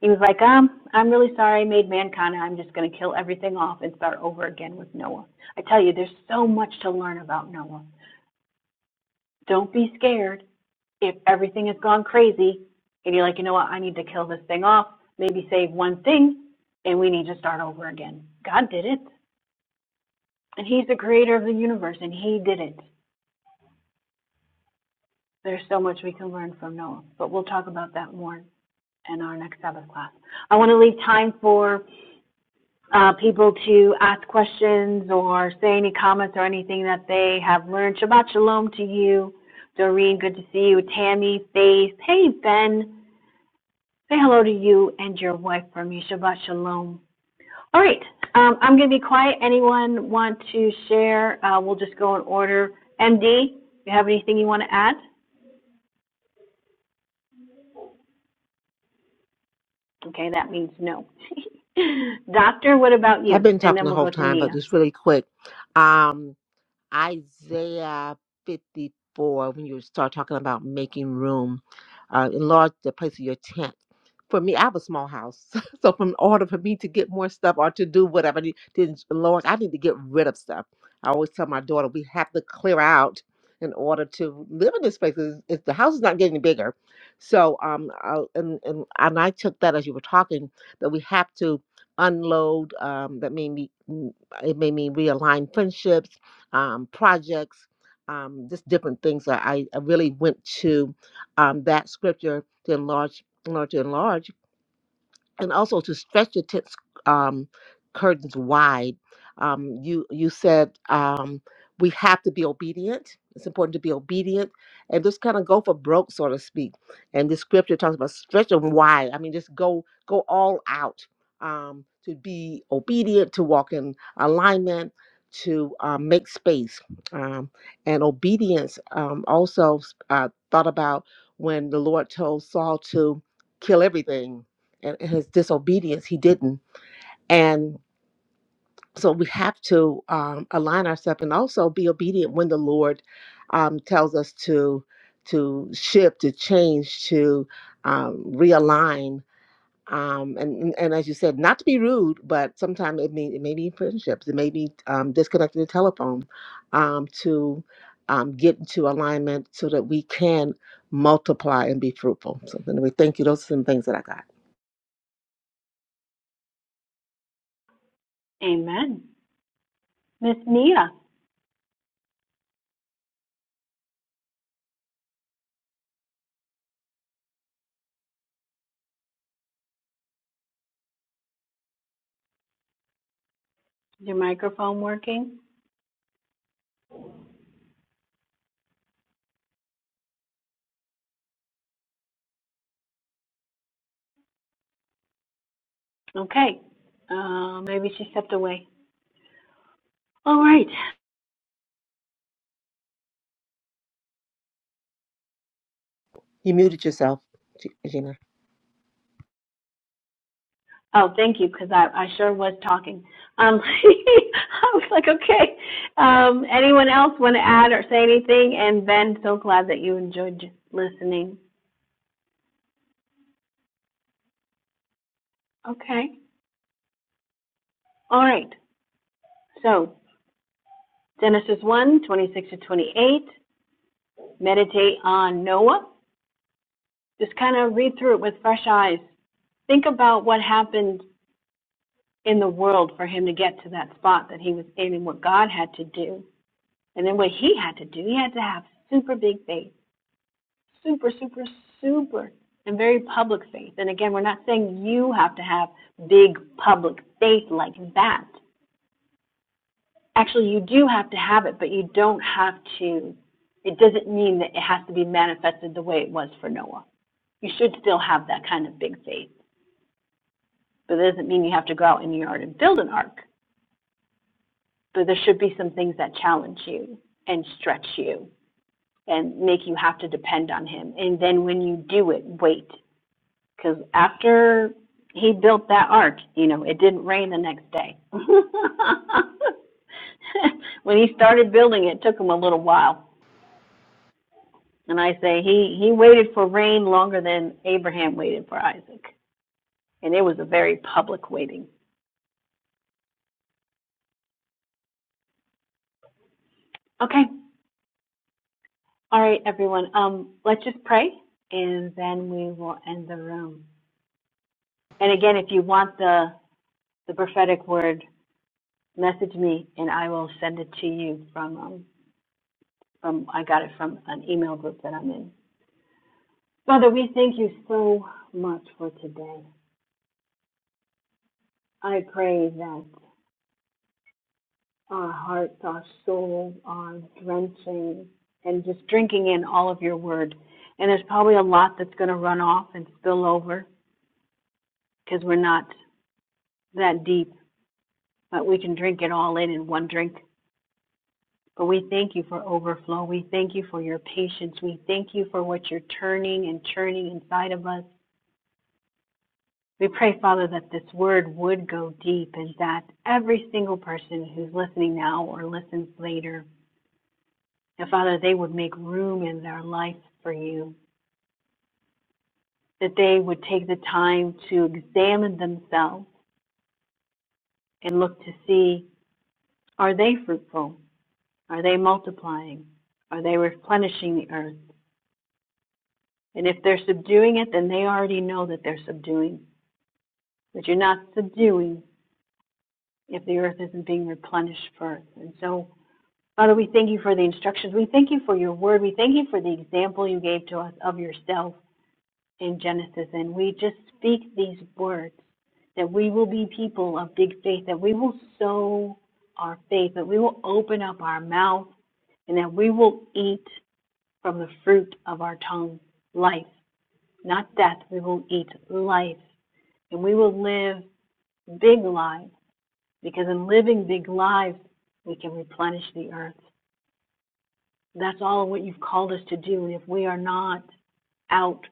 Speaker 1: He was like, um, I'm really sorry I made Mancana. I'm just going to kill everything off and start over again with Noah. I tell you, there's so much to learn about Noah. Don't be scared if everything has gone crazy and you're like, you know what, I need to kill this thing off, maybe save one thing, and we need to start over again. God did it. And He's the creator of the universe, and He did it. There's so much we can learn from Noah, but we'll talk about that more in our next Sabbath class. I want to leave time for uh, people to ask questions or say any comments or anything that they have learned. Shabbat shalom to you, Doreen. Good to see you, Tammy, Faith. Hey, Ben. Say hello to you and your wife from me. Shabbat shalom. All right, um, I'm going to be quiet. Anyone want to share? Uh, we'll just go in order. MD, you have anything you want to add? Okay, that means no. Doctor, what about
Speaker 3: I've
Speaker 1: you?
Speaker 3: been
Speaker 1: And
Speaker 3: talking
Speaker 1: then
Speaker 3: the
Speaker 1: we'll
Speaker 3: whole
Speaker 1: go to
Speaker 3: time, but
Speaker 1: Nia.
Speaker 3: just really quick. Um, Isaiah 54, when you start talking about making room, uh, enlarge the place of your tent. For me, I have a small house. So, from in order for me to get more stuff or to do whatever I need to enlarge, I need to get rid of stuff. I always tell my daughter, we have to clear out in order to live in this place. It's- it's- the house is not getting bigger. So, um, I, and, and, and I took that as you were talking, that we have to unload. Um, that made me, it made me realign friendships um, projects, um, just different things. I, I really went to um, that scripture to enlarge, enlarge, to enlarge and also to stretch your tent um, curtains wide. Um, you you said um, we have to be obedient. It's important to be obedient and just kind of go for broke, so to speak. And the scripture talks about stretch them wide. I mean, just go go all out um, to be obedient, to walk in alignment, to um, make space. Um, and obedience um, also uh, thought about when the Lord told Saul to kill everything and his disobedience he didn't and so we have to um, align ourselves and also be obedient when the lord um, tells us to to shift to change to um, realign um, and and and as you said not to be rude but sometimes it may, it may be friendships it may be um, disconnecting the telephone um, to um, get into alignment so that we can multiply and be fruitful so anyway thank you those are some things that i got
Speaker 1: Amen. Miss Nia, is your microphone working? Okay. Uh, maybe she stepped away. All right.
Speaker 3: You muted yourself, G- Gina.
Speaker 1: Oh, thank you, because I, I sure was talking. Um, I was like, okay. Um, anyone else want to add or say anything? And Ben, so glad that you enjoyed listening. Okay. All right. So, Genesis one 26 to 28. Meditate on Noah. Just kind of read through it with fresh eyes. Think about what happened in the world for him to get to that spot that he was in and what God had to do And then what he had to do, he had to have super big faith, super, super, super, and very public faith. And again, we're not saying you have to have big public faith like that. Actually, you do have to have it, but you don't have to. It doesn't mean that it has to be manifested the way it was for Noah. You should still have that kind of big faith, but it doesn't mean you have to go out in your yard and build an ark. But there should be some things that challenge you and stretch you and make you have to depend on him. And then when you do it, wait. Because after he built that ark, you know, it didn't rain the next day. when he started building it, it took him a little while. And I say he, he waited for rain longer than Abraham waited for Isaac. And it was a very public waiting. Okay. All right, everyone. Um, let's just pray and then we will end the room. And again, if you want the, the prophetic word message me and I will send it to you from um, from I got it from an email group that I'm in. Father, we thank you so much for today. I pray that our hearts, our souls are drenching and just drinking in all of your word. And there's probably a lot that's going to run off and spill over because we're not that deep, but we can drink it all in in one drink. But we thank you for overflow. We thank you for your patience. We thank you for what you're turning and churning inside of us. We pray, Father, that this word would go deep and that every single person who's listening now or listens later, that Father, they would make room in their life for you, that they would take the time to examine themselves and look to see are they fruitful? Are they multiplying? Are they replenishing the earth? And if they're subduing it, then they already know that they're subduing. But you're not subduing if the earth isn't being replenished first. And so, Father, we thank you for the instructions. We thank you for your word. We thank you for the example you gave to us of yourself in Genesis. And we just speak these words that we will be people of big faith, that we will sow our faith, that we will open up our mouth, and that we will eat from the fruit of our tongue life, not death. We will eat life, and we will live big lives because in living big lives, we can replenish the earth. That's all what you've called us to do. If we are not out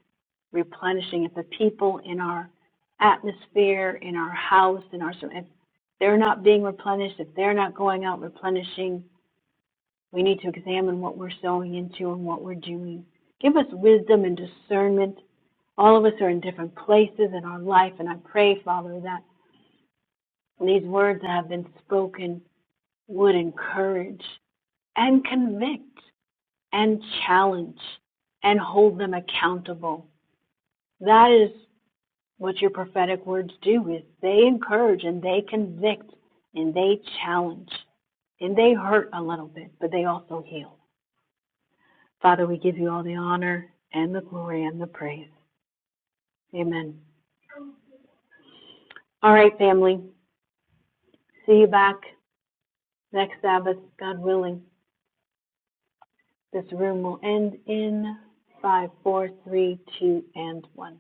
Speaker 1: replenishing, if the people in our atmosphere, in our house, in our, if they're not being replenished, if they're not going out replenishing, we need to examine what we're sowing into and what we're doing. Give us wisdom and discernment. All of us are in different places in our life, and I pray, Father, that these words that have been spoken would encourage and convict. and challenge and hold them accountable. That is what your prophetic words do is they encourage and they convict and they challenge and they hurt a little bit, but they also heal. Father, we give you all the honor and the glory and the praise. Amen. All right, family. See you back next Sabbath, God willing. This room will end in five, four, three, two, and one.